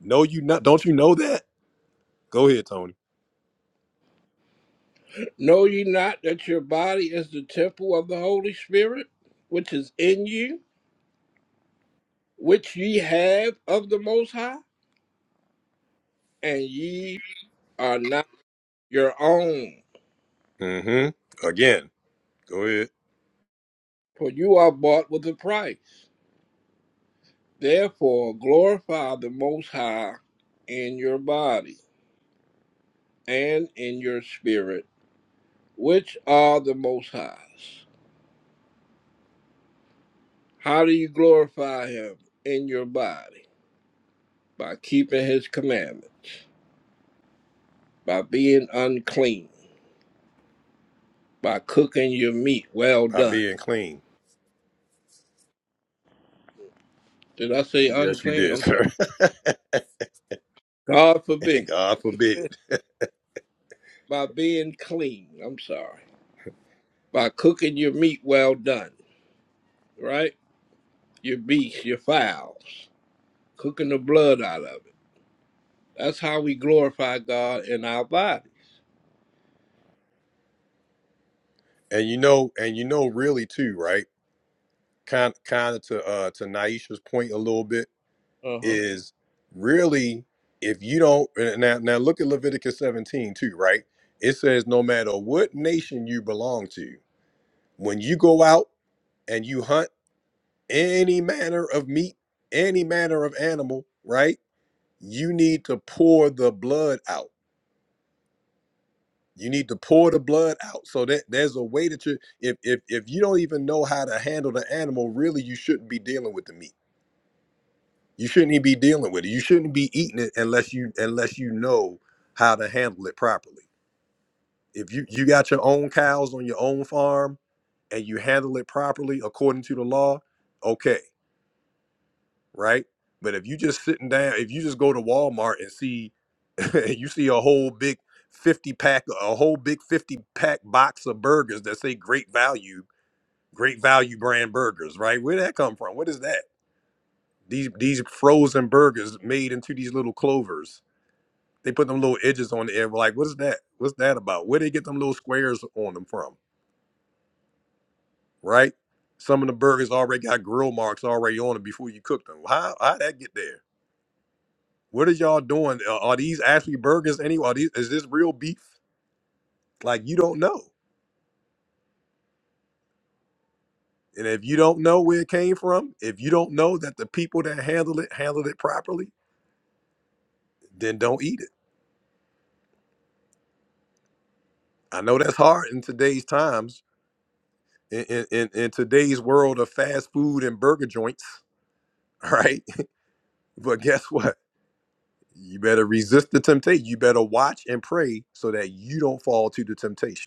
Speaker 1: No, you not. Don't you know that? Go ahead, Tony.
Speaker 5: Know ye not that your body is the temple of the Holy Spirit, which is in you, which ye have of the Most High, and ye are not your own,
Speaker 1: Mm-hmm. Again, go ahead.
Speaker 5: for you are bought with a price. Therefore, glorify the Most High in your body and in your spirit, which are the Most High's. How do you glorify Him in your body? By keeping His commandment, by being unclean. by cooking your meat. Well
Speaker 1: By
Speaker 5: done.
Speaker 1: being clean.
Speaker 5: Did I say
Speaker 1: Yes, you
Speaker 5: unclean?
Speaker 1: did,
Speaker 5: I'm sorry.
Speaker 1: sir.
Speaker 5: God forbid.
Speaker 1: God forbid.
Speaker 5: By being clean. I'm sorry. By cooking your meat well done. Right? Your beasts, your fowls. Cooking the blood out of it. That's how we glorify God in our body.
Speaker 1: And you know, and you know, really too, right? Kind, kind of to uh to Naisha's point a little bit
Speaker 5: Uh-huh.
Speaker 1: is really if you don't and now now look at Leviticus 17 too, right? It says no matter what nation you belong to, when you go out and you hunt any manner of meat, any manner of animal, right? You need to pour the blood out You need to pour the blood out. So that there's a way that you if if if you don't even know how to handle the animal, really you shouldn't be dealing with the meat. You shouldn't even be dealing with it. You shouldn't be eating it unless you unless you know how to handle it properly. If you you got your own cows on your own farm and you handle it properly according to the law, okay. right? But if you just sitting down, if you just go to Walmart and see, you see a whole big fifty pack, a whole big fifty pack box of burgers that say "Great Value," "Great Value" brand burgers, right? Where would that come from? What is that? These these frozen burgers made into these little clovers. They put them little edges on the end. We're like, what is that? What's that about? Where they get them little squares on them from, right? Some of the burgers already got grill marks already on them before you cook them. How how that get there? What are y'all doing? Are are these actually burgers anyway? Are these, is this real beef? Like you don't know. And if you don't know where it came from, if you don't know that the people that handled it handled it properly, then don't eat it. I know that's hard in today's times, in in, in, in today's world of fast food and burger joints, all right? But guess what? You better resist the temptation. You better watch and pray so that you don't fall to the temptation.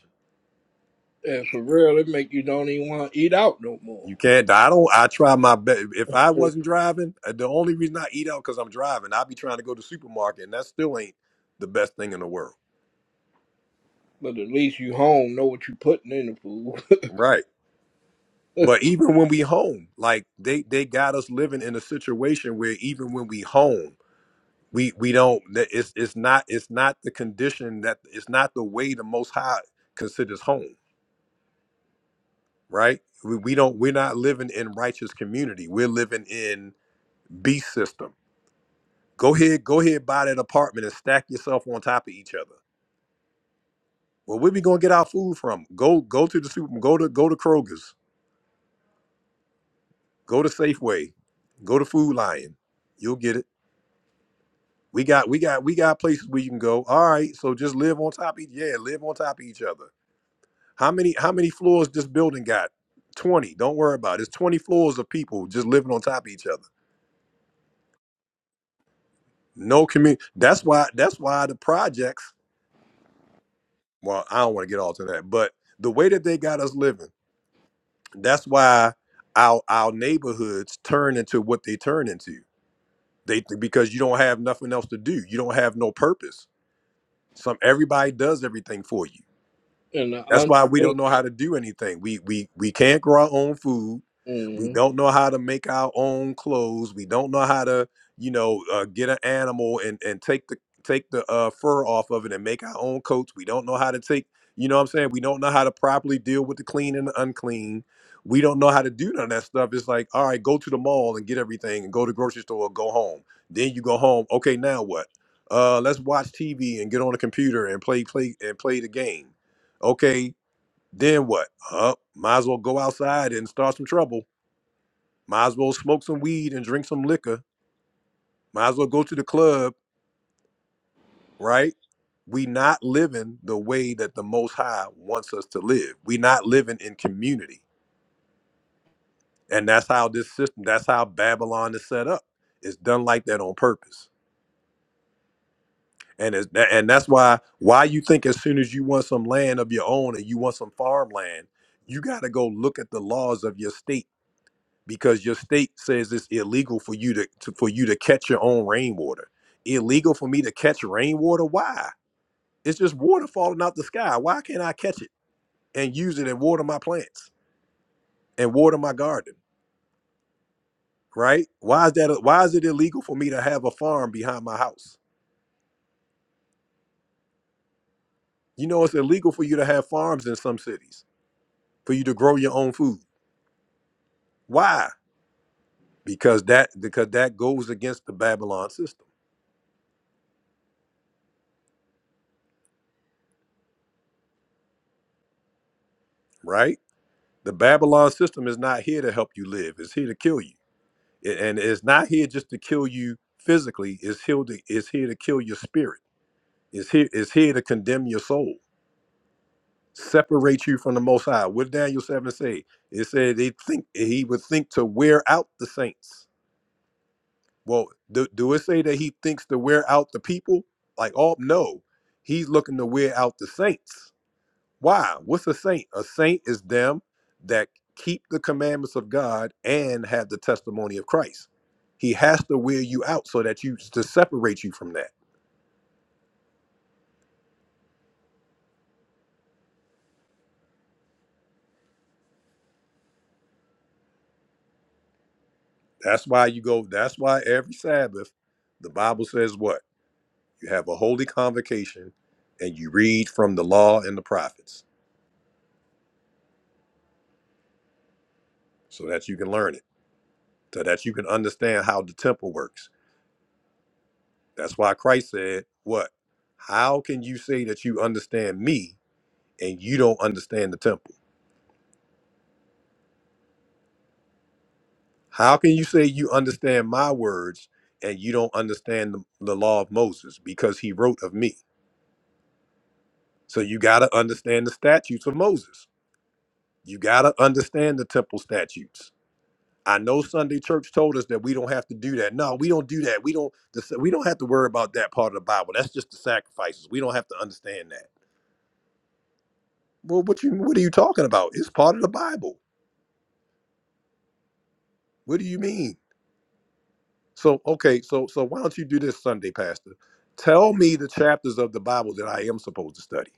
Speaker 5: And for real, it make you don't even want to eat out no more.
Speaker 1: You can't. die. I don't. I try my best. If I wasn't driving, uh, the only reason I eat out because I'm driving. I'd be trying to go to the supermarket, and that still ain't the best thing in the world.
Speaker 5: But at least you home know what you putting in the food.
Speaker 1: Right. But even when we home, like they they got us living in a situation where even when we home, we we don't. that It's it's not it's not the condition that it's not the way the Most High considers home. Right. We, we don't. We're not living in righteous community. We're living in beast system Go ahead, go ahead, buy that apartment and stack yourself on top of each other. Well, where we gonna get our food from? Go, go to the super, go to go to Kroger's, go to Safeway, go to Food Lion. You'll get it. We got, we got, we got places where you can go. All right, so just live on top of each, yeah, live on top of each other. How many, how many floors this building got? Twenty. Don't worry about it. It's twenty floors of people just living on top of each other. No community. That's why. That's why the projects. Well, I don't want to get all to that, but the way that they got us living That's why our our neighborhoods turn into what they turn into. They because you don't have nothing else to do. You don't have no purpose. Some everybody does everything for you.
Speaker 5: and
Speaker 1: That's
Speaker 5: the
Speaker 1: why we
Speaker 5: unclean.
Speaker 1: don't know how to do anything. We we we can't grow our own food. We
Speaker 5: mm
Speaker 1: don't know how to make our own clothes. We don't know how to, you know, uh, get an animal and and take the take the uh, fur off of it and make our own coats. We don't know how to take, you know, what I'm saying. We don't know how to properly deal with the clean and the unclean. We don't know how to do none of that stuff. It's like, all right, go to the mall and get everything, and go to the grocery store, go home. Then you go home. Okay, now what? Uh, let's watch TV and get on the computer and play play and play the game. Okay, then what? Uh, might as well go outside and start some trouble might as well smoke some weed and drink some liquor. Might as well go to the club, right? We not living the way that the Most High wants us to live. We not living in community, and that's how this system. That's how Babylon is set up. It's done like that on purpose, and it's, and that's why why you think as soon as you want some land of your own and you want some farmland, you got to go look at the laws of your state because your state says it's illegal for you to, to for you to catch your own rainwater. Illegal for me to catch rainwater? Why? It's just water falling out the sky. Why can't I catch it and use it and water my plants and water my garden? Right? Why is that? Why is it illegal for me to have a farm behind my house? You know, it's illegal for you to have farms in some cities for you to grow your own food. Why? Because that because that goes against the Babylon system, right? The Babylon system is not here to help you live; it's here to kill you A- and it's not here just to kill you physically it's here to it's here to kill your spirit it's here it's here to condemn your soul separate you from the most high what did daniel 7 say it said they think he would think to wear out the saints well do, do it say that he thinks to wear out the people like oh no he's looking to wear out the saints Why? What's a saint? A saint is them that keep the commandments of God and have the testimony of Christ. He has to wear you out so that you to separate you from that. That's why you go, that's why every Sabbath, the Bible says what? You have a holy convocation and you read from the law and the prophets so that you can learn it, so that you can understand how the temple works. That's why Christ said, What? How can you say that you understand me and you don't understand the temple? How can you say you understand my words and you don't understand the, the law of Moses because he wrote of me? So you got to understand the statutes of Moses. You got to understand the temple statutes. I know Sunday church told us that we don't have to do that. No, we don't do that. We don't the- we don't have to worry about that part of the Bible. That's just the sacrifices. We don't have to understand that. Well, what you what are you talking about? It's part of the Bible. What do you mean? So okay, so so why don't you do this Sunday, Pastor? Tell me the chapters of the Bible that I am supposed to study,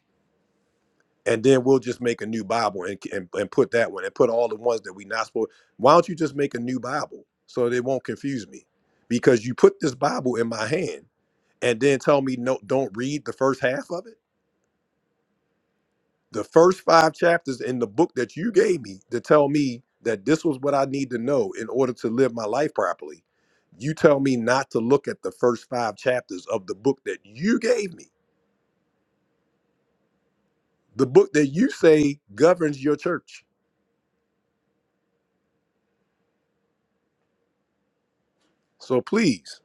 Speaker 1: and then we'll just make a new Bible and and, and put that one and put all the ones that we not supposed. Why don't you just make a new Bible so they won't confuse me? Because you put this Bible in my hand and then tell me no, don't read the first half of it. the first five chapters in the book that you gave me to tell me that this was what I need to know in order to live my life properly. You tell me not to look at the first five chapters of the book that you gave me, the book that you say governs your church. So please,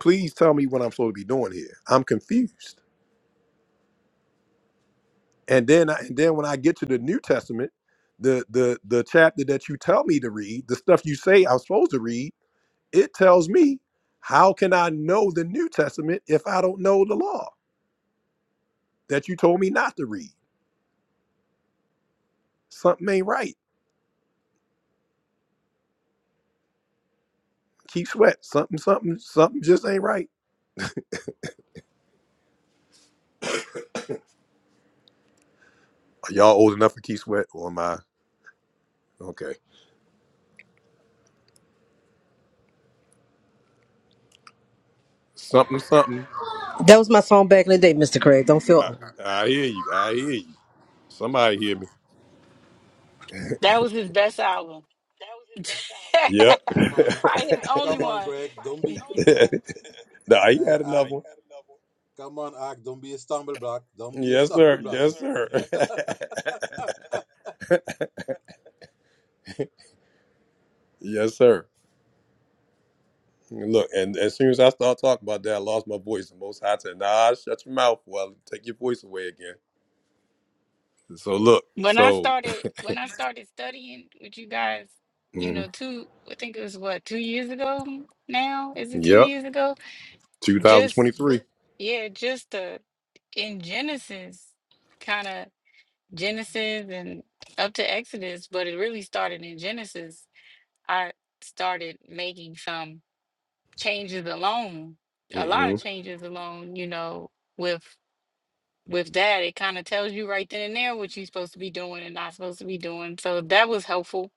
Speaker 1: please tell me what I'm supposed to be doing here. I'm confused. And then, I, and then when I get to the New Testament, the the the chapter that you tell me to read, the stuff you say I'm supposed to read It tells me, how can I know the New Testament if I don't know the law that you told me not to read? Something ain't right. Keep sweat. Something, something, something just ain't right. Are y'all old enough for Keith Sweat, or am I? Okay. Something, something.
Speaker 13: That was my song back in the day, Mr. Craig. Don't feel.
Speaker 1: I,
Speaker 13: old.
Speaker 1: I hear you. I hear you. Somebody hear me.
Speaker 15: that was his best album.
Speaker 1: Yep.
Speaker 15: Probably his only one.
Speaker 1: nah, he had another one. Yes, sir. Yes, sir. yes, sir. Look, and as soon as I start talking about that, I lost my voice. The Most High said, "Nah, shut your mouth, or I'll take your voice away again." So look,
Speaker 15: when I
Speaker 1: so
Speaker 15: started when I started studying with you guys, you
Speaker 1: mhm.
Speaker 15: know, two I think it was what, two years ago now? Is it two
Speaker 1: yep,
Speaker 15: years ago? Just
Speaker 1: 2023.
Speaker 15: yeah, just uh in Genesis kind of Genesis and up to Exodus, but it really started in Genesis. I started making some changes alone, a lot
Speaker 1: hmm
Speaker 15: of changes alone, you know, with with that it kind of tells you right then and there what you're supposed to be doing and not supposed to be doing. So that was helpful.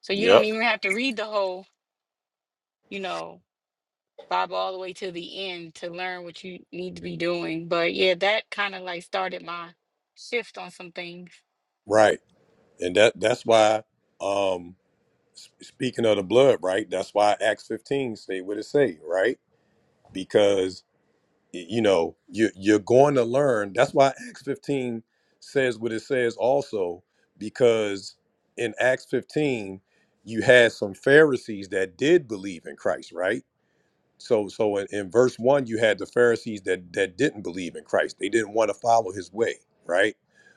Speaker 15: So you don't
Speaker 1: Yep,
Speaker 15: even have to read the whole, you know, Bible all the way to the end to learn what you need to be doing. But yeah, that kind of like started my shift on some things.
Speaker 1: right, and that that's why. Um, s- speaking of the blood, right? That's why Acts 15 say what it say, right? Because you know you you're going to learn that's why acts 15 says what it says also because in acts 15 you had some pharisees that did believe in christ right so so in, in verse 1 you had the pharisees that that didn't believe in christ they didn't want to follow his way right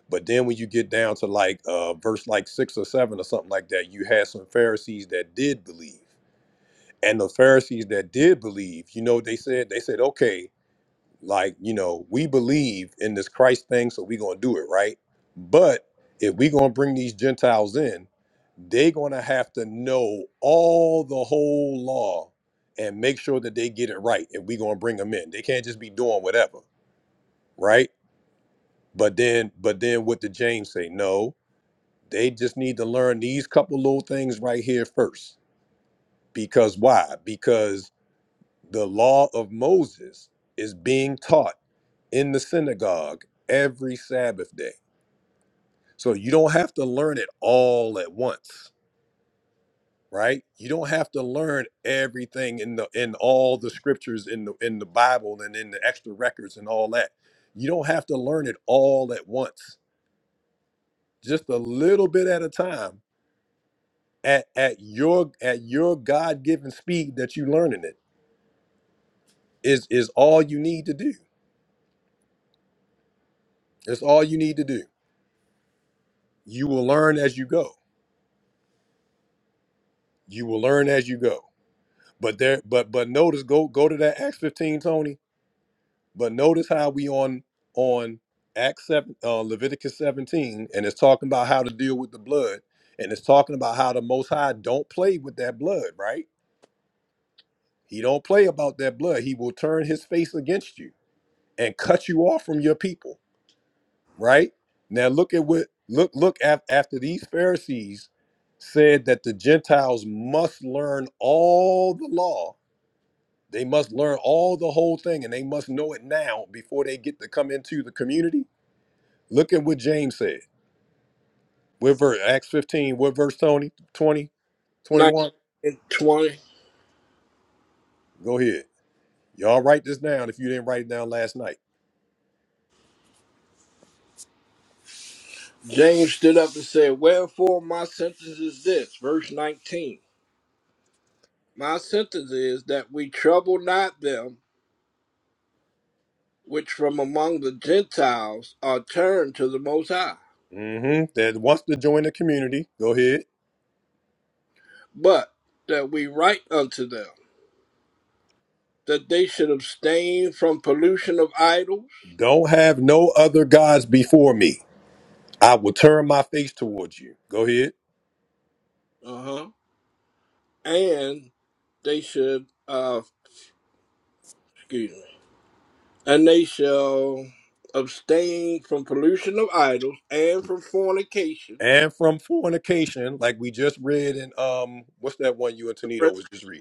Speaker 1: but then when you get down to like uh verse like 6 or 7 or something like that you had some pharisees that did believe and the pharisees that did believe you know what they said they said okay like you know we believe in this christ thing so we are gonna do it right but if we are gonna bring these gentiles in they are gonna have to know all the whole law and make sure that they get it right if we are gonna bring them in they can't just be doing whatever right but then but then what did james say no they just need to learn these couple little things right here first because why because the law of Moses is being taught in the synagogue every Sabbath day. So you don't have to learn it all at once, right? You don't have to learn everything in the in all the scriptures in the in the Bible and in the extra records and all that. You don't have to learn it all at once. Just a little bit at a time at, at your at your God-given speed that you learning it is is all you need to do. It's all you need to do. You will learn as you go You will learn as you go. But there, but but notice, go go to that Acts 15, Tony. But notice how we on on Acts 7, uh, Leviticus 17, and it's talking about how to deal with the blood, and it's talking about how the Most High don't play with that blood, right? He don't play about that blood. He will turn his face against you and cut you off from your people, right? Now look at what look look af, after these Pharisees said that the Gentiles must learn all the law They must learn all the whole thing and they must know it now before they get to come into the community. Look at what James said. What verse? Acts 15. What verse, Tony? 20,
Speaker 5: 19,
Speaker 1: twenty-one?
Speaker 5: twenty.
Speaker 1: Go ahead. Y'all write this down if you didn't write it down last night.
Speaker 5: James stood up and said, Wherefore my sentence is this, verse 19. My sentence is that we trouble not them which from among the Gentiles are turned to the Most High,
Speaker 1: Mm-hmm. That wants to join the community. Go ahead.
Speaker 5: but that we write unto them that they should abstain from pollution of idols,
Speaker 1: Don't have no other gods before me. I will turn my face towards you. Go ahead.
Speaker 5: uh-huh, and they should, uh, excuse me, and they shall abstain from pollution of idols and from fornication,
Speaker 1: And from fornication, like we just read in um, what's that one you and Tonito
Speaker 5: Corinthians.
Speaker 1: was just reading?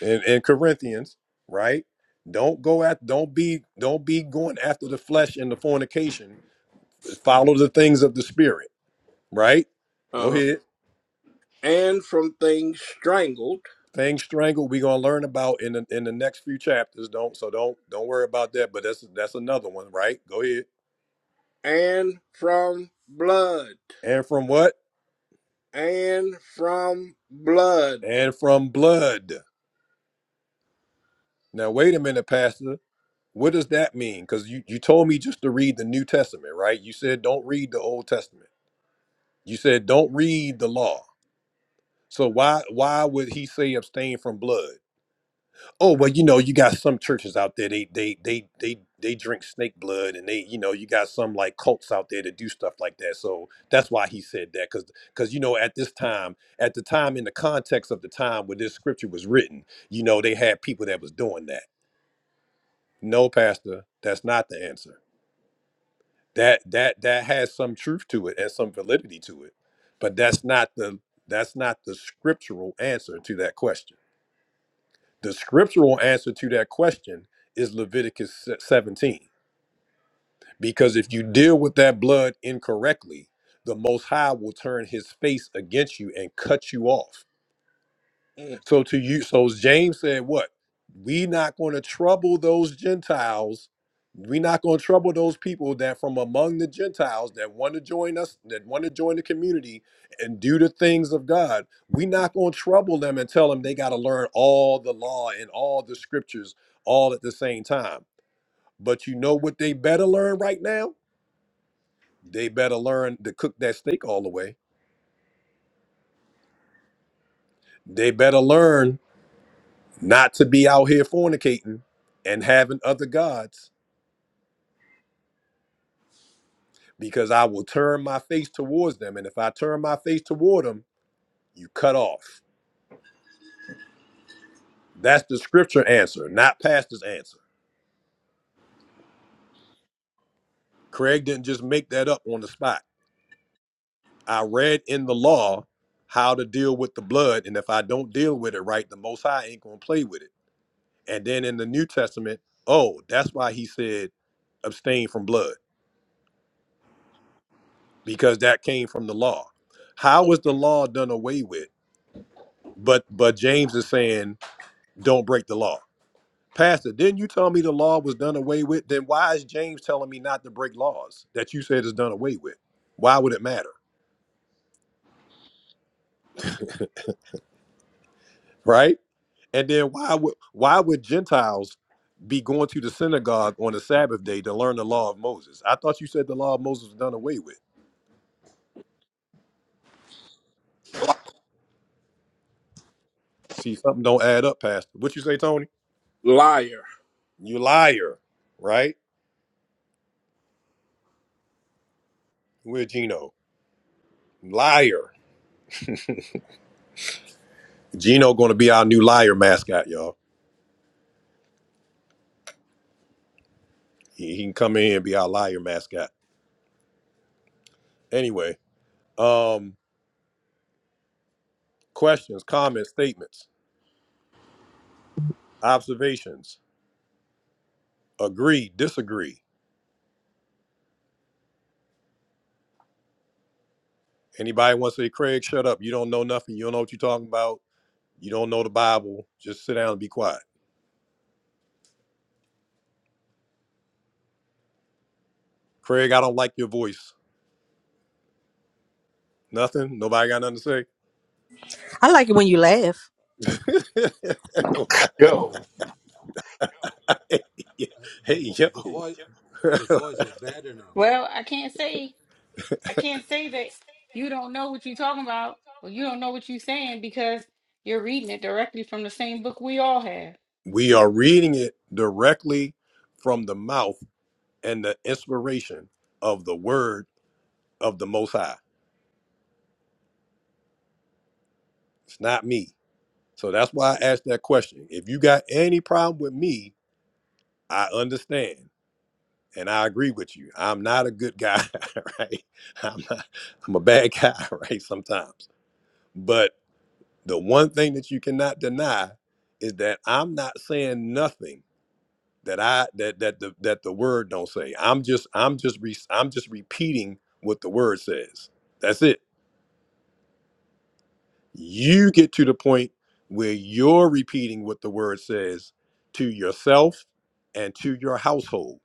Speaker 1: in, in Corinthians, right? Don't go at don't be don't be going after the flesh and the fornication. Follow the things of the spirit, right? Go
Speaker 5: Corinthians.
Speaker 1: ahead.
Speaker 5: and from things strangled,
Speaker 1: Things strangled we're gonna learn about in the in the next few chapters. Don't so don't don't worry about that. But that's that's another one, right? Go ahead.
Speaker 5: and from blood,
Speaker 1: And from what?
Speaker 5: and from blood.
Speaker 1: And from blood. Now wait a minute, Pastor. What does that mean? Because you, you told me just to read the New Testament, right? You said don't read the Old Testament. You said don't read the law So why why would he say abstain from blood? Oh well, you know you got some churches out there they they they they they drink snake blood and they you know you got some like cults out there that do stuff like that. So that's why he said that because because you know at this time at the time in the context of the time when this scripture was written, you know they had people that was doing that. No, pastor, that's not the answer. That that that has some truth to it and some validity to it, but that's not the that's not the scriptural answer to that question. The scriptural answer to that question is Leviticus 17. Because if you deal with that blood incorrectly, the Most High will turn his face against you and cut you off.
Speaker 5: Mm.
Speaker 1: So to you, so James said, "What? We not going to trouble those Gentiles. We not going to trouble those people that from among the Gentiles that want to join us, that want to join the community and do the things of God. We not going to trouble them and tell them they got to learn all the law and all the scriptures all at the same time. But you know what they better learn right now? They better learn to cook that steak all the way. They better learn not to be out here fornicating." and having other gods because I will turn my face towards them. And if I turn my face toward them, you cut off. That's the scripture answer, not pastor's answer. Craig didn't just make that up on the spot. I read in the law how to deal with the blood. And if I don't deal with it right, the Most High ain't going to play with it. And then in the New Testament, oh, that's why he said abstain from blood because that came from the law. How was the law done away with? But but James is saying don't break the law Pastor, didn't you tell me the law was done away with? Then why is James telling me not to break laws that you said is done away with? Why would it matter? Right? And then why would why would Gentiles be going to the synagogue on the Sabbath day to learn the law of Moses? I thought you said the law of Moses was done away with. See, something don't add up, Pastor. What you say, Tony?
Speaker 5: Liar.
Speaker 1: You liar, right? We're Gino. Liar. Gino gonna be our new liar mascot, y'all. He, he can come in and be our liar mascot. Anyway, um, Questions, comments, statements, observations. Agree, disagree. Anybody wants to say, Craig, shut up. You don't know nothing. You don't know what you're talking about. You don't know the Bible. Just sit down and be quiet. Craig, I don't like your voice. Nothing. Nobody got nothing to
Speaker 13: I like it when you laugh.
Speaker 1: say.
Speaker 5: Go.
Speaker 1: hey, yo.
Speaker 15: Well, I can't say I can't say that you don't know what you're talking about or you don't know what you're saying because you're reading it directly from the same book we all have.
Speaker 1: We are reading it directly from the mouth and the inspiration of the word of the Most High. It's not me. So that's why I asked that question. If you got any problem with me, I understand and I agree with you. I'm not a good guy, right? I'm, not, I'm a bad guy, right? Sometimes. But the one thing that you cannot deny is that I'm not saying nothing that I that that the that the word don't say. I'm just I'm just re, I'm just repeating what the word says. That's it. You get to the point where you're repeating what the word says to yourself and to your household.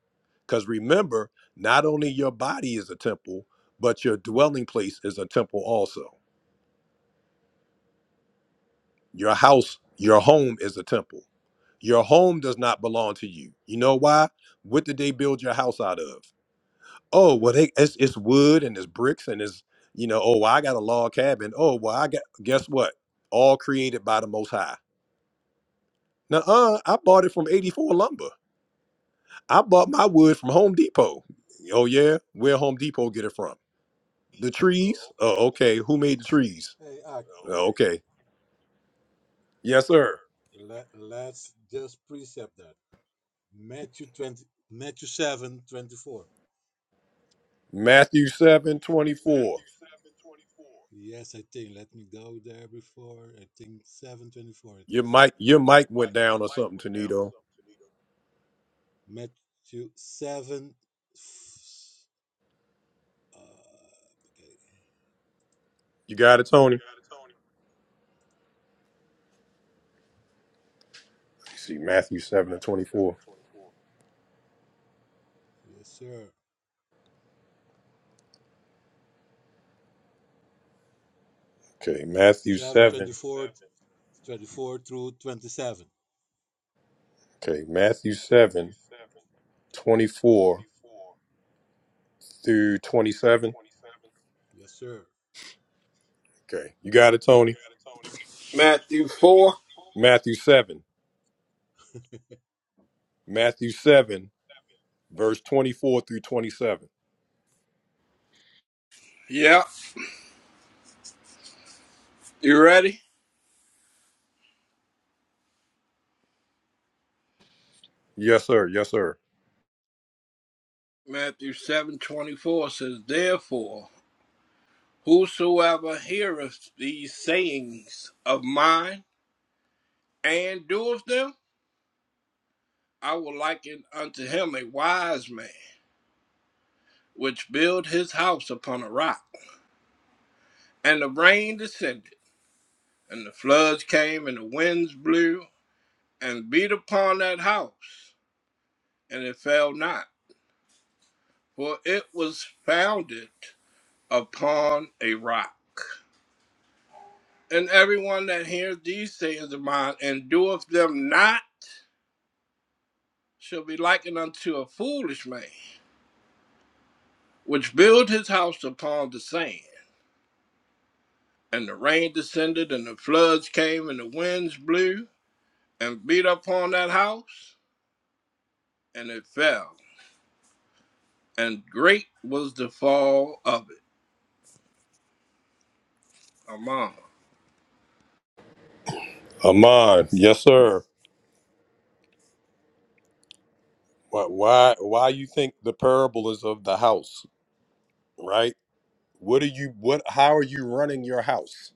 Speaker 1: Because remember, not only your body is a temple, but your dwelling place is a temple also. Your house, your home is a temple. Your home does not belong to you. You know why? What did they build your house out of? Oh, well, they, it's, it's wood and it's bricks and it's, you know, oh, well, I got a log cabin. Oh, well, I got, guess what? All created by the Most High. Now, uh, I bought it from 84 Lumber. I bought my wood from Home Depot. Oh, yeah? Where Home Depot get it from? The trees? Oh, okay. Who made the trees? Oh, okay. Yes, sir. Matthew seven twenty-four. Your mic, your mic went down or something, Tonito. You got it, Tony? Let me see. Matthew 7 and 24. Okay. Matthew 7. Okay. Matthew 7 24 through 27. Okay. You got it, Tony?
Speaker 5: Matthew 4.
Speaker 1: Matthew 7. Matthew 7 verse 24 through 27.
Speaker 5: Yep. You ready?
Speaker 1: Yes, sir. Yes, sir.
Speaker 5: Matthew seven twenty four says, Therefore, whosoever heareth these sayings of mine and doeth them, I will liken unto him a wise man, which built his house upon a rock. And the rain descended And the floods came, and the winds blew, and beat upon that house, and it fell not, for it was founded upon a rock. And everyone that hears these sayings of mine and doeth them not shall be likened unto a foolish man, which built his house upon the sand. And the rain descended, and the floods came, and the winds blew, and beat upon that house, and it fell. And great was the fall of it. My mama.
Speaker 1: Amon. Yes, sir. Why, why, why you think the parable is of the house, right? What are you, what, how are you running your house?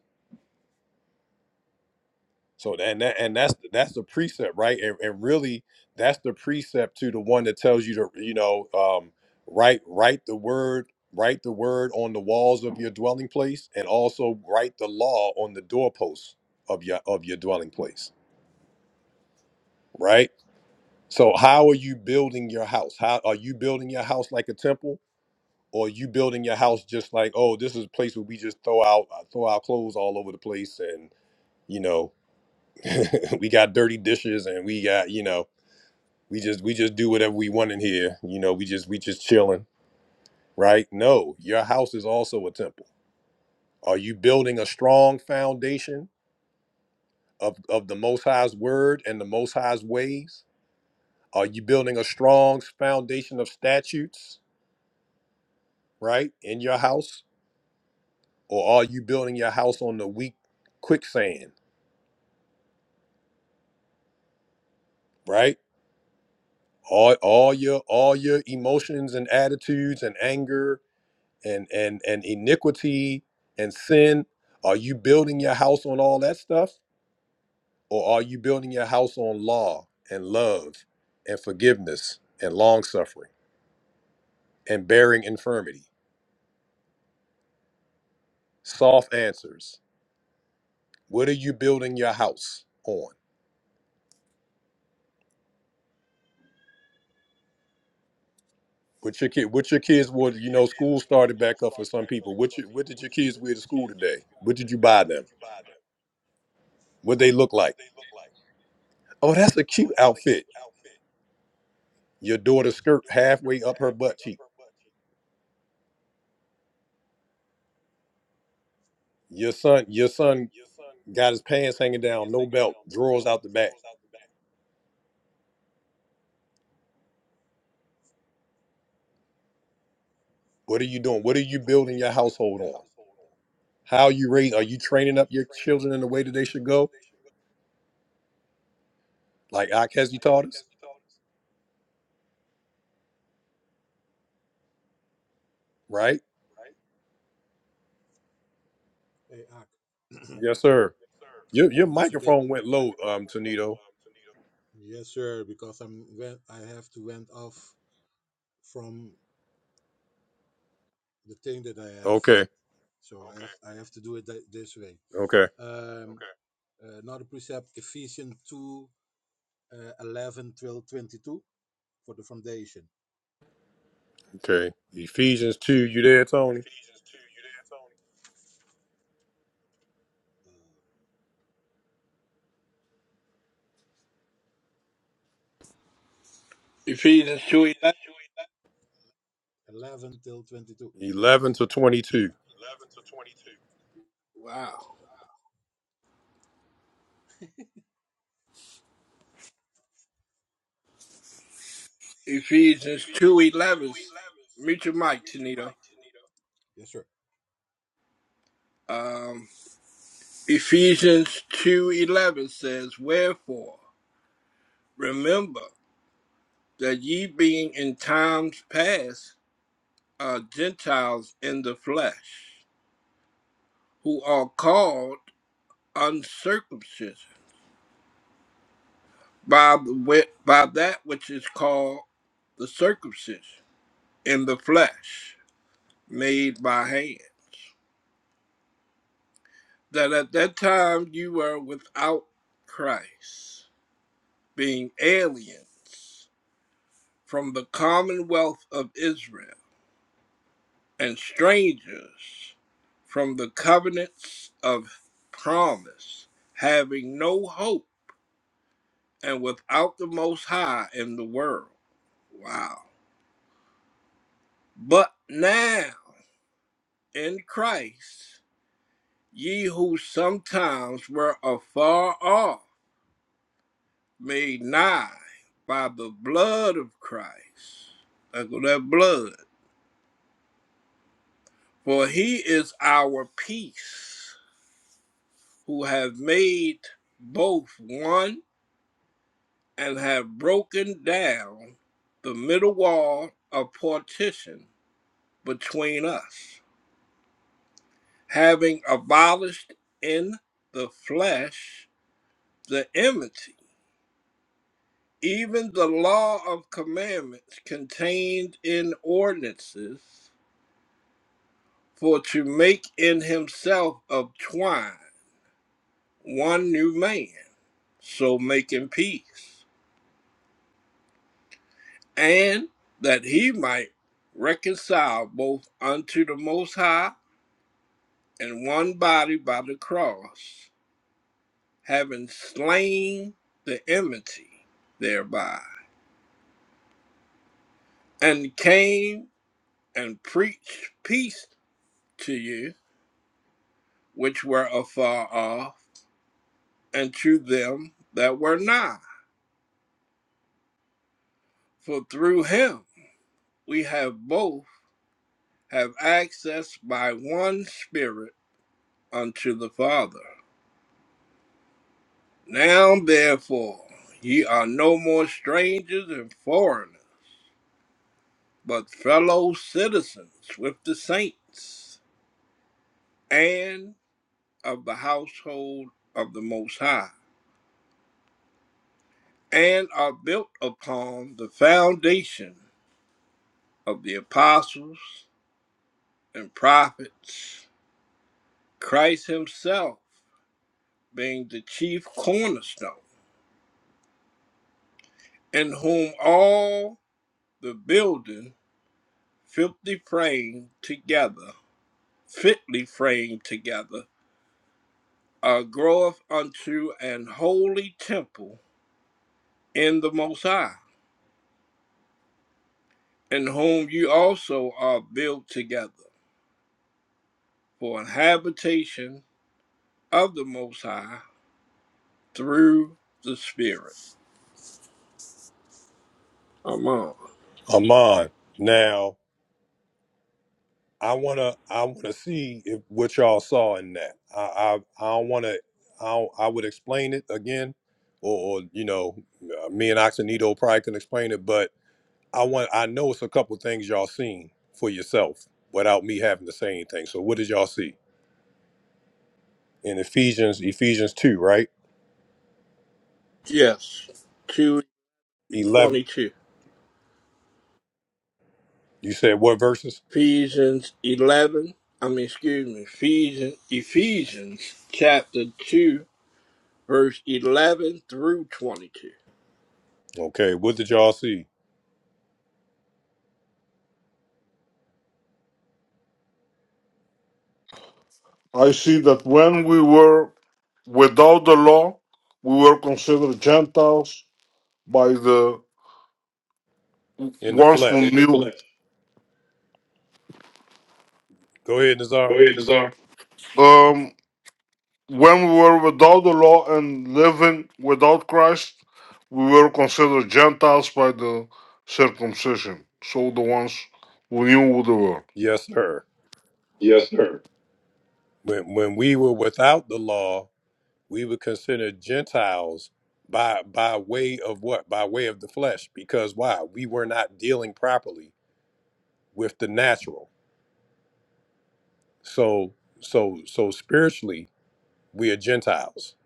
Speaker 1: So, and that, and that's, that's the precept, right? And, and really that's the precept to the one that tells you to, you know, um, write, write the word, write the word on the walls of your dwelling place and also write the law on the doorposts of your, of your dwelling place, right? So how are you building your house? How are you building your house like a temple, or are you building your house just like, oh, this is a place where we just throw out uh, throw our clothes all over the place, and you know, we got dirty dishes, and we got you know, we just we just do whatever we want in here. You know, we just we just chilling, right? No, your house is also a temple. Are you building a strong foundation of of the Most High's word and the Most High's ways? Are you building a strong foundation of statutes, right, in your house? or are you building your house on the weak quicksand right all, all your all your emotions and attitudes and anger and and and iniquity and sin are you building your house on all that stuff or are you building your house on law and love and forgiveness and long suffering and bearing infirmity soft answers what are you building your house on What your kid? What your kids? wore? you know? School started back up for some people. What you? What did your kids wear to school today? What did you buy them? What they look like? Oh, that's a cute outfit. Your daughter's skirt halfway up her butt cheek. Your son. Your son got his pants hanging down, no belt, drawers out the back. What are you doing? What are you building your household on? How are you raise? Are you training up your children in the way that they should go? Like Akezu taught us, right? Yes, sir. Your your microphone went low, um, Tonito. Okay. Okay. Okay. Ephesians 2, you there, Tony?
Speaker 5: Ephesians two eleven.
Speaker 1: 11 to 22.
Speaker 5: Wow. Ephesians two eleven. Meet your mic, Tanita. Um, Ephesians two eleven says, "Wherefore remember that ye being in times past are Gentiles in the flesh, who are called uncircumcision by the wi- by that which is called the circumcision in the flesh, made by hand." that at that time you were without Christ, being aliens from the commonwealth of Israel and strangers from the covenants of promise, having no hope and without the Most High in the world. Wow. But now in Christ, ye who sometimes were afar off made nigh by the blood of Christ. Echo that blood. For he is our peace, who have made both one and have broken down the middle wall of partition between us, having abolished in the flesh the enmity, even the law of commandments contained in ordinances For to make in himself of twine one new man, so making peace, and that he might reconcile both unto the Most High and one body by the cross, having slain the enmity thereby, and came and preached peace to you which were afar off, and to them that were nigh. For through him we have both have access by one Spirit unto the Father. Now therefore ye are no more strangers and foreigners, but fellow citizens with the saints, and of the household of the Most High, and are built upon the foundation of the apostles and prophets, Christ Himself being the chief cornerstone, in whom all the building fitly framed together, fitly framed together, uh, groweth unto an holy temple in the Most High, in whom you also are built together for an habitation of the Most High through the Spirit. Amen.
Speaker 1: Amon. Now, I want to I want to see if what y'all saw in that. I I, I don't want to I, don't- I would explain it again or, or you know, uh, me and Oxenito probably can explain it, but I want I know it's a couple things y'all seen for yourself without me having to say anything. So what did y'all see? In Ephesians Ephesians 2, right?
Speaker 5: Yes, two
Speaker 1: 11
Speaker 5: twenty-two.
Speaker 1: You said what verses?
Speaker 5: Ephesians eleven. I mean, excuse me. Ephesians, Ephesians chapter two, verse eleven through twenty-two.
Speaker 1: Okay, what did y'all see
Speaker 8: I see that when we were without the law, we were considered Gentiles by the
Speaker 1: in the
Speaker 8: ones who
Speaker 1: flesh?
Speaker 8: knew. Go
Speaker 1: Go ahead, Nazar.
Speaker 8: ahead, Nazar. Um, when we were without the law and living without Christ, we were considered Gentiles by the circumcision. So the ones who knew who they were.
Speaker 1: Yes, sir.
Speaker 8: Yes, sir.
Speaker 1: When when we were without the law, we were considered Gentiles by by way of what? By way of the flesh. Because why? We were not dealing properly with the natural. So so so spiritually, we are Gentiles,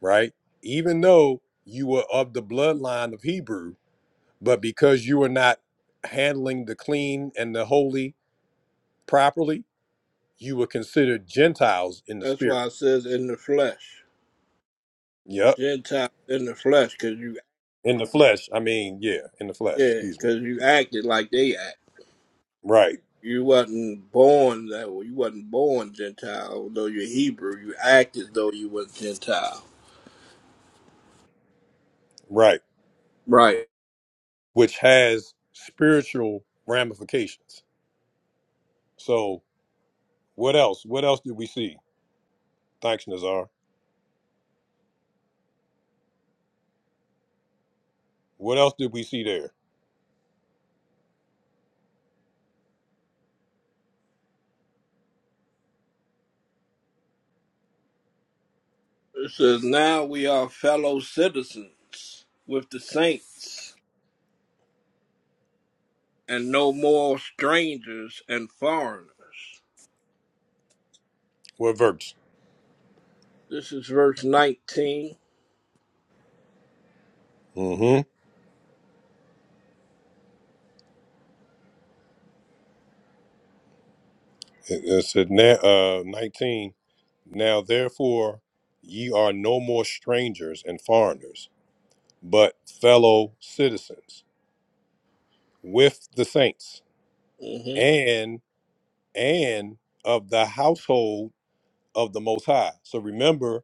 Speaker 1: right? Even though you were of the bloodline of Hebrew, but because you were not handling the clean and the holy properly, you were considered Gentiles in the
Speaker 5: That's
Speaker 1: spirit.
Speaker 5: why it says in the flesh.
Speaker 1: Yep.
Speaker 5: Gentiles in the flesh, cause you
Speaker 1: in the flesh. I mean, yeah, in the flesh.
Speaker 5: yeah,
Speaker 1: Excuse me.
Speaker 5: cause you acted like they act.
Speaker 1: Right,
Speaker 5: You wasn't born that way. You wasn't born Gentile, although you're Hebrew. You act as though you was Gentile.
Speaker 1: right.
Speaker 5: Right.
Speaker 1: Which has spiritual ramifications. So, what else? What else did we see? Thanks, Nazar. What else did we see there?
Speaker 5: It says now we are fellow citizens with the saints, and no more strangers and foreigners.
Speaker 1: What verse?
Speaker 5: This is verse 19
Speaker 1: Mm-hmm. It, it said na- uh, nineteen. Now, therefore, ye are no more strangers and foreigners, but fellow citizens with the saints,
Speaker 5: Mm-hmm.
Speaker 1: and and of the household of the Most High. So remember.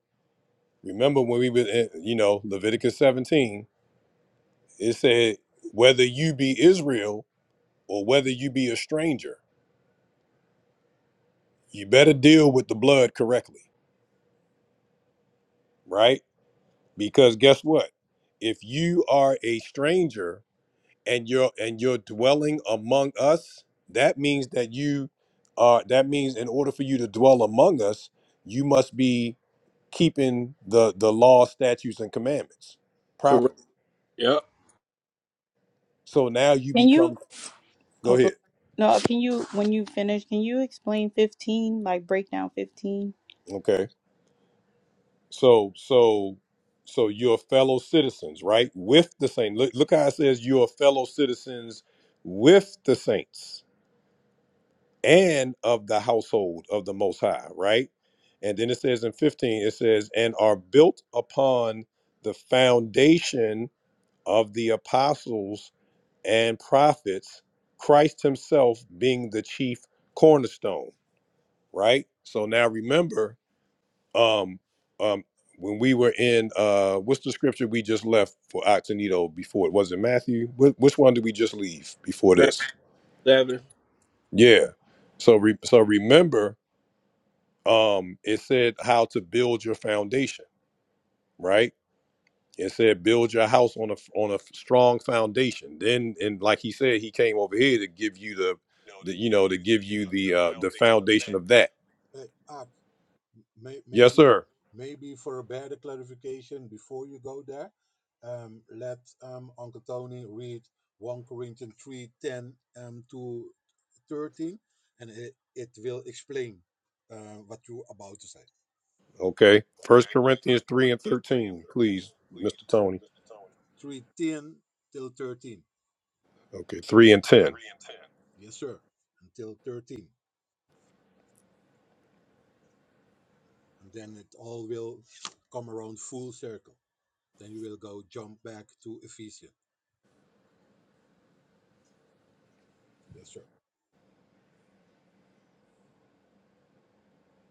Speaker 1: Remember when we were, in, you know, Leviticus 17, it said, whether you be Israel or whether you be a stranger, you better deal with the blood correctly, right? Because guess what? If you are a stranger and you're and you're dwelling among us, that means that you are that means in order for you to dwell among us, you must be keeping the the law, statutes, and commandments
Speaker 5: Correct.
Speaker 1: properly.
Speaker 5: Yep.
Speaker 1: So now you
Speaker 15: Can you?
Speaker 1: become
Speaker 15: Oh,
Speaker 1: go
Speaker 15: go.
Speaker 1: ahead.
Speaker 15: No, can you? When you finish, can you explain fifteen? Like break down fifteen.
Speaker 1: Okay. So, so, so you're fellow citizens, right? With the saints. Look, look how it says you're fellow citizens with the saints and of the household of the Most High, right? And then it says in 15, it says, and are built upon the foundation of the apostles and prophets, Christ himself being the chief cornerstone, right? So now remember, um um when we were in uh what's the scripture we just left for Octanito before it was it Matthew Wh- which one did we just leave before
Speaker 5: Matthew
Speaker 1: this
Speaker 5: 7.
Speaker 1: yeah so re- so remember um it said how to build your foundation right it said build your house on a on a strong foundation then and like he said he came over here to give you the the you know to give you the uh the foundation of that yes sir okay first corinthians 3 and 13 please mr tony Okay, 3 and 10.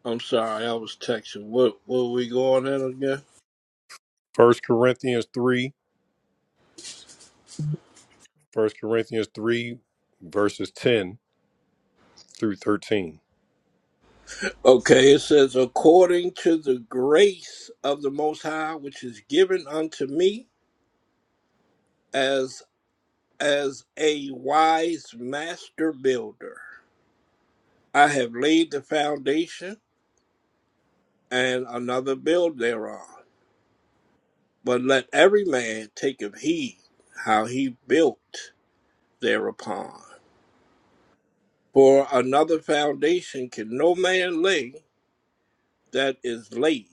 Speaker 5: I'm sorry, I was texting. What what were we going at again?
Speaker 1: First Corinthians 3, First Corinthians 3, verses 10 through 13.
Speaker 5: Okay, it says, according to the grace of the Most High, which is given unto me as as a wise master builder, I have laid the foundation, and another build thereon. But let every man take of heed how he built thereupon. For another foundation can no man lay that is laid.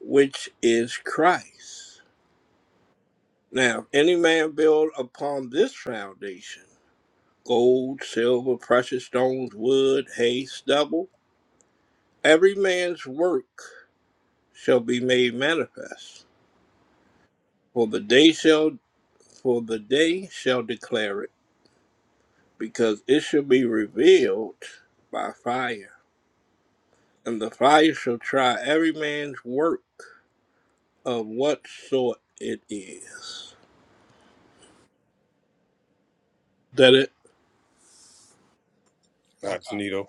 Speaker 5: which is Christ. Now, if any man build upon this foundation gold, silver, precious stones, wood, hay, stubble every man's work shall be made manifest. For the day shall for the day shall declare it, because it shall be revealed by fire. And the fire shall try every man's work of what sort it is. That it
Speaker 1: Not Sunito.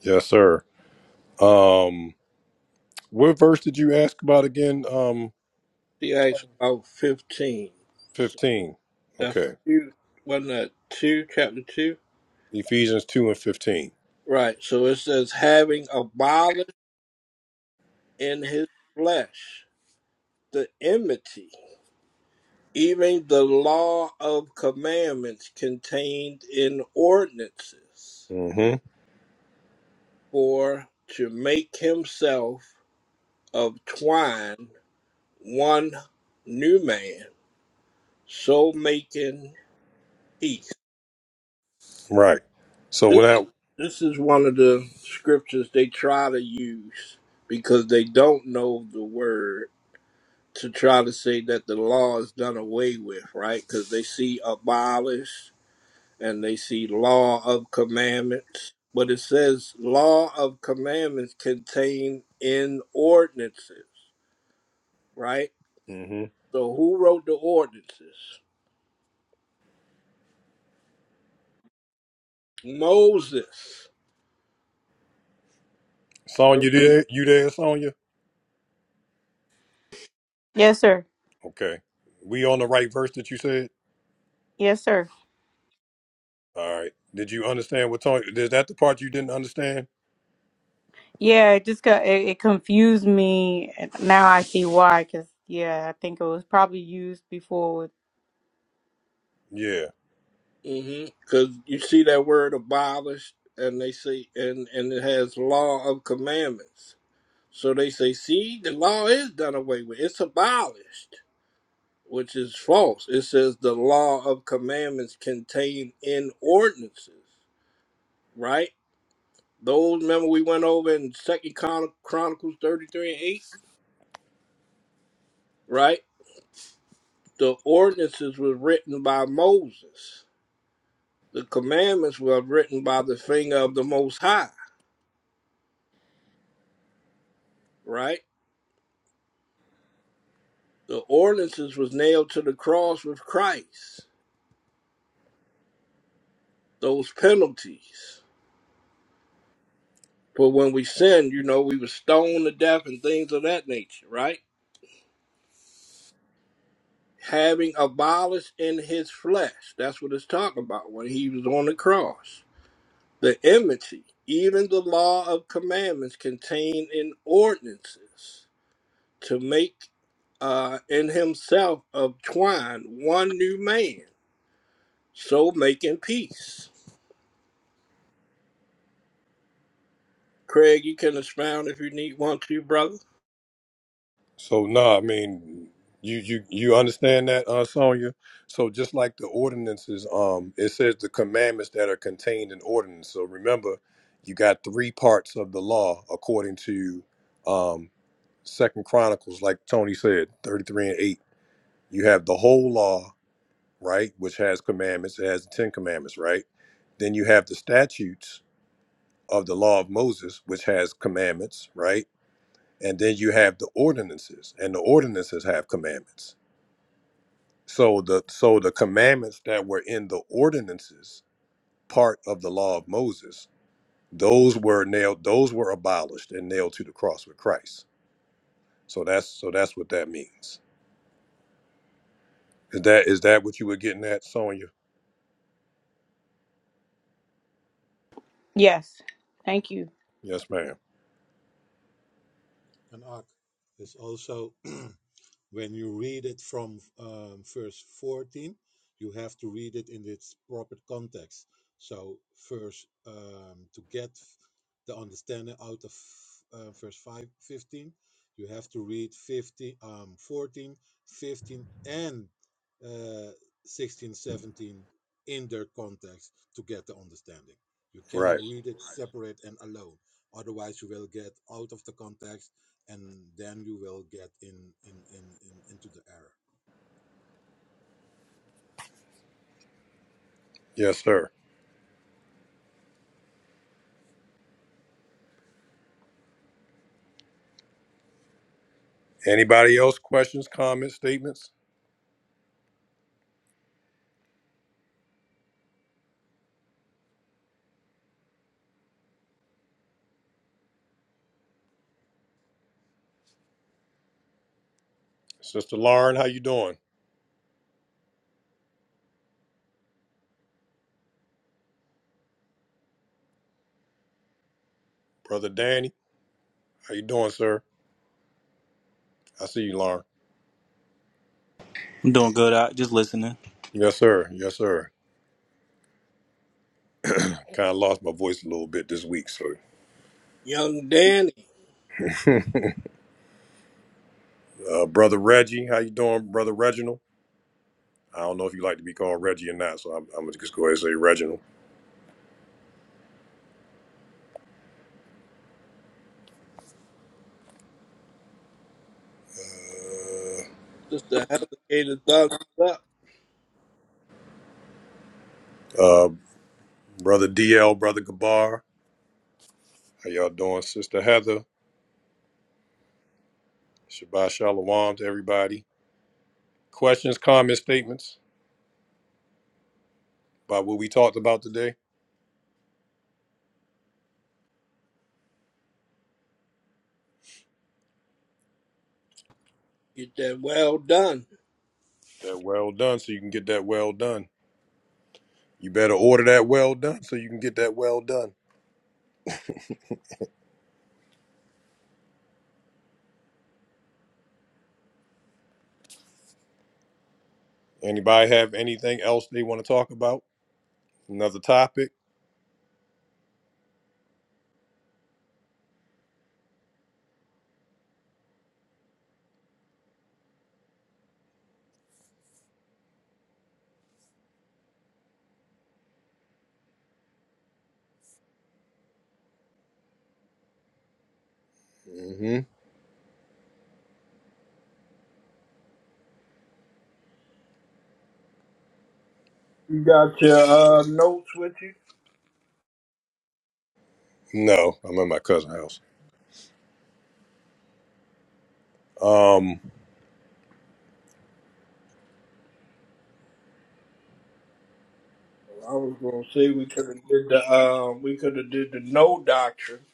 Speaker 1: Yes, sir. Um, what verse did you ask about again? Um,
Speaker 5: see Acts about fifteen.
Speaker 1: 15.
Speaker 5: That's
Speaker 1: Okay.
Speaker 5: two, wasn't that two, chapter two?
Speaker 1: Ephesians 2 and 15.
Speaker 5: Right. So it says, having abolished in his flesh the enmity, even the law of commandments contained in ordinances,
Speaker 1: Mm-hmm.
Speaker 5: for to make himself of twine one new man, so making peace.
Speaker 1: Right. So
Speaker 5: This,
Speaker 1: when I
Speaker 5: this is one of the scriptures they try to use because they don't know the word to try to say that the law is done away with, right? Because they see abolish and they see law of commandments. But it says law of commandments contained in ordinances, right?
Speaker 1: mm-hmm.
Speaker 5: So who wrote the ordinances? Moses.
Speaker 1: Sonya,
Speaker 5: So,
Speaker 1: you there? You there, Sonya?
Speaker 15: Yes, sir.
Speaker 1: Okay. We on the right verse that you said?
Speaker 15: Yes, sir.
Speaker 1: All right. Did you understand what Tony is that the part you didn't understand?
Speaker 15: Yeah, it just got, it, it confused me. and Now I see why. Because yeah, I think it was probably used before. with-
Speaker 1: Yeah.
Speaker 5: because you see that word abolished, and they say, and and it has law of commandments. So they say, see, the law is done away with. It's abolished which is false. It says the law of commandments contained in ordinances, right? Those remember we went over in Second Chron- Chronicles thirty three and eight, right? The ordinances was written by Moses. The commandments were written by the finger of the Most High, right? The ordinances was nailed to the cross with Christ. Those penalties. But when we sinned, you know, we were stoned to death and things of that nature, right? having abolished in his flesh. That's what it's talking about when he was on the cross. The enmity, even the law of commandments contained in ordinances, to make uh, in himself of twine one new man, so making peace. Craig, you can expound if you need one to, brother.
Speaker 1: So nah, I mean, you you you understand that, uh, Sonya? So just like the ordinances, um, it says the commandments that are contained in ordinance. So remember, you got three parts of the law according to um, Second Chronicles, like Tony said, thirty-three and eight. You have the whole law, right, which has commandments. It has the Ten Commandments, right? Then you have the statutes of the law of Moses, which has commandments, right? and then you have the ordinances and the ordinances have commandments so the so the commandments that were in the ordinances part of the law of moses those were nailed those were abolished and nailed to the cross with christ so that's so that's what that means is that is that what you were getting at sonia
Speaker 15: Yes, thank you.
Speaker 1: yes ma'am right yes sir anybody else questions comments statements sister lauren how you doing brother danny how you doing sir i see you lauren
Speaker 16: I'm doing good. I just listening.
Speaker 1: yes sir yes sir Kind of lost my voice a little bit this week. So,
Speaker 5: Young Danny,
Speaker 1: uh, brother Reggie, how you doing, brother Reginald? I don't know if you like to be called Reggie or not, so I'm, I'm gonna just go ahead and say Reginald.
Speaker 5: Sister Heather gave a thumbs up.
Speaker 1: Uh, uh, brother DL, brother Gabar, how y'all doing, sister Heather? Shabbat shalom to everybody. Questions, comments, statements about what we talked about today?
Speaker 5: Get that well done.
Speaker 1: That well done, so you can get that well done. You better order that well done, so you can get that well done. Anybody have anything else they want to talk about? Another topic? Mm-hmm.
Speaker 5: You got your uh, notes with you?
Speaker 1: No, I'm at my cousin's house. Um,
Speaker 5: I was gonna say we could have did the um we could have did the no doctrine.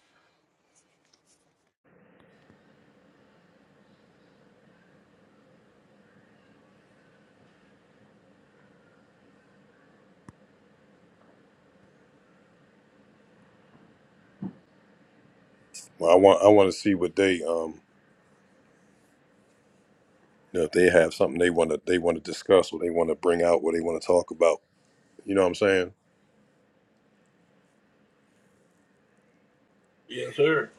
Speaker 1: well, I want I want to see what they um, you know, if they have something they want to they want to discuss, what they want to bring out, what they want to talk about. You know what I'm saying?
Speaker 5: Yes, sir.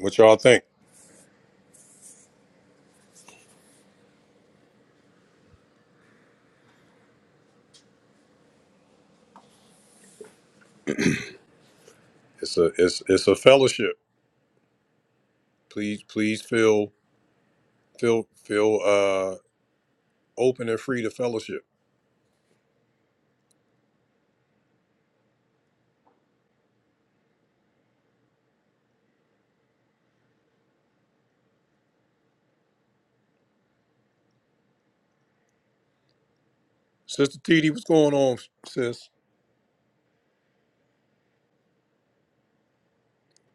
Speaker 1: What y'all think? It's a it's it's a fellowship. Please please feel feel feel uh open and free to fellowship. Sister T.D., what's going on, sis?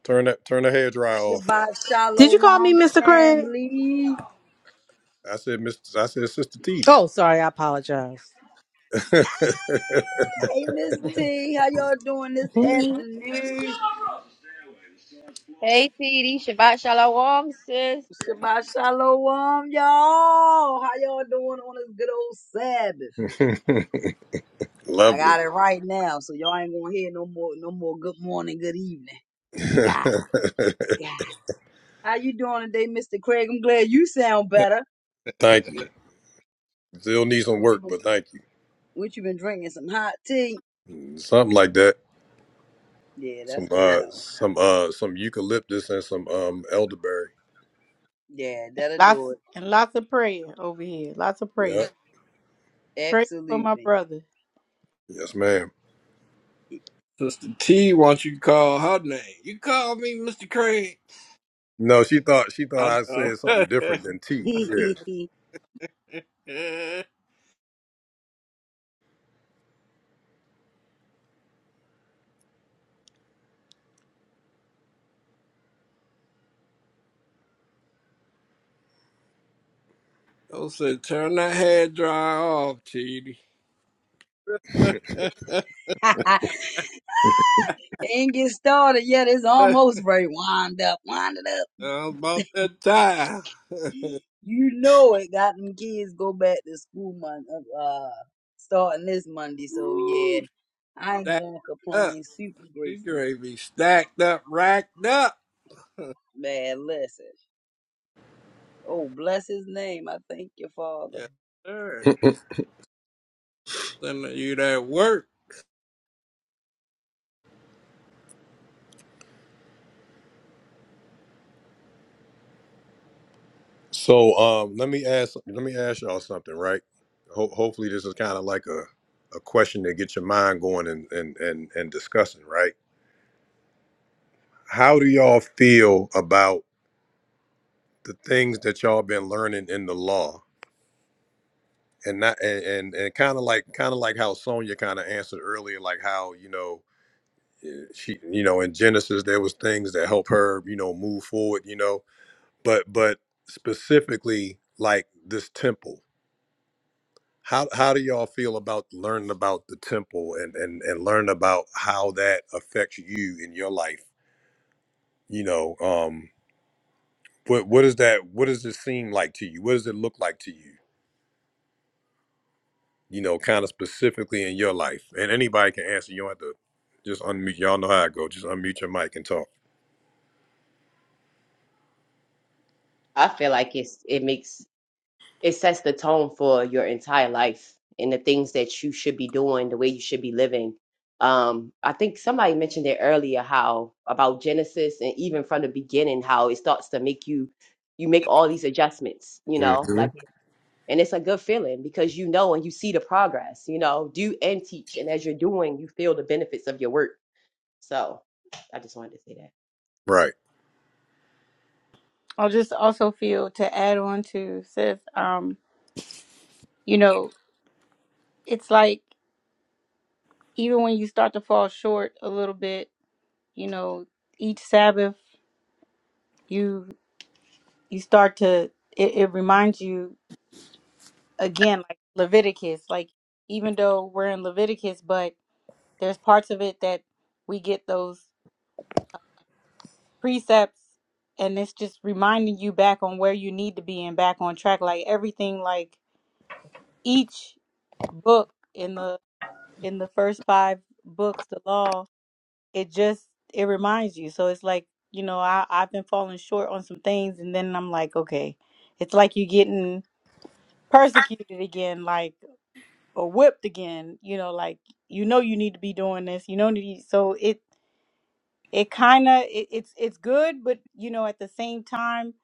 Speaker 1: Turn that turn the hair dryer off.
Speaker 17: Shabbat
Speaker 13: Did you call me
Speaker 17: Shalom
Speaker 13: Mr. Craig?
Speaker 17: family.
Speaker 1: I said, Miss. I said, Sister T.D.
Speaker 13: Oh, sorry. I apologize.
Speaker 17: Hey Miss T, how y'all doing this afternoon?
Speaker 4: Hey, TD, Shabbat Shalom, sis.
Speaker 17: Shabbat Shalom, y'all. How y'all doing on this good old Sabbath? I
Speaker 1: Lovely.
Speaker 17: got it right now, so y'all ain't gonna hear no more no more good morning, good evening. I got it. I got it. How you doing today, Mr. Craig? I'm glad you sound better.
Speaker 1: Thank you. Still need some
Speaker 17: What you
Speaker 1: work,
Speaker 17: been,
Speaker 1: but thank
Speaker 17: what you been drinking? Some hot tea?
Speaker 1: you. Something like that.
Speaker 17: Yeah,
Speaker 1: Some
Speaker 17: that's gonna
Speaker 1: uh
Speaker 17: help.
Speaker 1: some uh some eucalyptus and some um elderberry.
Speaker 17: Yeah, that'll do
Speaker 15: Lots and lots of prayer over here. Lots of prayer.
Speaker 1: Yeah.
Speaker 17: it.
Speaker 15: Pray for my
Speaker 17: Absolutely.
Speaker 15: brother.
Speaker 1: Yes, ma'am.
Speaker 5: Sister T, why don't you call her name? You call me Mr. Craig.
Speaker 1: No, she thought she thought
Speaker 5: I
Speaker 1: I
Speaker 5: know.
Speaker 1: said something different than tea.
Speaker 5: I said, turn that hair dry off, T. D.
Speaker 17: Ain't get started yet. It's almost ready. Wind up, wind it up.
Speaker 5: about that time.
Speaker 17: You know it. Got them kids go back to school month, uh, uh, starting this Monday. So yeah,
Speaker 5: Ooh,
Speaker 17: I ain't
Speaker 5: stacked
Speaker 17: gonna
Speaker 5: up.
Speaker 17: complain. Super
Speaker 5: T
Speaker 17: grateful,
Speaker 5: gravy stacked up, racked up.
Speaker 17: man. Listen. Oh, bless his name. I thank your father.
Speaker 5: Yes, sir.
Speaker 1: Yeah.
Speaker 5: Sending you that work
Speaker 1: so um let me ask let me ask y'all something, right? Ho- hopefully this is kind of like a a question that gets your mind going and and and and discussing, right? How do y'all feel about the things that y'all been learning in the law and not and and, and kind of like kind of like how Sonia kind of answered earlier, like how you know eh, she you know in Genesis there was things that help her you know move forward, you know, but but specifically like this temple. How, how do y'all feel about learning about the temple and, and, and learning about how that affects you in your life? You know, um, what what is that? What does it seem like to you? What does it look like to you? you know, kind of specifically in your life? And anybody can answer. You don't have to just unmute. Y'all know how I go. Just unmute your mic and talk.
Speaker 4: i feel like it's it makes it sets the tone for your entire life and the things that you should be doing, the way you should be living. Um, I think somebody mentioned it earlier how about Genesis and even from the beginning how it starts to make you you make all these adjustments, you know,
Speaker 1: hmm
Speaker 4: like and it's a good feeling because you know and you see the progress, you know, do and teach. And as you're doing, you feel the benefits of your work. So I just wanted to say that.
Speaker 1: Right,
Speaker 15: I just also feel to add on to sis. Um, you know, it's like even when you start to fall short a little bit, you know, each Sabbath you you start to it, it reminds you. again like Leviticus like even though we're in Leviticus but there's parts of it that we get those precepts and it's just reminding you back on where you need to be and back on track like everything like each book in the in the first five books the law it just it reminds you so it's like you know I, I've been falling short on some things and then I'm like okay it's like you are getting persecuted again like or whipped again you know like you know you need to be doing this you know need- so it it kind of it, it's it's good but you know at the same time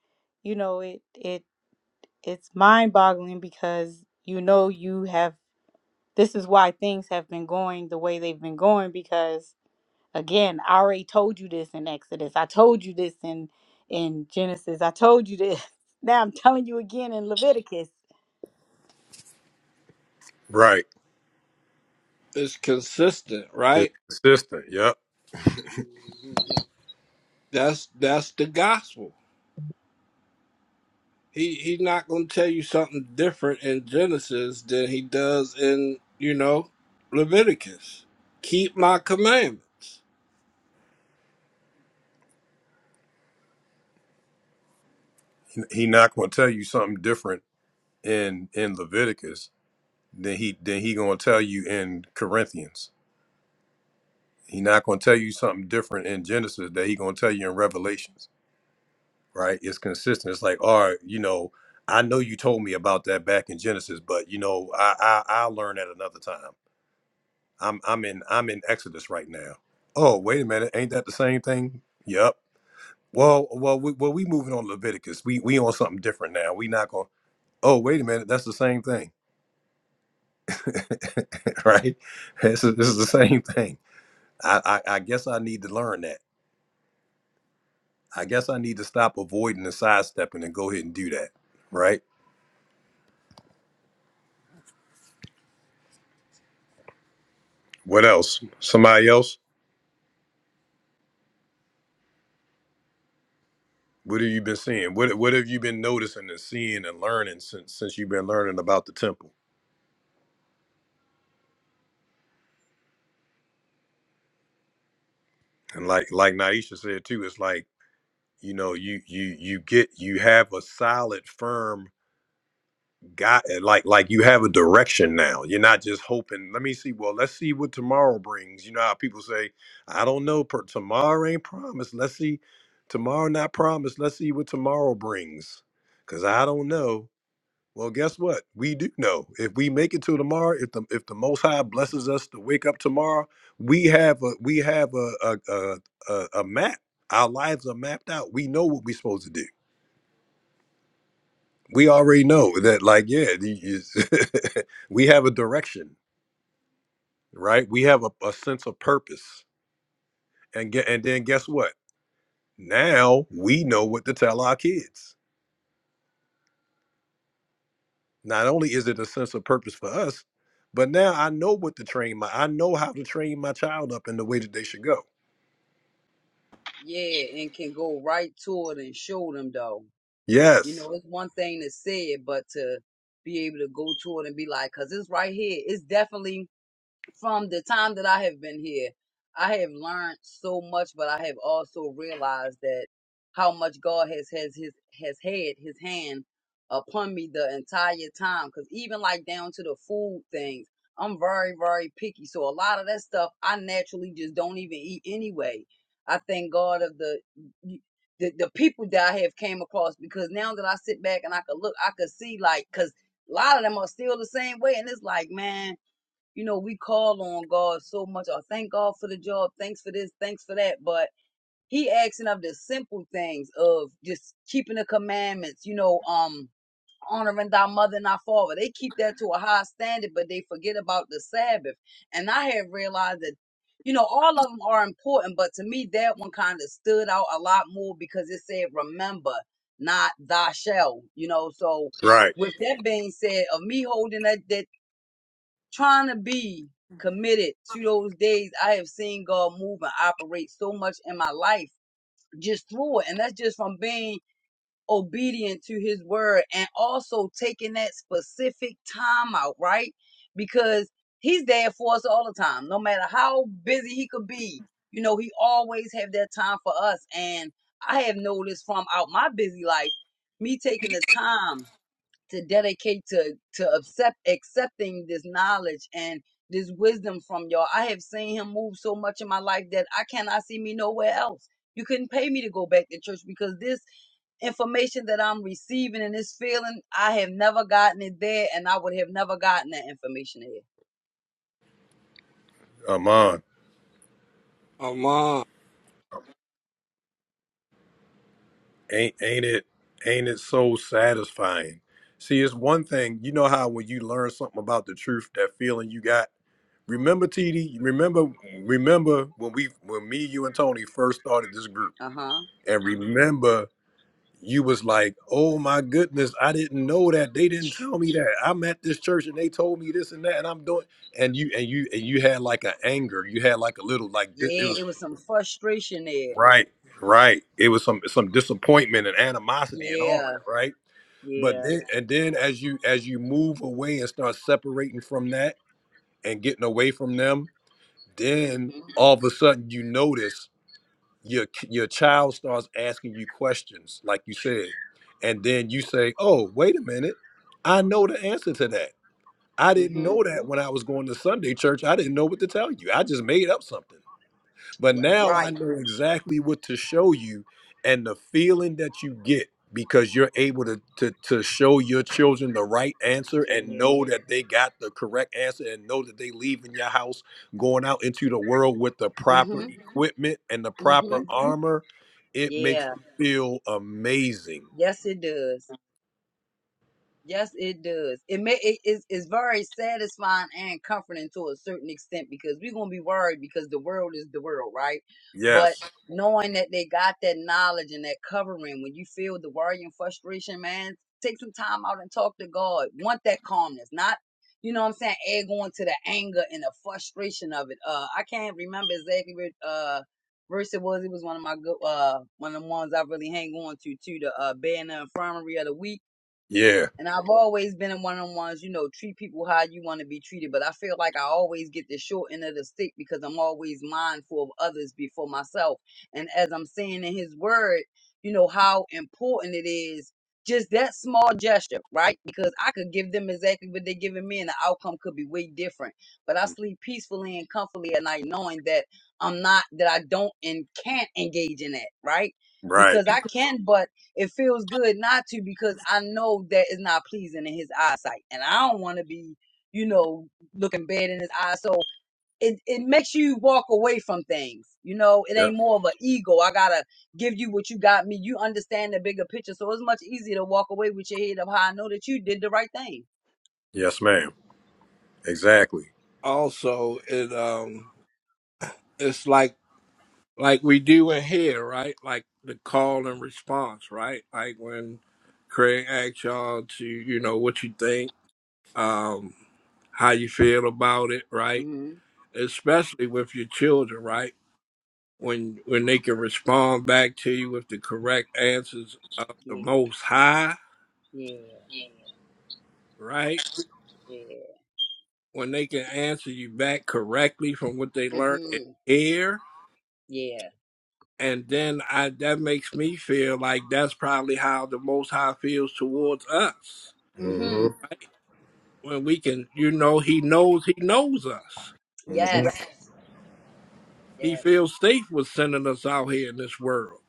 Speaker 15: you know it it it's mind boggling because you know you have this is why things have been going the way they've been going because again i already told you this in exodus i told you this in in genesis i told you this now i'm telling you again in leviticus
Speaker 1: right.
Speaker 5: is consistent, right?
Speaker 1: It's consistent. Yep.
Speaker 17: hmm
Speaker 5: That's that's the gospel. He he's not going to tell you something different in Genesis than he does in you know Leviticus. Keep my commandments.
Speaker 1: He not going to tell you something different in in Leviticus than he than he going to tell you in Corinthians. He not going to tell you something different in Genesis that he going to tell you in Revelations. Right? It's consistent. It's like, all right, you know, I know you told me about that back in Genesis, but you know, I I I learn at another time. I'm I'm in I'm in Exodus right now. Oh, wait a minute, ain't that the same thing? Yep. Well, well, we, well, we moving on Leviticus. We we on something different now. We not going. Oh, wait a minute, that's the same thing, right? This is, this is the same thing. I, I I guess I need to learn that. I guess I need to stop avoiding and sidestepping and go ahead and do that, right? What else? Somebody else? What have you been seeing? What what have you been noticing and seeing and learning since since you've been learning about the temple? and like like Naisha said too, it's like you know you you you get you have a solid firm guy eh, like like you have a direction now. You're not just hoping. Let me see. Well, let's see what tomorrow brings. You know how people say, I don't know. Per, tomorrow ain't promised. Let's see. Tomorrow not promised. Let's see what tomorrow brings. Cause I don't know. Well, guess what? We do know. If we make it to tomorrow, if the if the Most High blesses us to wake up tomorrow, we have a we have a a a, a, a map. Our lives are mapped out. We know what we're supposed to do. We already know that. Like, yeah, the- is- we have a direction, right? We have a, a sense of purpose, and get and then guess what? Now we know what to tell our kids. Not only is it a sense of purpose for us, but now I know what to train my I know how to train my child up in the way that they should go.
Speaker 17: Yeah, and can go right to it and show them though. You
Speaker 1: Yes.
Speaker 17: know, it's one thing to say it, but to be able to go to it and be like, cause it's right here. It's definitely from the time that I have been here, I have learned so much, but I have also realized that how much God has has his has had his hand upon me the entire time. Cause even like down to the food things, I'm very very picky, so a lot of that stuff I naturally just don't even eat anyway. I thank God of the the, the people that I have came across because now that I sit back and I could look, I could see like because a lot of them are still the same way, and it's like man you know, we call on God so much. Or thank God for the job. Thanks for this. Thanks for that. But he asking of the simple things of just keeping the commandments, you know, um, honoring thy mother and thy father. They keep that to a high standard, but they forget about the Sabbath. And I have realized that, you know, all of them are important, but to me, that one kind of stood out a lot more because it said, remember, not thy shall, you know, so
Speaker 1: Right.
Speaker 17: with that being said, of me holding that that, trying to be committed to those days I have seen God move and operate so much in my life just through it. And that's just from being obedient to his word and also taking that specific time out, right? Because he's there for us all the time, no matter how busy he could be. You know, he always have that time for us. And I have noticed from out my busy life, me taking the time to dedicate to to accept accepting this knowledge and this wisdom from y'all. I have seen him move so much in my life that I cannot see me nowhere else. You couldn't pay me to go back to church because this information that I'm receiving and this feeling, I have never gotten it there, and I would have never gotten that information there.
Speaker 1: Amon.
Speaker 5: Among
Speaker 1: Ain't ain't it ain't it so satisfying? See, it's one thing, you know how when you learn something about the truth, that feeling you got. Remember TD, remember remember when we when me, you and Tony first started this group.
Speaker 17: Uh huh.
Speaker 1: And remember you was like, oh my goodness, I didn't know that. They didn't tell me that. I'm at this church and they told me this and that, and I'm doing. And you and you and you had like an anger. You had like a little like di- it
Speaker 17: Yeah,
Speaker 1: was
Speaker 17: it was some frustration there.
Speaker 1: right, right. It was some some disappointment and animosity and all
Speaker 17: Yeah,
Speaker 1: that, right? But
Speaker 17: yeah.
Speaker 1: then and then as you as you move away and start separating from that and getting away from them, then
Speaker 17: Mhm.
Speaker 1: all of a sudden you notice your your child starts asking you questions like you said and then you say oh wait a minute i know the answer to that i didn't
Speaker 17: Mhm.
Speaker 1: know that when i was going to sunday church i didn't know what to tell you i just made up something but
Speaker 17: Right.
Speaker 1: now I
Speaker 17: right.
Speaker 1: know exactly what to show you and the feeling that you get because you're able to, to, to show your children the right answer and know
Speaker 17: Yeah.
Speaker 1: that they got the correct answer and know that they leaving your house going out into the world with the proper
Speaker 17: Mhm.
Speaker 1: equipment and the proper
Speaker 17: Mhm.
Speaker 1: armor. It makes
Speaker 17: Yeah.
Speaker 1: you feel amazing.
Speaker 17: Yes, it does. Yes, it does. It may it is is very satisfying and comforting to a certain extent because we're gonna be worried because the world is the world, right? But
Speaker 1: Yes.
Speaker 17: knowing that they got that knowledge and that covering, when you feel the worry and frustration, man, take some time out and talk to God. Want that calmness, not you know what I'm saying, egg on to the anger and the frustration of it. Uh I can't remember exactly what uh verse it was. It was one of my good uh one of the ones I really hang on to to the uh being in the infirmary of the week
Speaker 1: Yeah.
Speaker 17: and I've always been in one on ones, you know, treat people how you want to be treated. But I feel like I always get the short end of the stick because I'm always mindful of others before myself. And as I'm saying in his word, you know, how important it is just that small gesture, right? Because I could give them exactly what they're giving me and the outcome could be way different. But I
Speaker 1: Mm,
Speaker 17: sleep peacefully and comfortably at night knowing that I'm not, that I don't and can't engage in that, right?
Speaker 1: Right.
Speaker 17: Because I can but it feels good not to because I know that it's not pleasing in his eyesight. And I don't want to be, you know, looking bad in his eyes. So it, it makes you walk away from things. You know, it
Speaker 1: Yep.
Speaker 17: ain't more of an ego. I gotta give you what you got me. You understand the bigger picture. So it's much easier to walk away with your head up high. I know that you did the right thing.
Speaker 1: Yes, ma'am. Exactly.
Speaker 5: also it um it's like like we do in here, right? Like the call and response, right? Like when Craig asks y'all to you know what you think, um, how you feel about it, right?
Speaker 17: hmm
Speaker 5: Especially with your children, right? when when they can respond back to you with the correct answers of the
Speaker 17: Yeah,
Speaker 5: most high,
Speaker 17: yeah,
Speaker 5: right?
Speaker 17: yeah.
Speaker 5: When they can answer you back correctly from what they learned in
Speaker 17: Mhm.
Speaker 5: here,
Speaker 17: Yeah.
Speaker 5: and then I that makes me feel like that's probably how the most high feels towards us.
Speaker 1: hmm
Speaker 17: Mhm.
Speaker 5: When we can you know, he knows he knows us.
Speaker 1: hmm
Speaker 17: Yes.
Speaker 5: He
Speaker 17: Yes.
Speaker 5: feels safe with sending us out here in this world.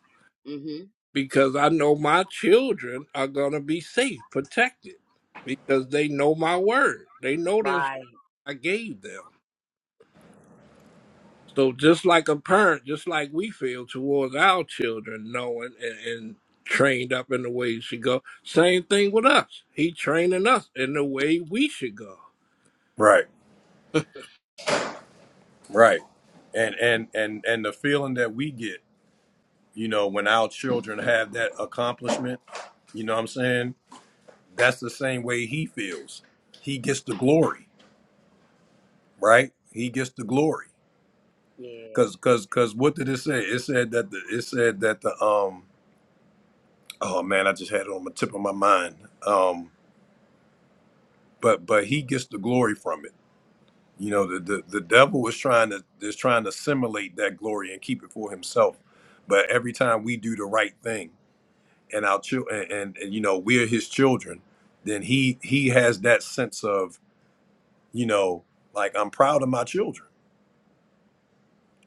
Speaker 17: Mhm.
Speaker 5: Because I know my children are gonna be safe, protected because
Speaker 17: Right.
Speaker 5: they know my word. They know this
Speaker 17: Right.
Speaker 5: I gave them. So just like a parent, just like we feel towards our children, knowing and, and trained up in the way you should go. Same thing with us. He training us in the way we should go.
Speaker 1: Right. Right. And and and and the feeling that we get, you know, when our children have that accomplishment, you know what I'm saying? That's the same way he feels. He gets the glory, right? He gets the glory.
Speaker 17: Yeah.
Speaker 1: Cause cause cause what did it say? It said that the it said that the um oh man, I just had it on the tip of my mind. Um but but he gets the glory from it. You know, the the, the devil is trying to is trying to assimilate that glory and keep it for himself. But every time we do the right thing. and our children and, and, and, you know we're his children then he he has that sense of you know like i'm proud of my children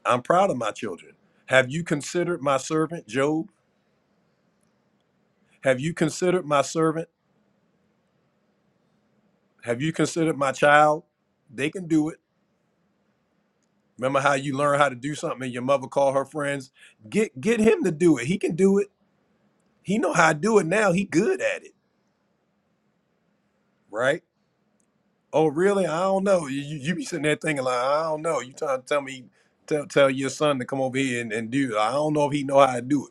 Speaker 1: i'm proud of my children have you considered my servant job have you considered my servant have you considered my child they can do it remember how you learn how to do something and your mother call her friends get get him to do it he can do it he know how to do it now he good at it right Oh, really? I don't know. You, you, you be sitting there thinking like, I don't know. You trying to tell me, tell tell your son to come over here and, and do it. I don't know if he know how to do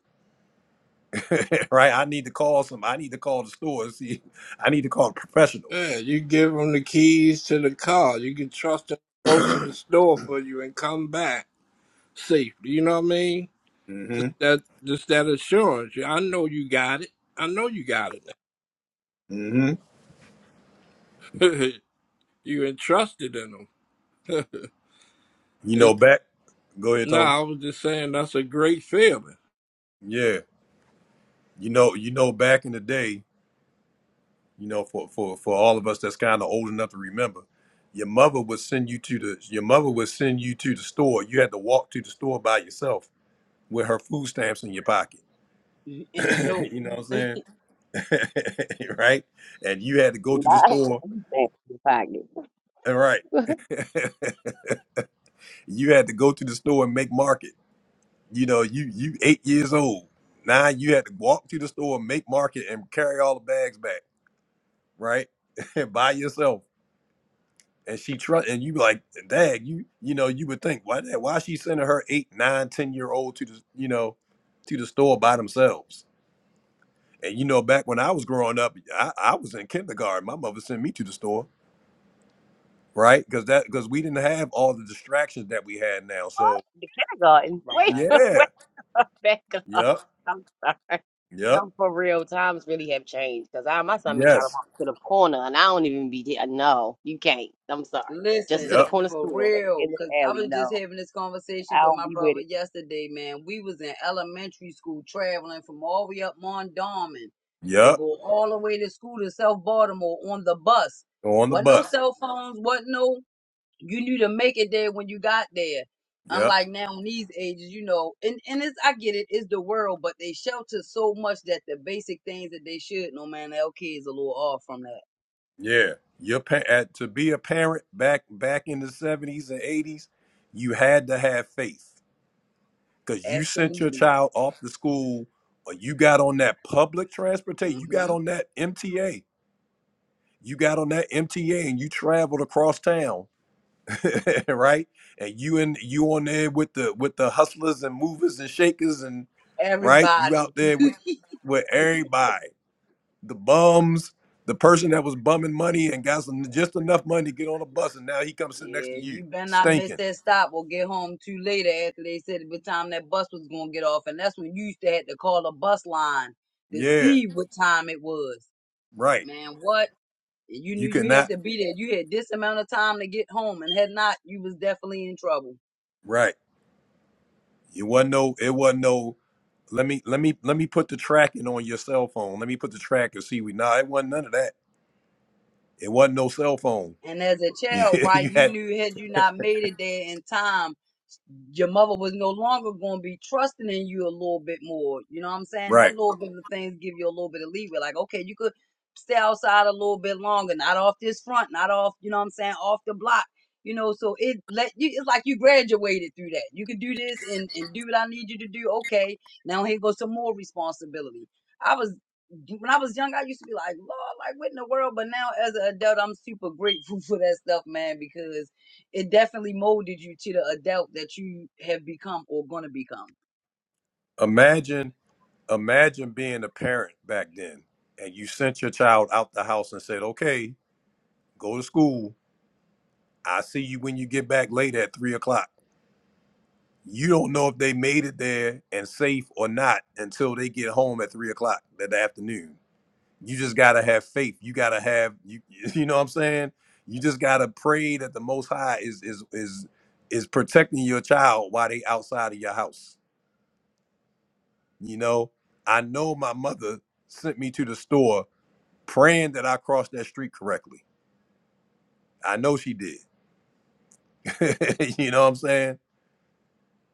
Speaker 1: it, right? I need to call some. I need to call the store. and See, I need to call a professional.
Speaker 5: Yeah, you give him the keys to the car. You can trust him to go to the store for you and come back safely. You know what I mean?
Speaker 1: hmm
Speaker 5: That just that assurance. Yeah, I know you got it. I know you got
Speaker 1: hmm
Speaker 5: it. you entrusted in him.
Speaker 1: You know,
Speaker 5: It's,
Speaker 1: back. Go ahead,
Speaker 5: no,
Speaker 1: Tony.
Speaker 5: I was just saying that's a great feeling.
Speaker 1: Yeah, you know, you know, back in the day, you know, for for for all of us that's kind of old enough to remember, your mother would send you to the your mother would send you to the store. You had to walk to the store by yourself with her food stamps in your pocket
Speaker 17: Mhm. In a note.
Speaker 1: you know what I'm saying? right? And you had to go to
Speaker 4: Nah,
Speaker 1: the store.
Speaker 4: the fact that
Speaker 1: All right. you had to go to the store and make market. You know, you you eight years old. Now you had to walk to the store, make market, and carry all the bags back, right? By yourself. And she trust and you be like, Dag, you you know, you would think, why that why she sending her eight, nine, ten year old to the you know, to the store by themselves? And you know, back when I was growing up, I, I was in kindergarten. My mother sent me to the store right? Because that because we didn't have all the distractions that we had now. So
Speaker 4: the kindergarten. Wait,
Speaker 17: Right.
Speaker 4: wait.
Speaker 1: yeah,
Speaker 4: back up.
Speaker 1: yep,
Speaker 4: I'm sorry.
Speaker 1: yep,
Speaker 4: No, for real, times really have changed. Cause I my son be trying to
Speaker 1: yes,
Speaker 4: walk to the corner, and I don't even be there. No, you can't. I'm sorry. Just to the
Speaker 17: Listen,
Speaker 1: yep,
Speaker 4: corner
Speaker 17: for
Speaker 4: store at the
Speaker 17: real,
Speaker 4: end of
Speaker 17: cause
Speaker 4: the
Speaker 17: I
Speaker 4: alley.
Speaker 17: was just
Speaker 4: No,
Speaker 17: having this
Speaker 4: I
Speaker 17: conversation with
Speaker 4: don't
Speaker 17: my
Speaker 4: be with
Speaker 17: brother
Speaker 4: it.
Speaker 17: yesterday, man. We was in elementary school traveling from all the way up Mondawmin to
Speaker 1: yep.
Speaker 17: go all the way to school to South Baltimore on the bus.
Speaker 1: On the
Speaker 17: Wasn't no
Speaker 1: bus,
Speaker 17: cell phones, wasn't no you knew to make it there when you got there.
Speaker 1: yep,
Speaker 17: Unlike now in these ages, you know, and, and it's I get it, it's the world, but they shelter so much that the basic things that they should know, man, LK is a little off from that.
Speaker 1: yeah. Your pa- at, to be a parent back back in the seventies and eighties, you had to have faith because you sent your
Speaker 17: Absolutely.
Speaker 1: child off to school, or you got on that public transportation, you got
Speaker 17: hmm
Speaker 1: on that MTA, you got on that MTA, and you traveled across town right? And you and you on there with the with the hustlers and movers and shakers and right? You out
Speaker 17: Everybody.
Speaker 1: there with with everybody, the bums, the person that was bumming money and got some just enough money to get on a bus, and now he comes sitting next to
Speaker 17: Yeah,
Speaker 1: you,
Speaker 17: you better not miss
Speaker 1: stinking.
Speaker 17: that stop or get home too late after they said what time that bus was gonna get off. And that's when you used to have to call a bus line to
Speaker 1: Yeah,
Speaker 17: see what time it was.
Speaker 1: right.
Speaker 17: Man, what? You knew
Speaker 1: You could
Speaker 17: you had
Speaker 1: not.
Speaker 17: to be there. You had this amount of time to get home, and had not, you was definitely in trouble.
Speaker 1: Right. It wasn't no. It wasn't no. Let me let me let me put the tracking on your cell phone. Let me put the track and see we. Nah, it wasn't none of that. It wasn't no cell phone.
Speaker 17: And as a
Speaker 1: you
Speaker 17: child, right,
Speaker 1: you
Speaker 17: you
Speaker 1: had
Speaker 17: knew had you not made it there in time, your mother was no longer going to be trusting in you a little bit more. You know what I'm saying? That
Speaker 1: right.
Speaker 17: little bit of things give you a little bit of leeway. Like, okay, you could stay outside a little bit longer, not off this front, not off, you know what I'm saying, off the block. You know, so it let you, it's like you graduated through that. You can do this and, and do what I need you to do. Okay. Now here goes some more responsibility. I was when I was young, I used to be like, Lord, like what in the world? But now as an adult, I'm super grateful for that stuff, man, because it definitely molded you to the adult that you have become or gonna become.
Speaker 1: Imagine imagine being a parent back then and you sent your child out the house and said, okay, go to school. I see you when you get back late at three o'clock. You don't know if they made it there and safe or not until they get home at three o'clock that afternoon. You just gotta have faith. You gotta have you you know what I'm saying? You just gotta pray that the most high is is is is protecting your child while they outside of your house. You know, I know my mother sent me to the store praying that I crossed that street correctly. I know she did. you know what I'm saying?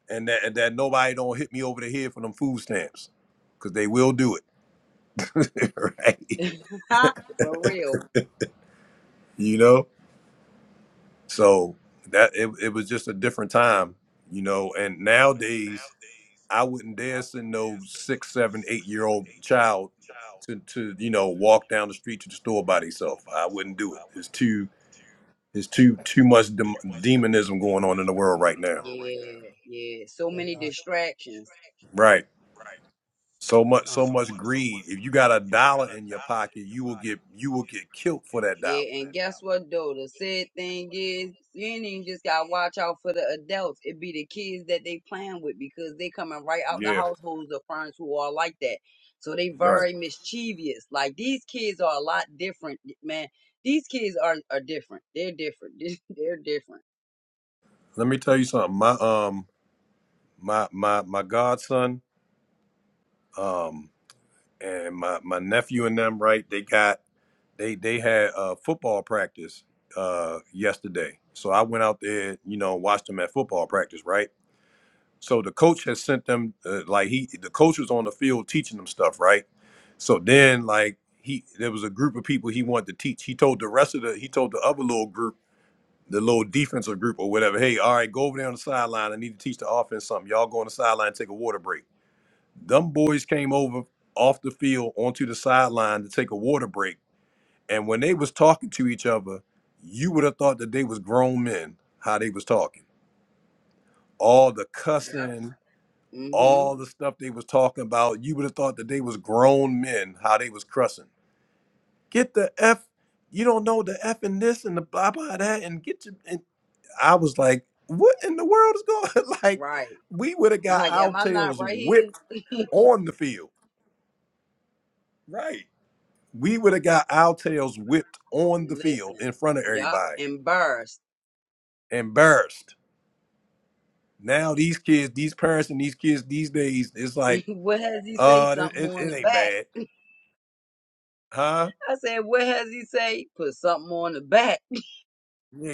Speaker 1: And that and that nobody don't hit me over the head for them food stamps, because they will do it, right?
Speaker 17: for real.
Speaker 1: You know. So that it, it was just a different time, you know. And nowadays, I wouldn't dare send no six, seven, eight year old child to to you know walk down the street to the store by themselves. I wouldn't do it. It's too it's too too much dem- demonism going on in the world right now.
Speaker 17: Yeah, yeah. So many distractions.
Speaker 1: Right. So much, so much greed. If you got a dollar in your pocket, you will get you will get killed for that dollar.
Speaker 17: Yeah, and guess what though? The sad thing is, you ain't even just gotta watch out for the adults. It be the kids that they playing with because they coming right out the
Speaker 1: Yeah,
Speaker 17: households of friends who are like that. So they
Speaker 1: right.
Speaker 17: very mischievous. Like these kids are a lot different, man. These kids are are different. They're different. They're different.
Speaker 1: Let me tell you something. My um, my my my godson, um, and my my nephew and them. Right, they got they they had uh football practice uh yesterday. So I went out there, you know, watched them at football practice. Right So the coach has sent them uh, like he the coach was on the field teaching them stuff, right? So then like he there was a group of people he wanted to teach. He told the rest of the he told the other little group, the little defensive group or whatever, hey, all right, go over there on the sideline. I need to teach the offense something. Y'all go on the sideline and take a water break. Them boys came over off the field onto the sideline to take a water break. And when they was talking to each other, you would have thought that they was grown men, how they was talking. All the
Speaker 17: Yep.
Speaker 1: cussing,
Speaker 17: hmm
Speaker 1: all the stuff they was talking about. You would have thought that they was grown men, how they was cussing. Get the F, you don't know the F in this and the blah blah that, and get your and I was like, what in the world is going like
Speaker 17: Right.
Speaker 1: we would have got
Speaker 17: Like,
Speaker 1: our
Speaker 17: am I not
Speaker 1: tails
Speaker 17: right here?
Speaker 1: whipped on the field. Right. We would have got our tails whipped on the field in
Speaker 17: Listen.
Speaker 1: front of
Speaker 17: Yup.
Speaker 1: everybody.
Speaker 17: Embarrassed.
Speaker 1: Embarrassed. Now these kids, these parents and these kids these days, it's like,
Speaker 17: what has he say?
Speaker 1: uh, it, it,
Speaker 17: Something on
Speaker 1: it
Speaker 17: the
Speaker 1: ain't
Speaker 17: back.
Speaker 1: bad. Huh?
Speaker 17: I said, what has he say? Put something on the back.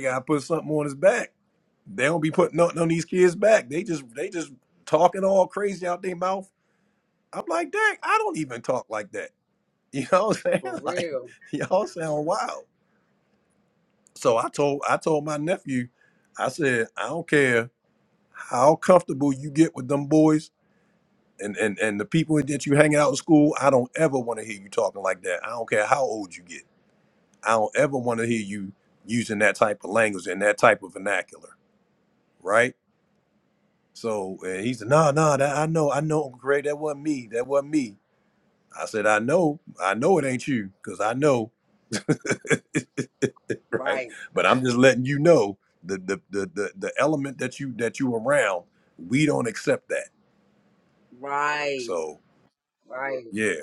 Speaker 1: got to put something on his back. They don't be putting nothing on these kids back. They just they just talking all crazy out their mouth. I'm like, Dang, I don't even talk like that. You know what I'm
Speaker 17: For
Speaker 1: saying? Like
Speaker 17: real.
Speaker 1: y'all sound wild. So I told I told my nephew, I said, I don't care how comfortable you get with them boys and and, and the people that you hanging out in school, I don't ever want to hear you talking like that. I don't care how old you get. I don't ever want to hear you using that type of language and that type of vernacular, right? So and he said, "Nah, nah, that I know, I know, Uncle Craig, that wasn't me, that wasn't me." I said, "I know, I know it ain't you, cause I know, right?
Speaker 17: Right.
Speaker 1: But I'm just letting you know the the the the, the element that you that you around, we don't accept that.
Speaker 17: Right.
Speaker 1: So
Speaker 17: Right.
Speaker 1: yeah,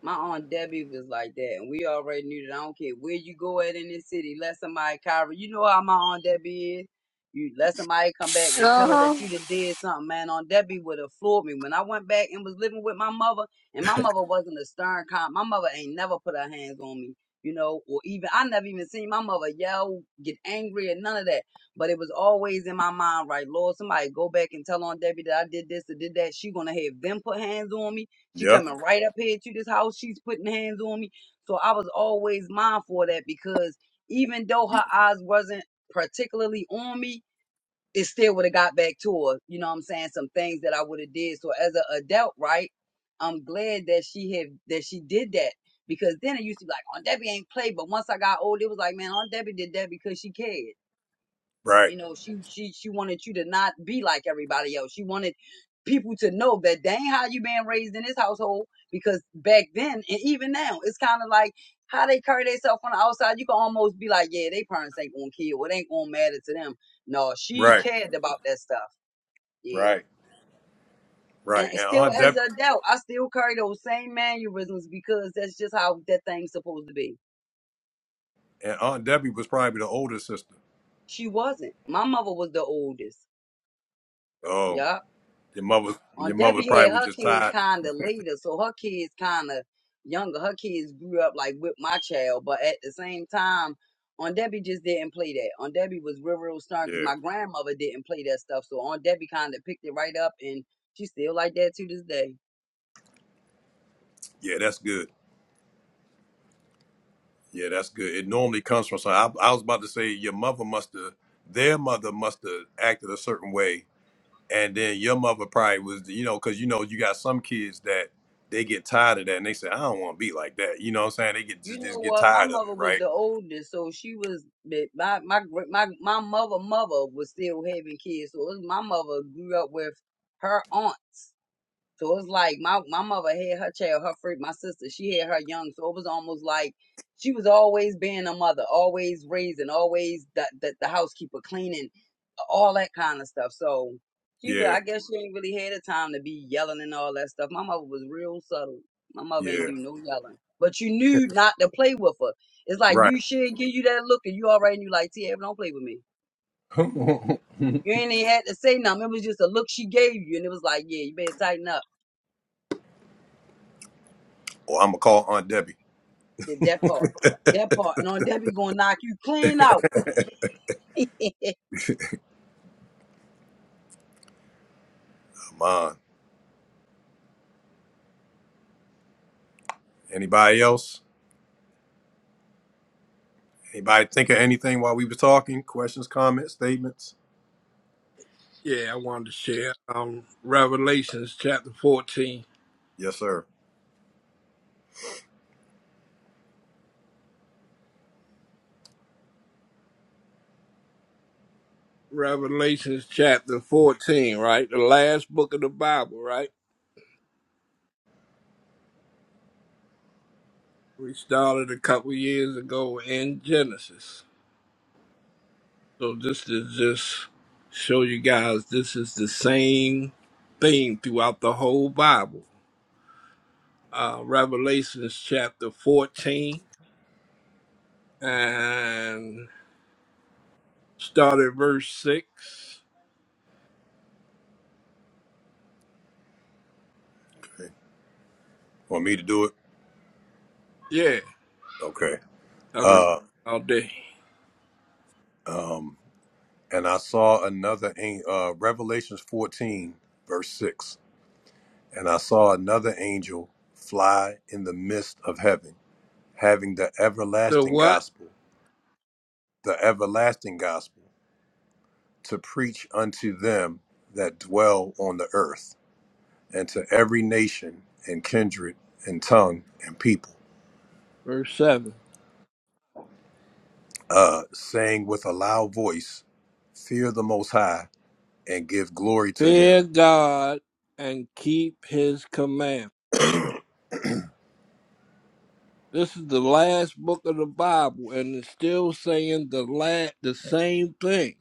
Speaker 17: My aunt Debbie was like that, and we already knew that. I don't care where you go at in this city, let somebody cover. You know how my aunt Debbie is. You let somebody come back and
Speaker 2: Uh
Speaker 17: tell her that
Speaker 2: huh.
Speaker 17: you done did something, man. Aunt Debbie would have floored me when I went back and was living with my mother. And my mother wasn't a stern cop. My mother ain't never put her hands on me, you know, or even I never even seen my mother yell, get angry, and none of that. But it was always in my mind, right, Lord, somebody go back and tell Aunt Debbie that I did this or did that. She gonna have them put hands on me she
Speaker 1: yep,
Speaker 17: coming right up here to this house. She's putting hands on me. So I was always mindful of that because even though her eyes wasn't particularly on me, it still would have got back to her. You know what I'm saying? Some things that I would have did. So as an adult, right? I'm glad that she had that she did that because then it used to be like, on Debbie ain't play. But once I got old, it was like, man, Aunt Debbie did that because she cared.
Speaker 1: right,
Speaker 17: You know, she she she wanted you to not be like everybody else. She wanted people to know that dang how you been raised in this household because back then and even now it's kind of like how they carry themselves on the outside. You can almost be like, yeah, they parents ain't gonna care. What ain't gonna matter to them? No, she
Speaker 1: right,
Speaker 17: cared about that stuff. Yeah,
Speaker 1: right, right.
Speaker 17: and
Speaker 1: And
Speaker 17: still
Speaker 1: Aunt
Speaker 17: as
Speaker 1: Deb
Speaker 17: an adult, I still carry those same mannerisms because that's just how that thing's supposed to be.
Speaker 1: and Aunt Debbie was probably the older sister.
Speaker 17: She wasn't. My mother was the oldest.
Speaker 1: Oh,
Speaker 17: Yeah
Speaker 1: your mother,
Speaker 17: On
Speaker 1: your mother
Speaker 17: Debbie had
Speaker 1: probably was
Speaker 17: her
Speaker 1: just
Speaker 17: kids
Speaker 1: tired.
Speaker 17: kind of later, so her kids kind of younger. Her kids grew up like with my child, but at the same time, on Debbie just didn't play that. On Debbie was real, real stern because
Speaker 1: Yeah,
Speaker 17: my grandmother didn't play that stuff, so on Debbie kind of picked it right up, and she still like that to this day.
Speaker 1: yeah, that's good. Yeah, that's good. It normally comes from. So I, I was about to say your mother must have, their mother must have acted a certain way, and then your mother probably was, you know, because you know you got some kids that they get tired of that and they say I don't want to be like that. You know what I'm saying? They get just,
Speaker 17: You know
Speaker 1: just get
Speaker 17: what? My
Speaker 1: tired of
Speaker 17: mother
Speaker 1: it,
Speaker 17: was
Speaker 1: right?
Speaker 17: the oldest, so she was my my my gr- my my mother mother was still having kids, so it was- my mother grew up with her aunts So it's like my my mother had her child, her first, my sister, she had her young. So it was almost like she was always being a mother, always raising, always the the, the housekeeper, cleaning, all that kind of stuff. So she, re-
Speaker 1: Yeah,
Speaker 17: I guess she ain't really had the time to be yelling and all that stuff. My mother was real subtle. My mother ain't
Speaker 1: yeah,
Speaker 17: do no yelling, but you knew not to play with her. It's like
Speaker 1: right.
Speaker 17: you should give you that look, and you already knew like, TF don't play with me.
Speaker 1: or I'm
Speaker 17: You ain't even had to say nothing. It was just a look she gave you, and it was like, yeah, you better tighten up
Speaker 1: gonna call Aunt Debbie.
Speaker 17: Did that part. That part. And on that, we gonna knock you clean out.
Speaker 1: Come
Speaker 17: yeah.
Speaker 1: on. Anybody else? Anybody think of anything while we were talking? Questions, comments, statements?
Speaker 5: Yeah, I wanted to share um, Revelations chapter 14.
Speaker 1: Yes, sir.
Speaker 5: Revelations chapter 14, right? The last book of the Bible, right? We started a couple years ago in Genesis. So this to just show you guys this is the same thing throughout the whole Bible. Uh, Revelations chapter 14 and started verse 6.
Speaker 1: Okay. Want me to do it?
Speaker 5: Yeah,
Speaker 1: Okay.
Speaker 5: I've been reading
Speaker 1: Uh,
Speaker 5: all day.
Speaker 1: Um, and I saw another an- uh, Revelations 14 verse 6. And I saw another angel fly in the midst of heaven, having the
Speaker 5: The
Speaker 1: everlasting
Speaker 5: what?
Speaker 1: gospel, the everlasting gospel to preach unto them that dwell on the earth, and to every nation and kindred and tongue and people,
Speaker 5: Verse 7.
Speaker 1: uh, saying with a loud voice, Fear the Most High and give glory to Him.
Speaker 5: Fear God and keep his command. This is the last book of the Bible, and it's still saying the la- the same thing,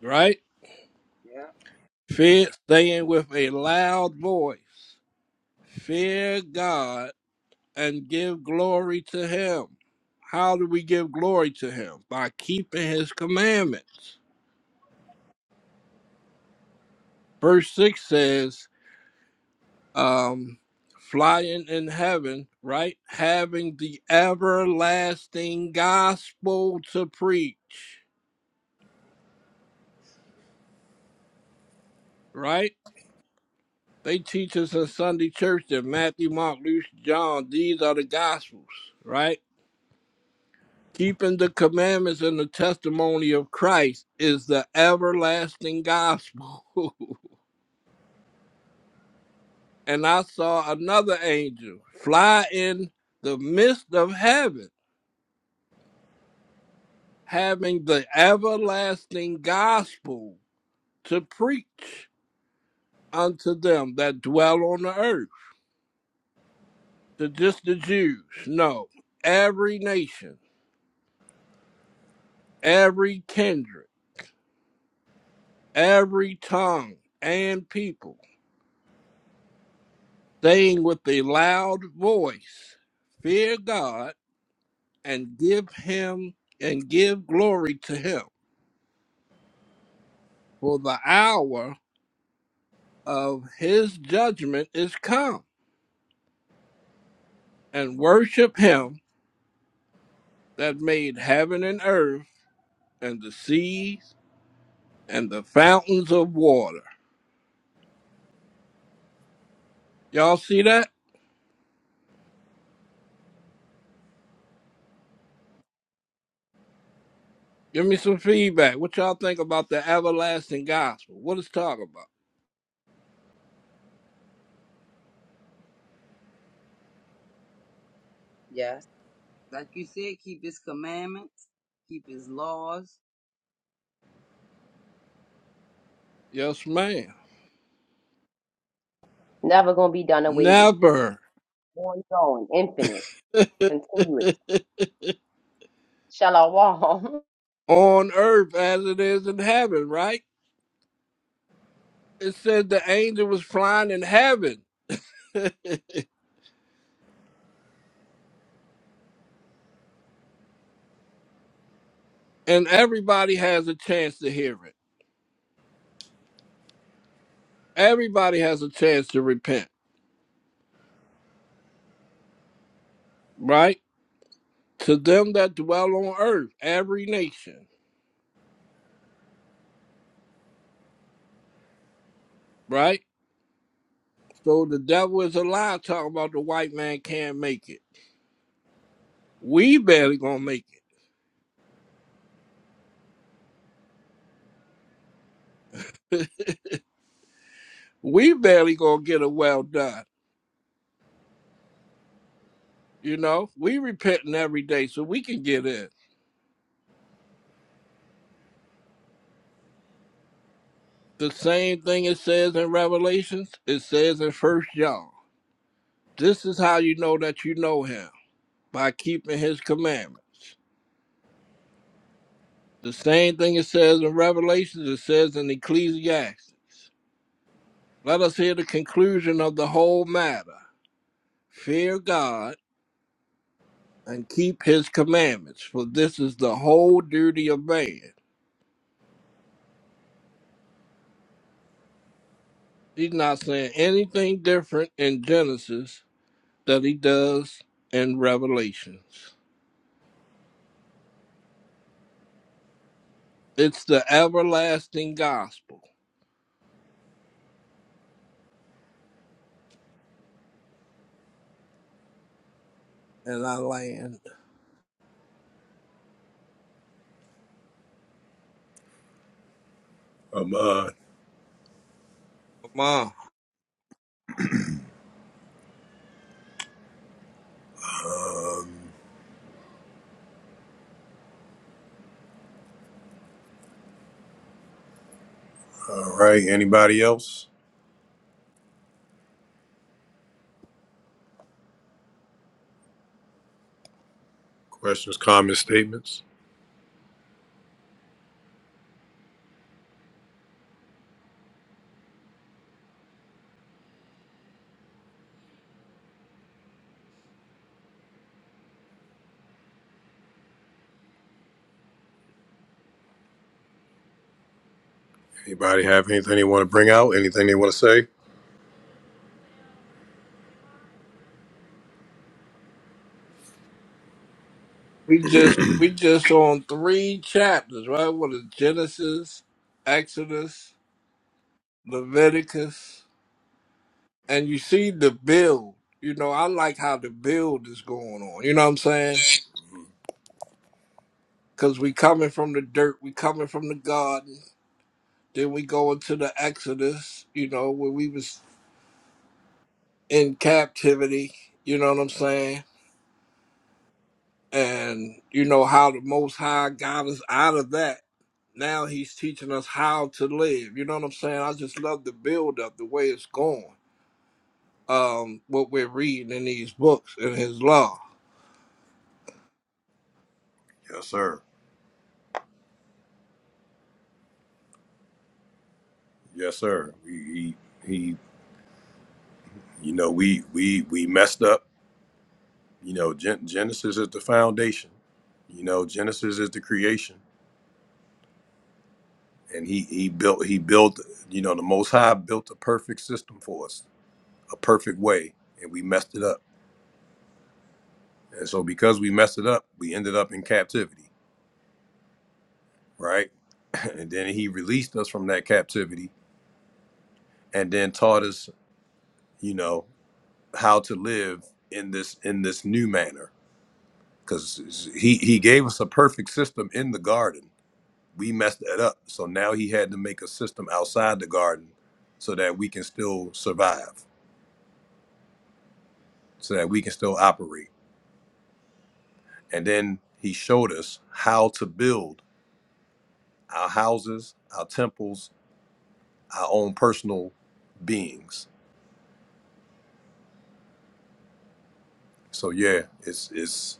Speaker 5: right? Fear saying with a loud voice, fear God and give glory to him. How do we give glory to him? By keeping his commandments. Verse 6 says, um, flying in heaven, right? Having the everlasting gospel to preach, right? They teach us in Sunday church that Matthew, Mark, Luke, John, these are the gospels, right? Keeping the commandments and the testimony of Christ is the everlasting gospel. and I saw another angel fly in the midst of heaven, having the everlasting gospel to preach unto them that dwell on the earth, to just the Jews, no, every nation, every kindred, every tongue and people, saying with a loud voice, Fear God and give him and give glory to him, for the hour of his judgment is come, and worship him that made heaven and earth and the seas and the fountains of water Y'all see that? Give me some feedback. What y'all think about the everlasting gospel? What it's talking about?
Speaker 17: Yes. Like you said, keep his commandments, keep his laws.
Speaker 5: Yes, ma'am.
Speaker 4: Never gonna be done away with.
Speaker 5: Never
Speaker 4: Ongoing, infinite, continuous. Shall I walk?
Speaker 5: on earth as it is in heaven, right? It said the angel was flying in heaven, and everybody has a chance to hear it. Everybody has a chance to repent, right? To them that dwell on earth, every nation, right? So the devil is a lie talking about the white man can't make it. We barely gonna make it we barely gonna get a well done. You know, we repenting every day so we can get in. The same thing it says in Revelations, it says in First John. This is how you know that you know him by keeping his commandments. The same thing it says in Revelations, it says in Ecclesiastes. Let us hear the conclusion of the whole matter. Fear God and keep his commandments, for this is the whole duty of man. He's not saying anything different in Genesis that he does in Revelations. It's the everlasting gospel. And I land.
Speaker 1: Amon.
Speaker 5: Come on.
Speaker 1: All right. Anybody else? Questions, comments, statements? Anybody have anything they want to bring out? Anything they want to say?
Speaker 5: We just we just on three chapters, right? What is Genesis, Exodus, Leviticus, and you see the build. You know, I like how the build is going on. You know what I'm saying? Because we coming from the dirt, we coming from the garden. Then we go into the Exodus. You know, where we was in captivity, you know what I'm saying? And you know how the Most High got us out of that. Now He's teaching us how to live. You know what I'm saying? I just love the build up, the way it's going, um, what we're reading in these books and His law.
Speaker 1: Yes, sir. Yes, sir. He, he, he you know, we, we, we messed up. You know, Gen- Genesis is the foundation. You know, Genesis is the creation, and he, he built, he built. You know, the Most High built a perfect system for us, a perfect way, and we messed it up. And so, because we messed it up, we ended up in captivity, right? and then he released us from that captivity and then taught us, you know, how to live in this in this new manner. Because he he gave us a perfect system in the garden. We messed that up, so now he had to make a system outside the garden, so that we can still survive, so that we can still operate. And then he showed us how to build our houses, our temples, our own personal beings. So yeah, it's it's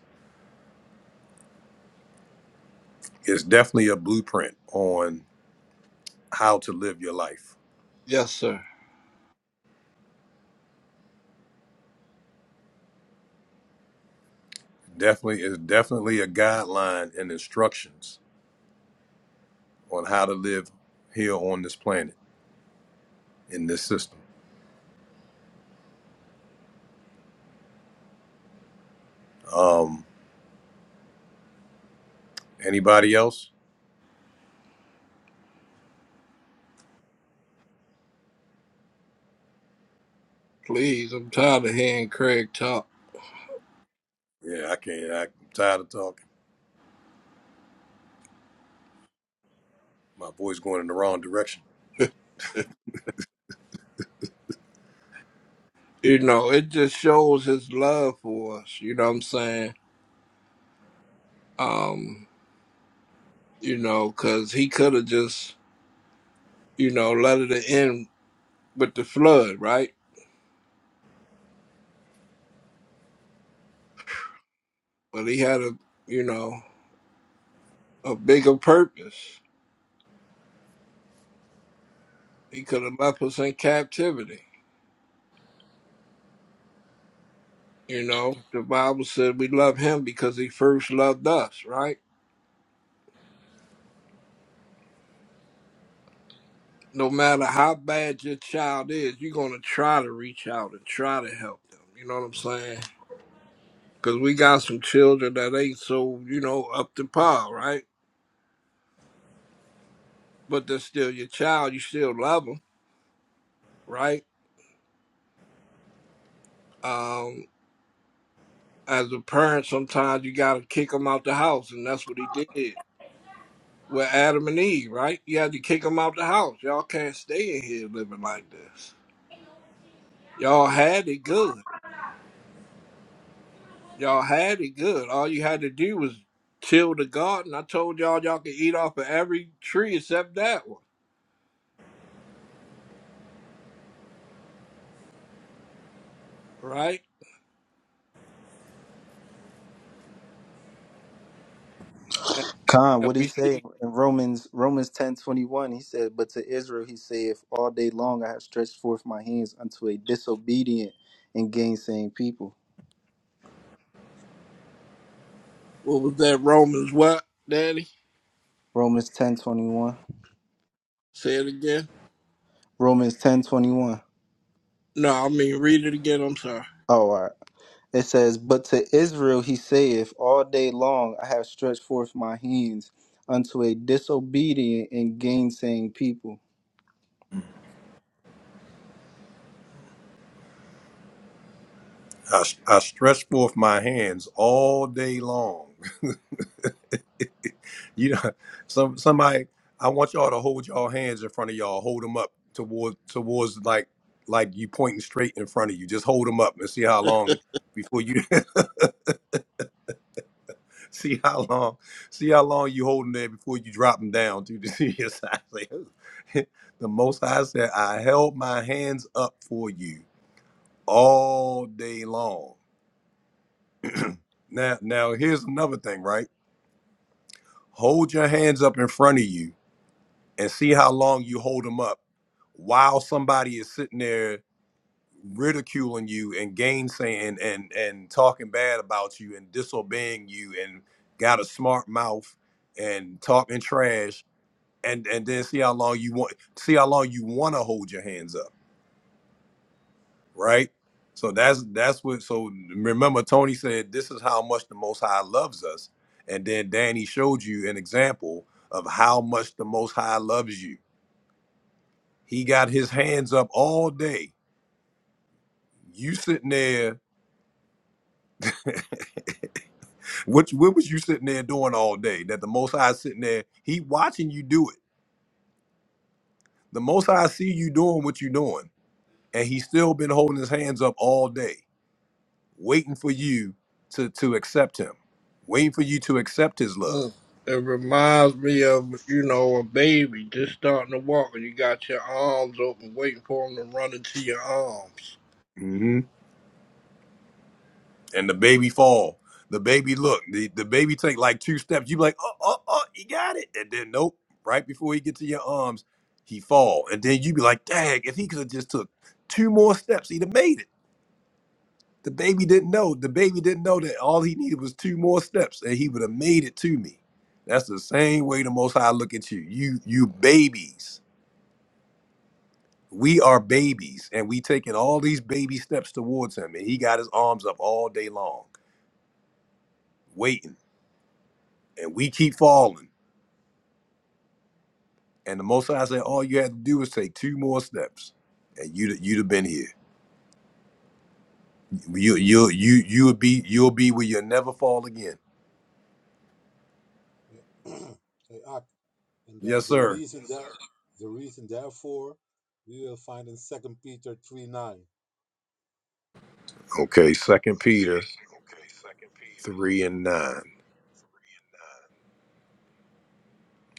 Speaker 1: it's definitely a blueprint on how to live your life.
Speaker 5: Yes, sir.
Speaker 1: Definitely is definitely a guideline and instructions on how to live here on this planet in this system. Um, anybody else?
Speaker 5: Please, I'm tired of hearing Craig talk.
Speaker 1: Yeah, I can't. I'm tired of talking. My voice going in the wrong direction.
Speaker 5: you know, it just shows His love for us. You know what I'm saying? Um, you know, because He could have just, you know, let it end with the flood, right? but he had a you know a bigger purpose. He could have left us in captivity. You know, the Bible said we love him because he first loved us, right? No matter how bad your child is, you're gonna try to reach out and try to help them. You know what I'm saying? Because we got some children that ain't so you know up to par, right? But they're still your child. You still love them, right? Um, as a parent, sometimes you gotta kick them out the house, and that's what he did with Adam and Eve, right? You had to kick them out the house. Y'all can't stay in here living like this. Y'all had it good. Y'all had it good. All you had to do was till the garden. I told y'all y'all could eat off of every tree except that one, right? And,
Speaker 16: Con,
Speaker 5: and
Speaker 16: what he
Speaker 5: we
Speaker 16: say
Speaker 5: see
Speaker 16: in Romans Romans ten twenty one? He said, "But to Israel he saith, All day long I have stretched forth my hands unto a disobedient and gainsaying people."
Speaker 5: what was that Romans what, Daddy?
Speaker 16: Romans ten twenty one.
Speaker 5: Say it again.
Speaker 16: Romans ten twenty one.
Speaker 5: No, I mean read it again. I'm sorry.
Speaker 16: Oh, all right. It says, "But to Israel he saith, All day long I have stretched forth my hands unto a disobedient and gainsaying people."
Speaker 1: I, I stretch forth my hands all day long. you know, some somebody. I want y'all to hold y'all hands in front of y'all. Hold them up towards towards like like you pointing straight in front of you. Just hold them up and see how long before you. See how long, see how long you holding there before you drop them down to the senior side. Like, the most I said, I held my hands up for you all day long. Now, now here's another thing, right? Hold your hands up in front of you and see how long you hold them up while somebody is sitting there ridiculing you and gainsaying and and talking bad about you and disobeying you and got a smart mouth and talking trash and and then see how long you want see how long you want to hold your hands up right so that's that's what so remember tony said this is how much the most high loves us and then danny showed you an example of how much the most high loves you he got his hands up all day you sitting there what, what was you sitting there doing all day that the most high is sitting there he watching you do it the most high see you doing what you doing and he's still been holding his hands up all day waiting for you to to accept him, waiting for you to accept his love.
Speaker 5: Mm. It reminds me of you know a baby just starting to walk, and you got your arms open, waiting for him to run into your arms
Speaker 1: hmm And the baby fall, the baby look, the, the baby take like two steps. You be like, oh oh oh, he got it, and then nope. Right before he get to your arms, he fall, and then you be like, dang, if he could have just took two more steps, he'd have made it. The baby didn't know. The baby didn't know that all he needed was two more steps, and he would have made it to me. That's the same way the Most High look at you. You you babies We are babies, and we taking all these baby steps towards him, and he got his arms up all day long, waiting, and we keep falling. And the Most High said, all you had to do was take two more steps, and you'd you'd have been here. You you you you would be you'll be where you'll never fall again. Yes, sir. Okay, Second Peter three and nine.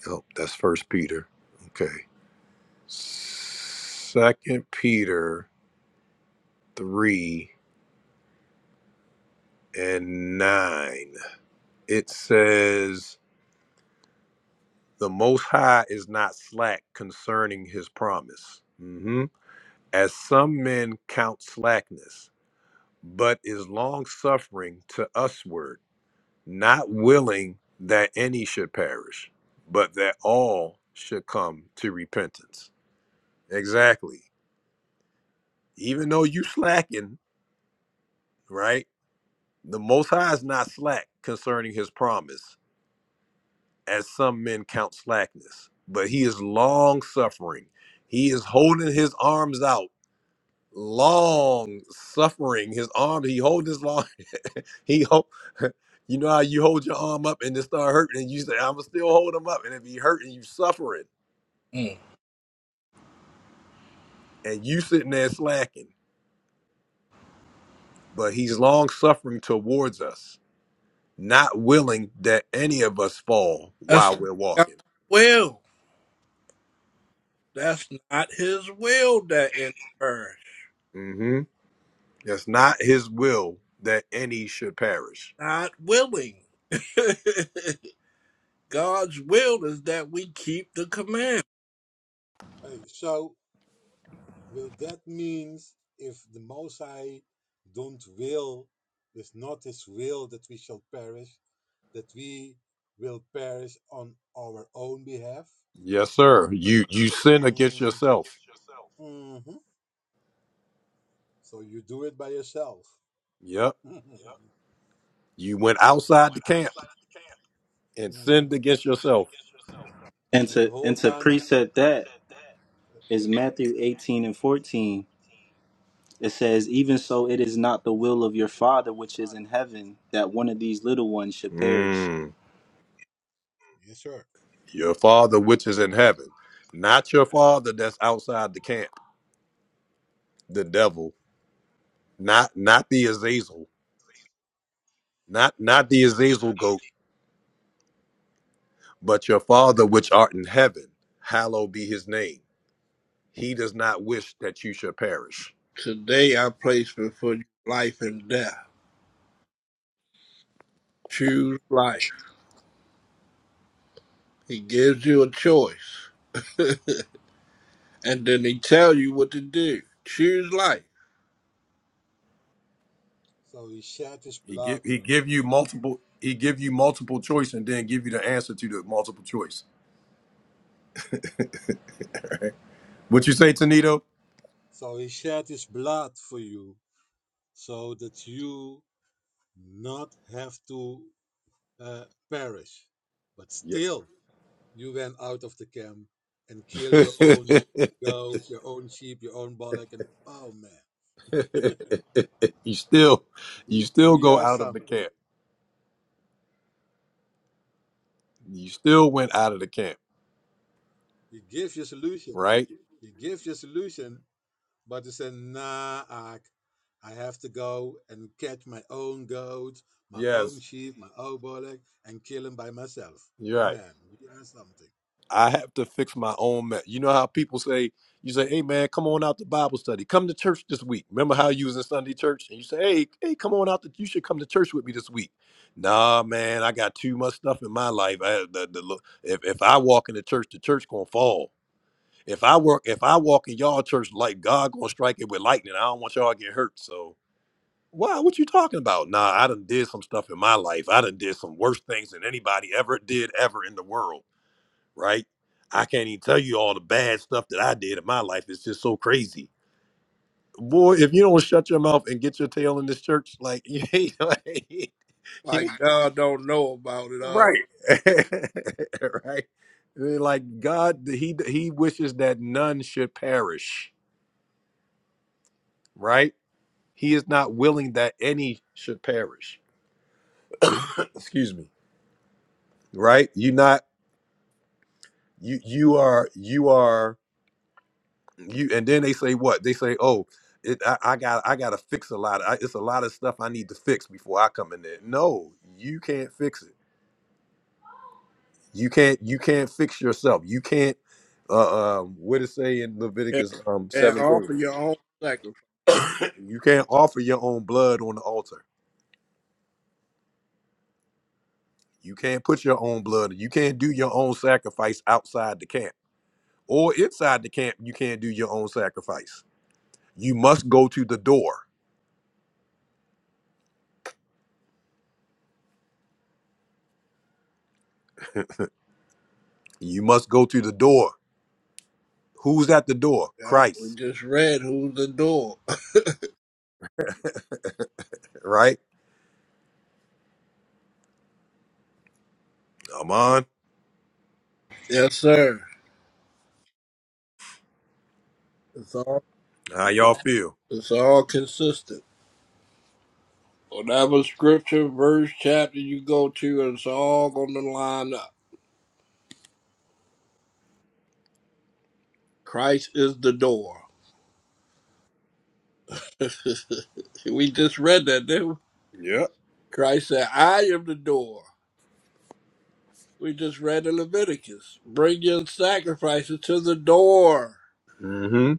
Speaker 1: Oh, that's First Peter. Okay, Second Peter three and nine. It says. The Most High is not slack concerning his promise, mhm, as some men count slackness, but is long suffering to usward, not willing that any should perish, but that all should come to repentance. Exactly. Even though you slacking, right? The Most High is not slack concerning his promise, as some men count slackness, but he is long suffering. He is holding his arms out long suffering. His arm, he hold his long, he hold, you know how you hold your arm up and it start hurting, and you say, I'ma still hold him up. And if he hurting, you suffering.
Speaker 5: Mm.
Speaker 1: And you sitting there slacking. But he's long suffering towards us, not willing that any of us fall
Speaker 5: That's
Speaker 1: while we're
Speaker 5: not
Speaker 1: walking.
Speaker 5: God's will. That's not his will that in perish.
Speaker 1: Mm-hmm. That's not his will that any should perish.
Speaker 5: Not willing. God's will is that we keep the command.
Speaker 1: Yes, sir. You you sin against yourself. Yep. You went outside the camp and sinned against yourself.
Speaker 16: And to and to preset that. is Matthew 18 and 14. It says, Even so, it is not the will of your Father which is in heaven that one of these little ones should perish.
Speaker 1: Mm. Your father which is in heaven, not your father that's outside the camp, the devil, not not the Azazel, not not the Azazel goat, but your father which art in heaven, hallowed be his name. He does not wish that you should perish.
Speaker 5: Today I place before you life and death. Choose life. He gives you a choice. And then he tells you what to do. Choose life.
Speaker 1: He give he give you multiple he give you multiple choice and then give you the answer to the multiple choice. What you say, Tanito? Yeah. you still you still go out of the camp. You still went out of the camp right? Yes, you're right. I have to fix my own mess. You know how people say, you say, hey man, come on out to Bible study. Come to church this week. Remember how you was in Sunday church? And you say, hey, hey, come on out that you should come to church with me this week. Nah, man, I got too much stuff in my life. I, the, the, look, if, if I walk into church, the church gonna fall. If I work, if I walk in y'all church like God gonna strike it with lightning. I don't want y'all to get hurt. So Why? What you talking about? Nah, I done did some stuff in my life. I done did some worse things than anybody ever did ever in the world, right? I can't even tell you all the bad stuff that I did in my life. It's just so crazy. Boy, if you don't shut your mouth and get your tail in this church, like you ain't like, you ain't-
Speaker 5: Like God don't know about it all.
Speaker 1: right. right. Like God, he he wishes that none should perish, right? He is not willing that any should perish. Excuse me. Right? You not you you are you are you and then they say what they say oh it, I, I got i got to fix a lot I, it's a lot of stuff i need to fix before i come in there no you can't fix it you can't you can't fix yourself you can't uh um what it say in
Speaker 5: And
Speaker 1: leviticus um
Speaker 5: and
Speaker 1: 7 two?
Speaker 5: offer your own sacrifice.
Speaker 1: you can't offer your own blood on the altar you can't put your own blood you can't do your own sacrifice outside the camp or inside the camp you can't do your own sacrifice you must go to the door you must go to the door Who's at the door?
Speaker 5: Yeah, we
Speaker 1: Christ,
Speaker 5: just read who's the door.
Speaker 1: right? i on.
Speaker 5: Yes, sir. It's all.
Speaker 1: How y'all feel?
Speaker 5: It's all consistent. Whatever scripture, verse, chapter you go to, it's all going to line up. Christ is the door. we just read that, didn't we?
Speaker 1: Yeah.
Speaker 5: Christ said, I am the door. We just read in Leviticus. Bring your sacrifices to the door.
Speaker 1: Mm-hmm.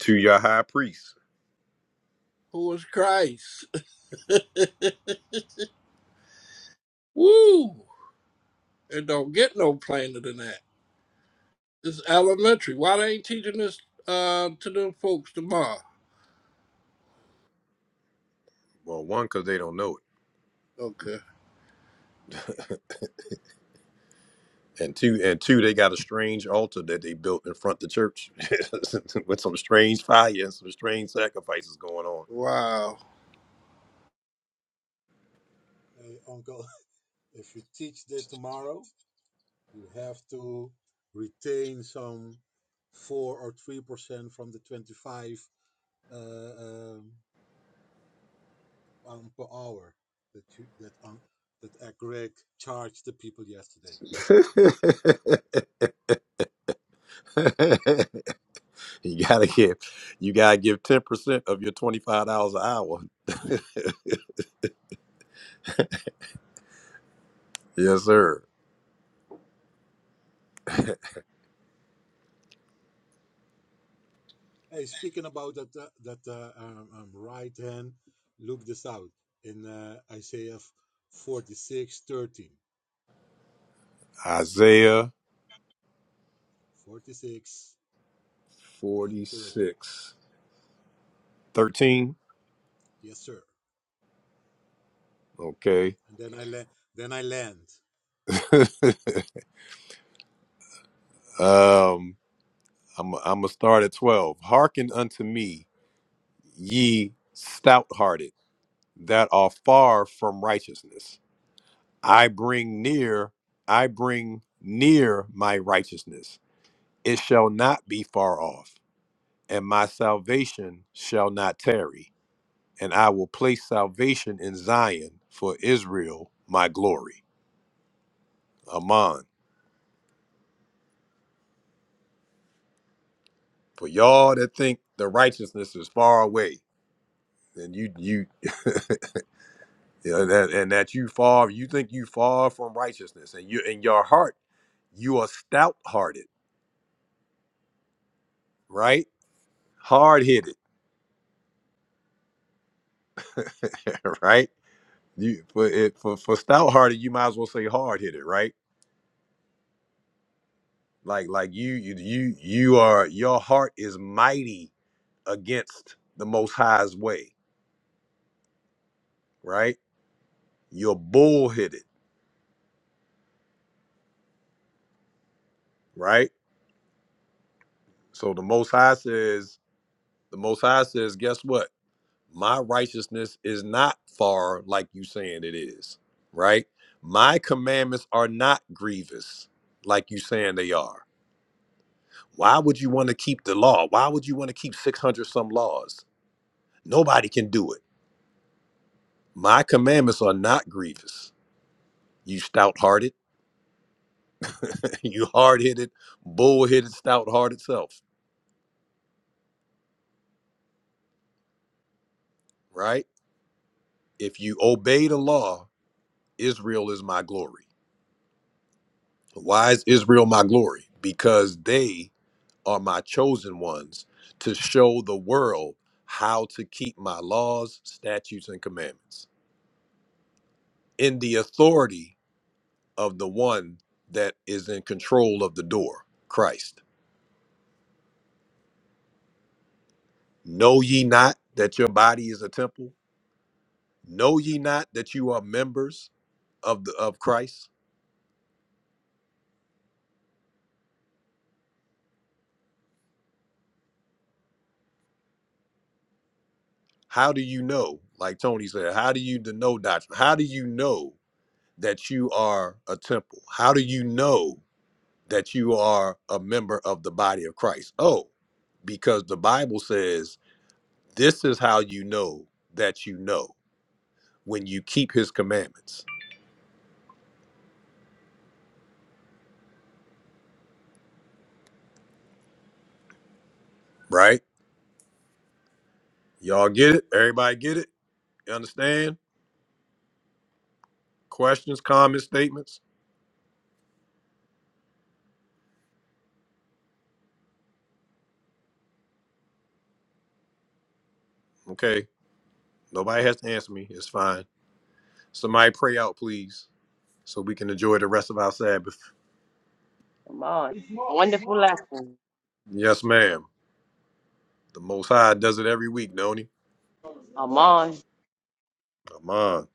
Speaker 1: To your high priest.
Speaker 5: Who is Christ? Woo! It don't get no plainer than that. It's elementary. Why they ain't teaching this uh, to them folks tomorrow?
Speaker 1: Well, one, because they don't know it.
Speaker 5: Okay.
Speaker 1: And two, and two, they got a strange altar that they built in front of the church with some strange fire and some strange sacrifices going on.
Speaker 5: Wow.
Speaker 1: you gotta give, you gotta give ten percent of your twenty five dollars an hour. yes, sir. Isaiah forty six thirteen. Okay. um, I'm I'm gonna start at twelve. Hearken unto me, ye stout-hearted that are far from righteousness. I bring near, I bring near my righteousness. It shall not be far off, and my salvation shall not tarry. And I will place salvation in Zion for Israel, my glory. Ammon. For y'all that think the righteousness is far away, then you you you know, that, and that you far you think you far from righteousness and you in your heart you are stout hearted right hard headed right you for it for, for stout hearted you might as well say hard headed right like like you you you you are your heart is mighty against the most high's way right you're bull headed right so the most high says the most high says guess what my righteousness is not far like you saying it is right my commandments are not grievous like you saying they are why would you want to keep the law why would you want to keep 600 some laws nobody can do it my commandments are not grievous you stout-hearted you hard-headed bull-headed stout-hearted self right if you obey the law israel is my glory why is israel my glory because they are my chosen ones to show the world how to keep my laws, statutes, and commandments in the authority of the one that is in control of the door, Christ. Know ye not that your body is a temple? Know ye not that you are members of the of Christ? How do you know? Like Tony said, how do you know doctrine? How do you know that you are a temple? How do you know that you are a member of the body of Christ. Oh, because the Bible says this is how you know that you know when you keep his commandments, right? Y'all get it? Everybody get it? You understand? Questions, comments, statements? Okay. Nobody has to answer me. It's fine. Somebody pray out, please, so we can enjoy the rest of our Sabbath.
Speaker 4: Amon, wonderful lesson.
Speaker 1: Yes, ma'am. The Most High does it every week, don't he?
Speaker 4: Amon,
Speaker 1: Come on.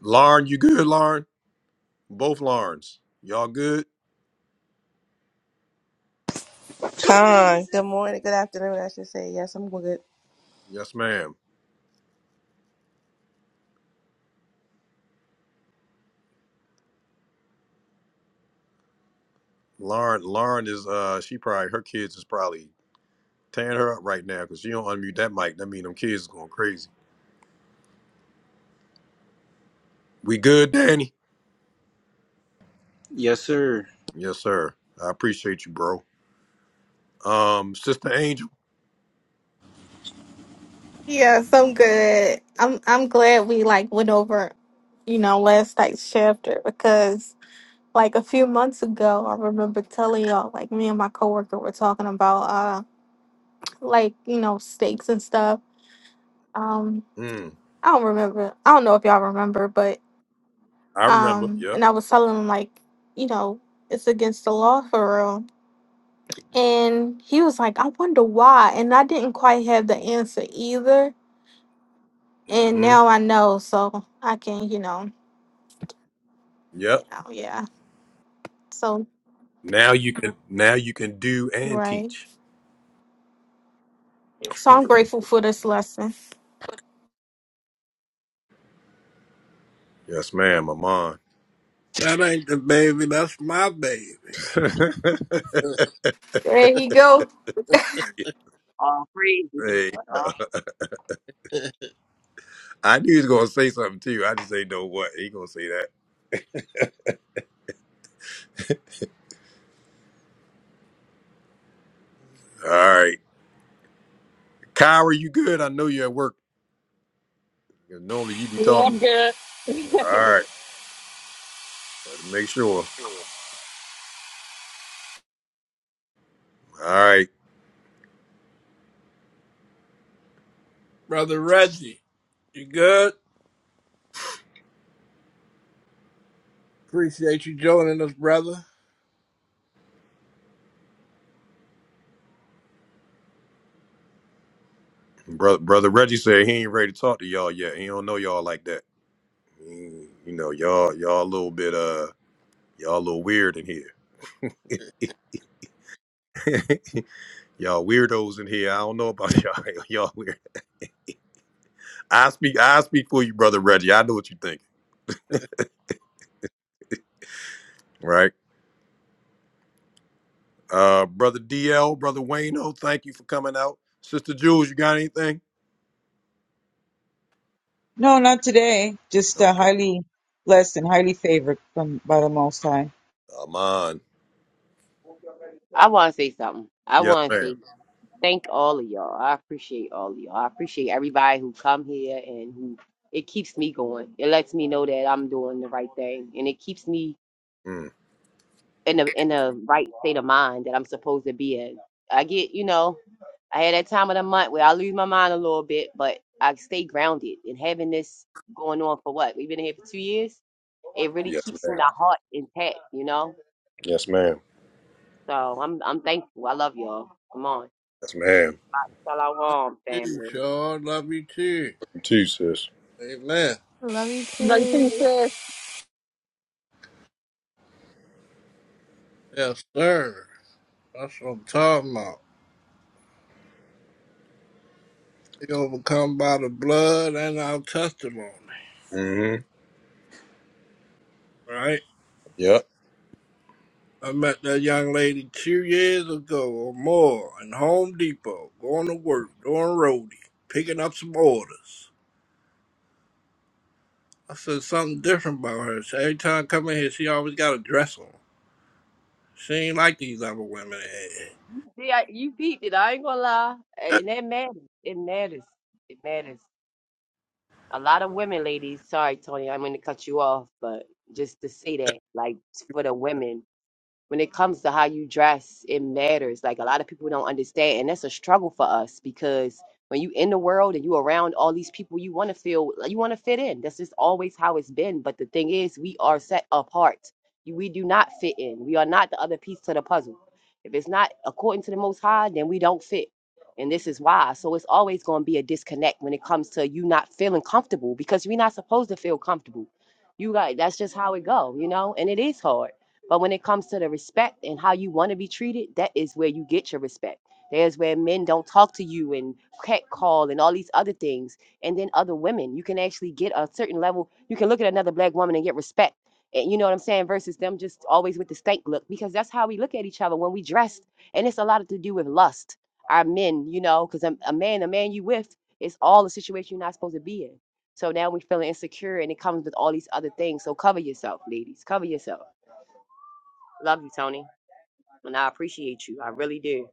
Speaker 1: Lauren, you good, Lauren? Both Laurens. Y'all good?
Speaker 18: Con, good morning, good afternoon, I should say. Yes, I'm good.
Speaker 1: Yes, ma'am. Lauren, Lauren is uh she probably her kids is probably tearing her up right now because she don't unmute that mic. That mean them kids is going crazy. We good, Danny?
Speaker 16: Yes, sir.
Speaker 1: Yes, sir. I appreciate you, bro. Um, Sister Angel.
Speaker 14: Yes, I'm good. I'm I'm glad we like went over, you know, last night's chapter because like a few months ago, I remember telling y'all like me and my coworker were talking about uh like you know steaks and stuff. Um,
Speaker 1: Mm,
Speaker 14: I don't remember. I don't know if y'all remember, but
Speaker 1: I remember.
Speaker 14: um,
Speaker 1: Yep.
Speaker 14: and I was telling them like you know it's against the law for real And he was like, I wonder why. And I didn't quite have the answer either. And
Speaker 1: Mm-hmm.
Speaker 14: now I know. So I can, you know, you
Speaker 1: Yep.
Speaker 14: know, yeah. So,
Speaker 1: Now you can now you can do and
Speaker 14: right.
Speaker 1: teach.
Speaker 14: So I'm grateful for this lesson.
Speaker 1: Yes, ma'am, I'm on.
Speaker 5: That ain't the baby. That's my baby.
Speaker 14: There you go.
Speaker 4: all praise.
Speaker 1: hey, uh, I knew he was gonna say something to you. I just ain't know what. He gonna say that. All right. Kyra, you good? I know you're at work. Normally you be talking.
Speaker 2: Lord, uh,
Speaker 1: All right. Gotta make sure. All right.
Speaker 5: Brother Reggie, you good? Appreciate you joining us, brother.
Speaker 1: Brother, brother Reggie said he ain't ready to talk to y'all yet. He don't know y'all like that. He- You know, y'all y'all a little bit uh y'all a little weird in here. y'all weirdos in here. I don't know about y'all. Y'all weird. I speak I speak for you, brother Reggie. I know what you think. Right? Uh brother DL, brother Wayno, thank you for coming out. Sister Jules, you got anything?
Speaker 3: No, not today. Just uh,
Speaker 1: Okay.
Speaker 3: highly blessed and highly favored from by the Most High.
Speaker 1: i
Speaker 4: I want to say something. I
Speaker 1: Yes,
Speaker 4: want to say
Speaker 1: ma'am.
Speaker 4: thank all of y'all. I appreciate all of y'all. I appreciate everybody who come here and who it keeps me going. It lets me know that I'm doing the right thing, and it keeps me
Speaker 1: Mm.
Speaker 4: in a in a right state of mind that I'm supposed to be in. I get, you know, I had that time of the month where I lose my mind a little bit, but I stay grounded. And having this going on for what we've been here for two years, it really
Speaker 1: Yes,
Speaker 4: keeps
Speaker 1: ma'am.
Speaker 4: my heart intact, you know.
Speaker 1: Yes, ma'am.
Speaker 4: So I'm I'm thankful. I love y'all. Come on,
Speaker 1: Yes, ma'am.
Speaker 4: Salaam,
Speaker 5: You
Speaker 4: family.
Speaker 5: sure love you too.
Speaker 1: You too, sis.
Speaker 5: Amen.
Speaker 14: Love you
Speaker 2: writing
Speaker 14: too.
Speaker 2: says,
Speaker 5: Yes, sir. That's what I'm talking about. We overcome by the blood and our testimony,
Speaker 1: Mm-hmm.
Speaker 5: right?
Speaker 1: Yep.
Speaker 5: I met that young lady two years ago or more in Home Depot, going to work, doing roadie, picking up some orders. I said something different about her. So every time I come in here, she always got a dress on. She ain't like these other women.
Speaker 4: See, I, you peeped it. I ain't gonna lie, A- and that matters. It matters. It matters. A lot of women, ladies. Sorry, Tony, I'm gonna cut you off, but just to say that, like for the women, when it comes to how you dress, it matters. Like a lot of people don't understand, and that's a struggle for us because when you in the world and you around all these people, you want to feel you want to fit in. That's just always how it's been. But the thing is, we are set apart. You- We do not fit in. We are not the other piece to the puzzle. If it's not according to the Most High, then we don't fit. And this is why. So it's always going to be a disconnect when it comes to you not feeling comfortable because we're not supposed to feel comfortable. You got that's just how it go, you know. And it is hard but when it comes to the respect and how you want to be treated, that is where you get your respect. There's where men don't talk to you and catcall and all these other things. And then other women, you can actually get a certain level. You can look at another black woman and get respect. And you know what I'm saying? Versus them just always with the stank look because that's how we look at each other when we dressed. And it's a lot to do with lust. Our men, you know, because a, a man, a man you with, it's all the situation you're not supposed to be in. So now we feeling insecure and it comes with all these other things. So cover yourself, ladies. Cover yourself Love you, Tony. And I appreciate you. I really do.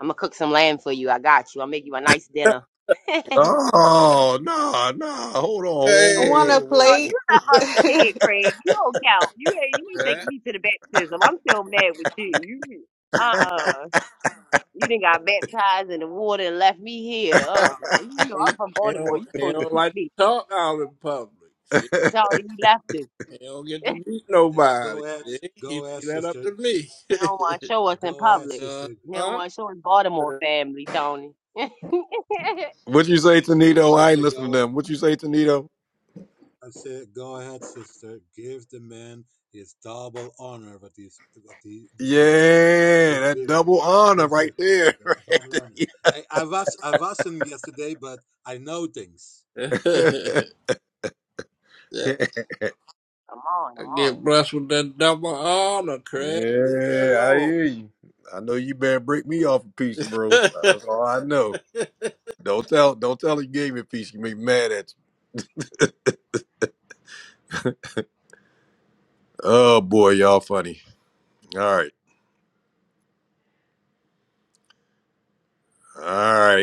Speaker 4: I'm gonna cook some lamb for you. I got you. I'll make you a nice dinner.
Speaker 1: Oh no, no. Hold on. Whoa,
Speaker 14: I
Speaker 1: whoa,
Speaker 14: want
Speaker 5: Hey,
Speaker 14: to
Speaker 4: Oh,
Speaker 14: play.
Speaker 1: whoa,
Speaker 4: you not a
Speaker 14: Come
Speaker 4: pig, Craig. You don't count. You ain't- you need to take
Speaker 5: that,
Speaker 4: me to the baptism. I'm still mad with you. You uh uh You didn't got baptized in the water and left me here. Uh
Speaker 5: that-
Speaker 4: uh You know I'm
Speaker 5: he,
Speaker 4: from
Speaker 5: he
Speaker 4: Baltimore.
Speaker 5: don't,
Speaker 4: You
Speaker 5: he
Speaker 4: supposed to
Speaker 5: don't
Speaker 4: took
Speaker 5: like to
Speaker 4: me.
Speaker 5: talk out in public. See,
Speaker 1: whoa.
Speaker 4: Tony, you left us. They
Speaker 5: he don't get to meet nobody. See, he leave that up to me.
Speaker 4: don't want to show us in public. They don't
Speaker 5: uh-huh.
Speaker 4: want to show us Baltimore family, Tony. I'm
Speaker 1: what you say, Tanito? I ain't listening to them. What you say, Tanito? Yeah, that double honor right there. Right there.
Speaker 4: on,
Speaker 5: I
Speaker 4: I'm on.
Speaker 5: get blessed with that double honor,
Speaker 1: yeah,
Speaker 5: Craig. Leave me
Speaker 1: I
Speaker 5: alone.
Speaker 1: hear you. I know you better break me off a piece, bro.
Speaker 5: I
Speaker 1: That's all I know. Don't tell don't tell her you gave me a piece. You make me mad at you. Oh boy, y'all funny. All right. All right.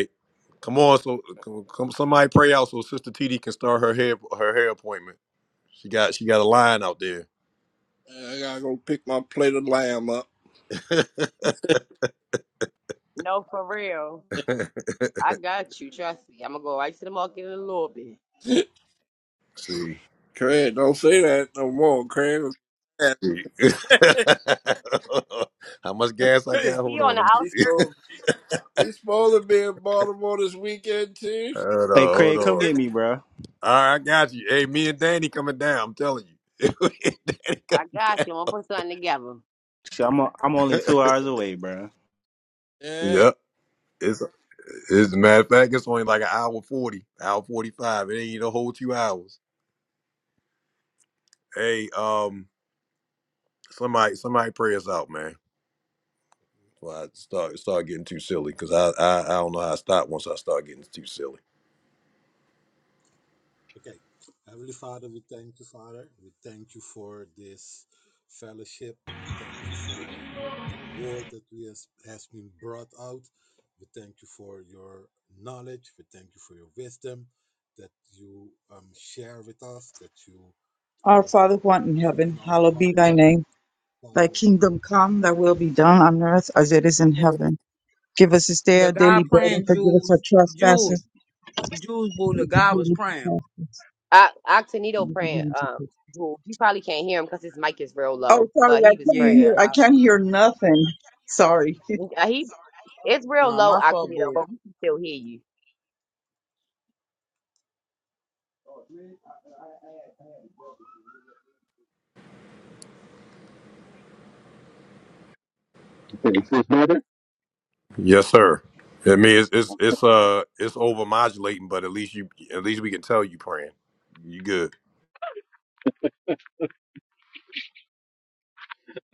Speaker 1: Come on, so come, come- somebody pray out so Sister TD can start her hair her hair appointment. She got she got a line out there.
Speaker 5: gotta go pick my plate of lamb up.
Speaker 4: No, for real. I got you. Trust me. I'm gonna go right to the market in a little bit.
Speaker 1: see,
Speaker 5: Craig, don't say that no more, Craig.
Speaker 1: see. how much gas I got?
Speaker 4: He
Speaker 1: Hold
Speaker 4: on
Speaker 1: on,
Speaker 4: the
Speaker 1: let me.
Speaker 5: He's
Speaker 4: outside.
Speaker 5: so He's supposed to be in Baltimore this weekend too.
Speaker 1: Hold
Speaker 16: Hey,
Speaker 1: on, hold
Speaker 16: Craig,
Speaker 1: on.
Speaker 16: come
Speaker 1: All
Speaker 16: get me, bro.
Speaker 1: right, I got you. Hey, me and Danny coming down. I'm telling you, Me and Danny
Speaker 4: I
Speaker 1: coming
Speaker 4: got
Speaker 1: down.
Speaker 4: you. I'm gonna put something together.
Speaker 16: Shit, I'm, o- I'm only two hours away, bro.
Speaker 5: Yeah.
Speaker 1: Yep, it's it's a matter of fact, it's only like an hour forty, hour forty five. It ain't even a whole two hours. Hey, um, somebody somebody pray us out, man. Well, I start start getting too silly because I, I I don't know how I stop once I start getting too silly.
Speaker 3: Our Father who art in heaven, hallowed be thy name. Thy kingdom come, thy will be done on earth as it is in
Speaker 5: Oh
Speaker 3: heaven. Give us this day
Speaker 17: The
Speaker 3: our
Speaker 17: guy
Speaker 3: daily bread
Speaker 17: praying
Speaker 3: and forgive us our
Speaker 17: Jews, Jews,
Speaker 3: trespasses.
Speaker 17: Jews, boo, the guy was
Speaker 3: We
Speaker 17: praying.
Speaker 3: forgive us
Speaker 4: I Octanito praying. Um, Jewel. you probably can't hear him because his mic is real
Speaker 3: Oh,
Speaker 4: low,
Speaker 3: sorry,
Speaker 4: but
Speaker 3: I
Speaker 4: he was
Speaker 3: can't
Speaker 17: Yeah,
Speaker 3: hear.
Speaker 4: praying.
Speaker 3: I
Speaker 17: I,
Speaker 3: can't hear nothing. Sorry.
Speaker 4: Uh, He it's real
Speaker 17: no,
Speaker 4: low,
Speaker 17: my fault,
Speaker 4: Octanito,
Speaker 17: boo.
Speaker 4: but we can still hear you.
Speaker 12: Okay, is this better?
Speaker 1: Yes, sir. I mean, it's it's it's uh it's over modulating, but at least you at least we can tell you praying. You good?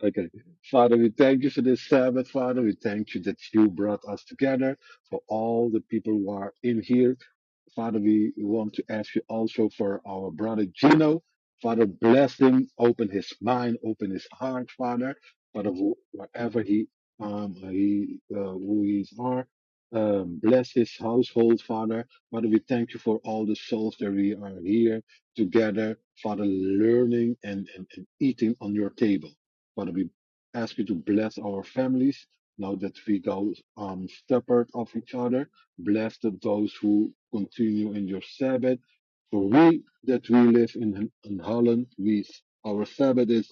Speaker 12: Okay. Father, we thank you for this Sabbath. Father, we thank you that you brought us together for all the people who are in here Father, we want to ask you also for our brother Gino. Father, bless him, open his mind, open his heart, Father. Father, wh- wherever he um he uh, who he are, um, bless his household, Father. Father, we thank you for all the souls that we are here together, Father, learning and, and, and eating on your table. Father, we ask you to bless our families now that we go um separate of each other. Blessed are those who continue in your Sabbath. For we that we live in, in Holland, we, our Sabbath is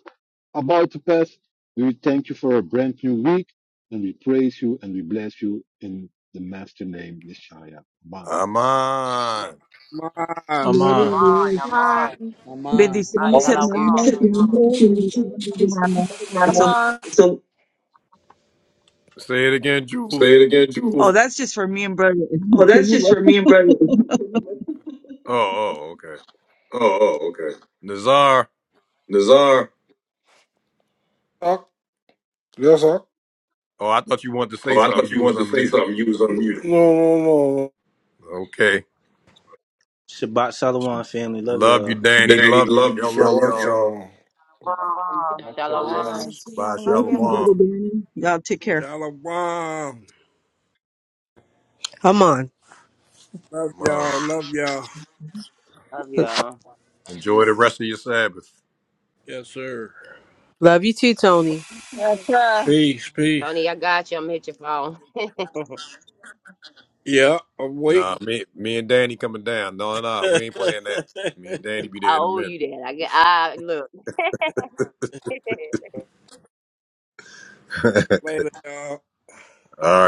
Speaker 12: about to pass. We thank you for a brand new week and we praise you and we bless you in the master name, Yeshaya. Amen.
Speaker 1: I'm on.
Speaker 5: my.
Speaker 3: Gloria
Speaker 4: Amon,
Speaker 3: a
Speaker 16: Aman.
Speaker 3: Dios.
Speaker 4: Amon,
Speaker 14: on.
Speaker 17: Oh, mine.
Speaker 3: Bendiciones,
Speaker 8: Amen.
Speaker 4: Ah,
Speaker 17: Thank you.
Speaker 4: Shalom,
Speaker 3: hermano. Finito. Bendiciones, hermano. It's a.
Speaker 2: Yama,
Speaker 1: Say it again, Jules.
Speaker 8: Say it again,
Speaker 3: Oh,
Speaker 8: Jules.
Speaker 3: that's just for me and brother.
Speaker 8: Oh, that's just for me and brother. Oh,
Speaker 1: Oh, oh, okay.
Speaker 8: oh, okay.
Speaker 1: Nazar.
Speaker 8: Nazar. Doc? Yes, Doc?
Speaker 1: Oh, I thought you wanted to say
Speaker 8: Oh, I
Speaker 1: something.
Speaker 8: thought you
Speaker 1: You was
Speaker 8: wanted to say
Speaker 1: unmuted.
Speaker 8: something. You was unmuted. No, no, no. no.
Speaker 1: Okay.
Speaker 16: Shabbat Shalom, family. Love
Speaker 1: Love
Speaker 16: y'all.
Speaker 1: you, Danny.
Speaker 8: Danny,
Speaker 1: Love you.
Speaker 8: love you. I
Speaker 1: Y'all
Speaker 8: Shalom,
Speaker 1: love
Speaker 8: love
Speaker 1: y'all.
Speaker 8: Shalom, y'all. shalom.
Speaker 12: The
Speaker 4: Shalom,
Speaker 12: box of the
Speaker 8: Shalom.
Speaker 14: All
Speaker 12: shalom.
Speaker 14: right,
Speaker 4: Shalom.
Speaker 14: see
Speaker 1: Bye,
Speaker 14: y'all. Love
Speaker 1: Shalom.
Speaker 3: Blessings,
Speaker 14: y'all.
Speaker 3: Brother
Speaker 1: Man,
Speaker 3: Danny. Y'all take care.
Speaker 5: Shalom.
Speaker 13: Come on.
Speaker 5: Love y'all. Love y'all.
Speaker 4: Love y'all.
Speaker 1: Enjoy the rest of your Sabbath.
Speaker 5: Yes, sir.
Speaker 13: Love you too, Tony.
Speaker 2: Yatra.
Speaker 5: Peace, peace.
Speaker 4: Tony, I got you. I'm gonna hit your phone. I
Speaker 5: Yeah, I'm
Speaker 1: Nah,
Speaker 5: waiting.
Speaker 1: me, me and Danny coming down. No, no, we ain't playing that. Me and Danny be there in a
Speaker 4: owe
Speaker 1: minute.
Speaker 4: you that. I get. I look.
Speaker 5: Later, y'all.
Speaker 1: All right.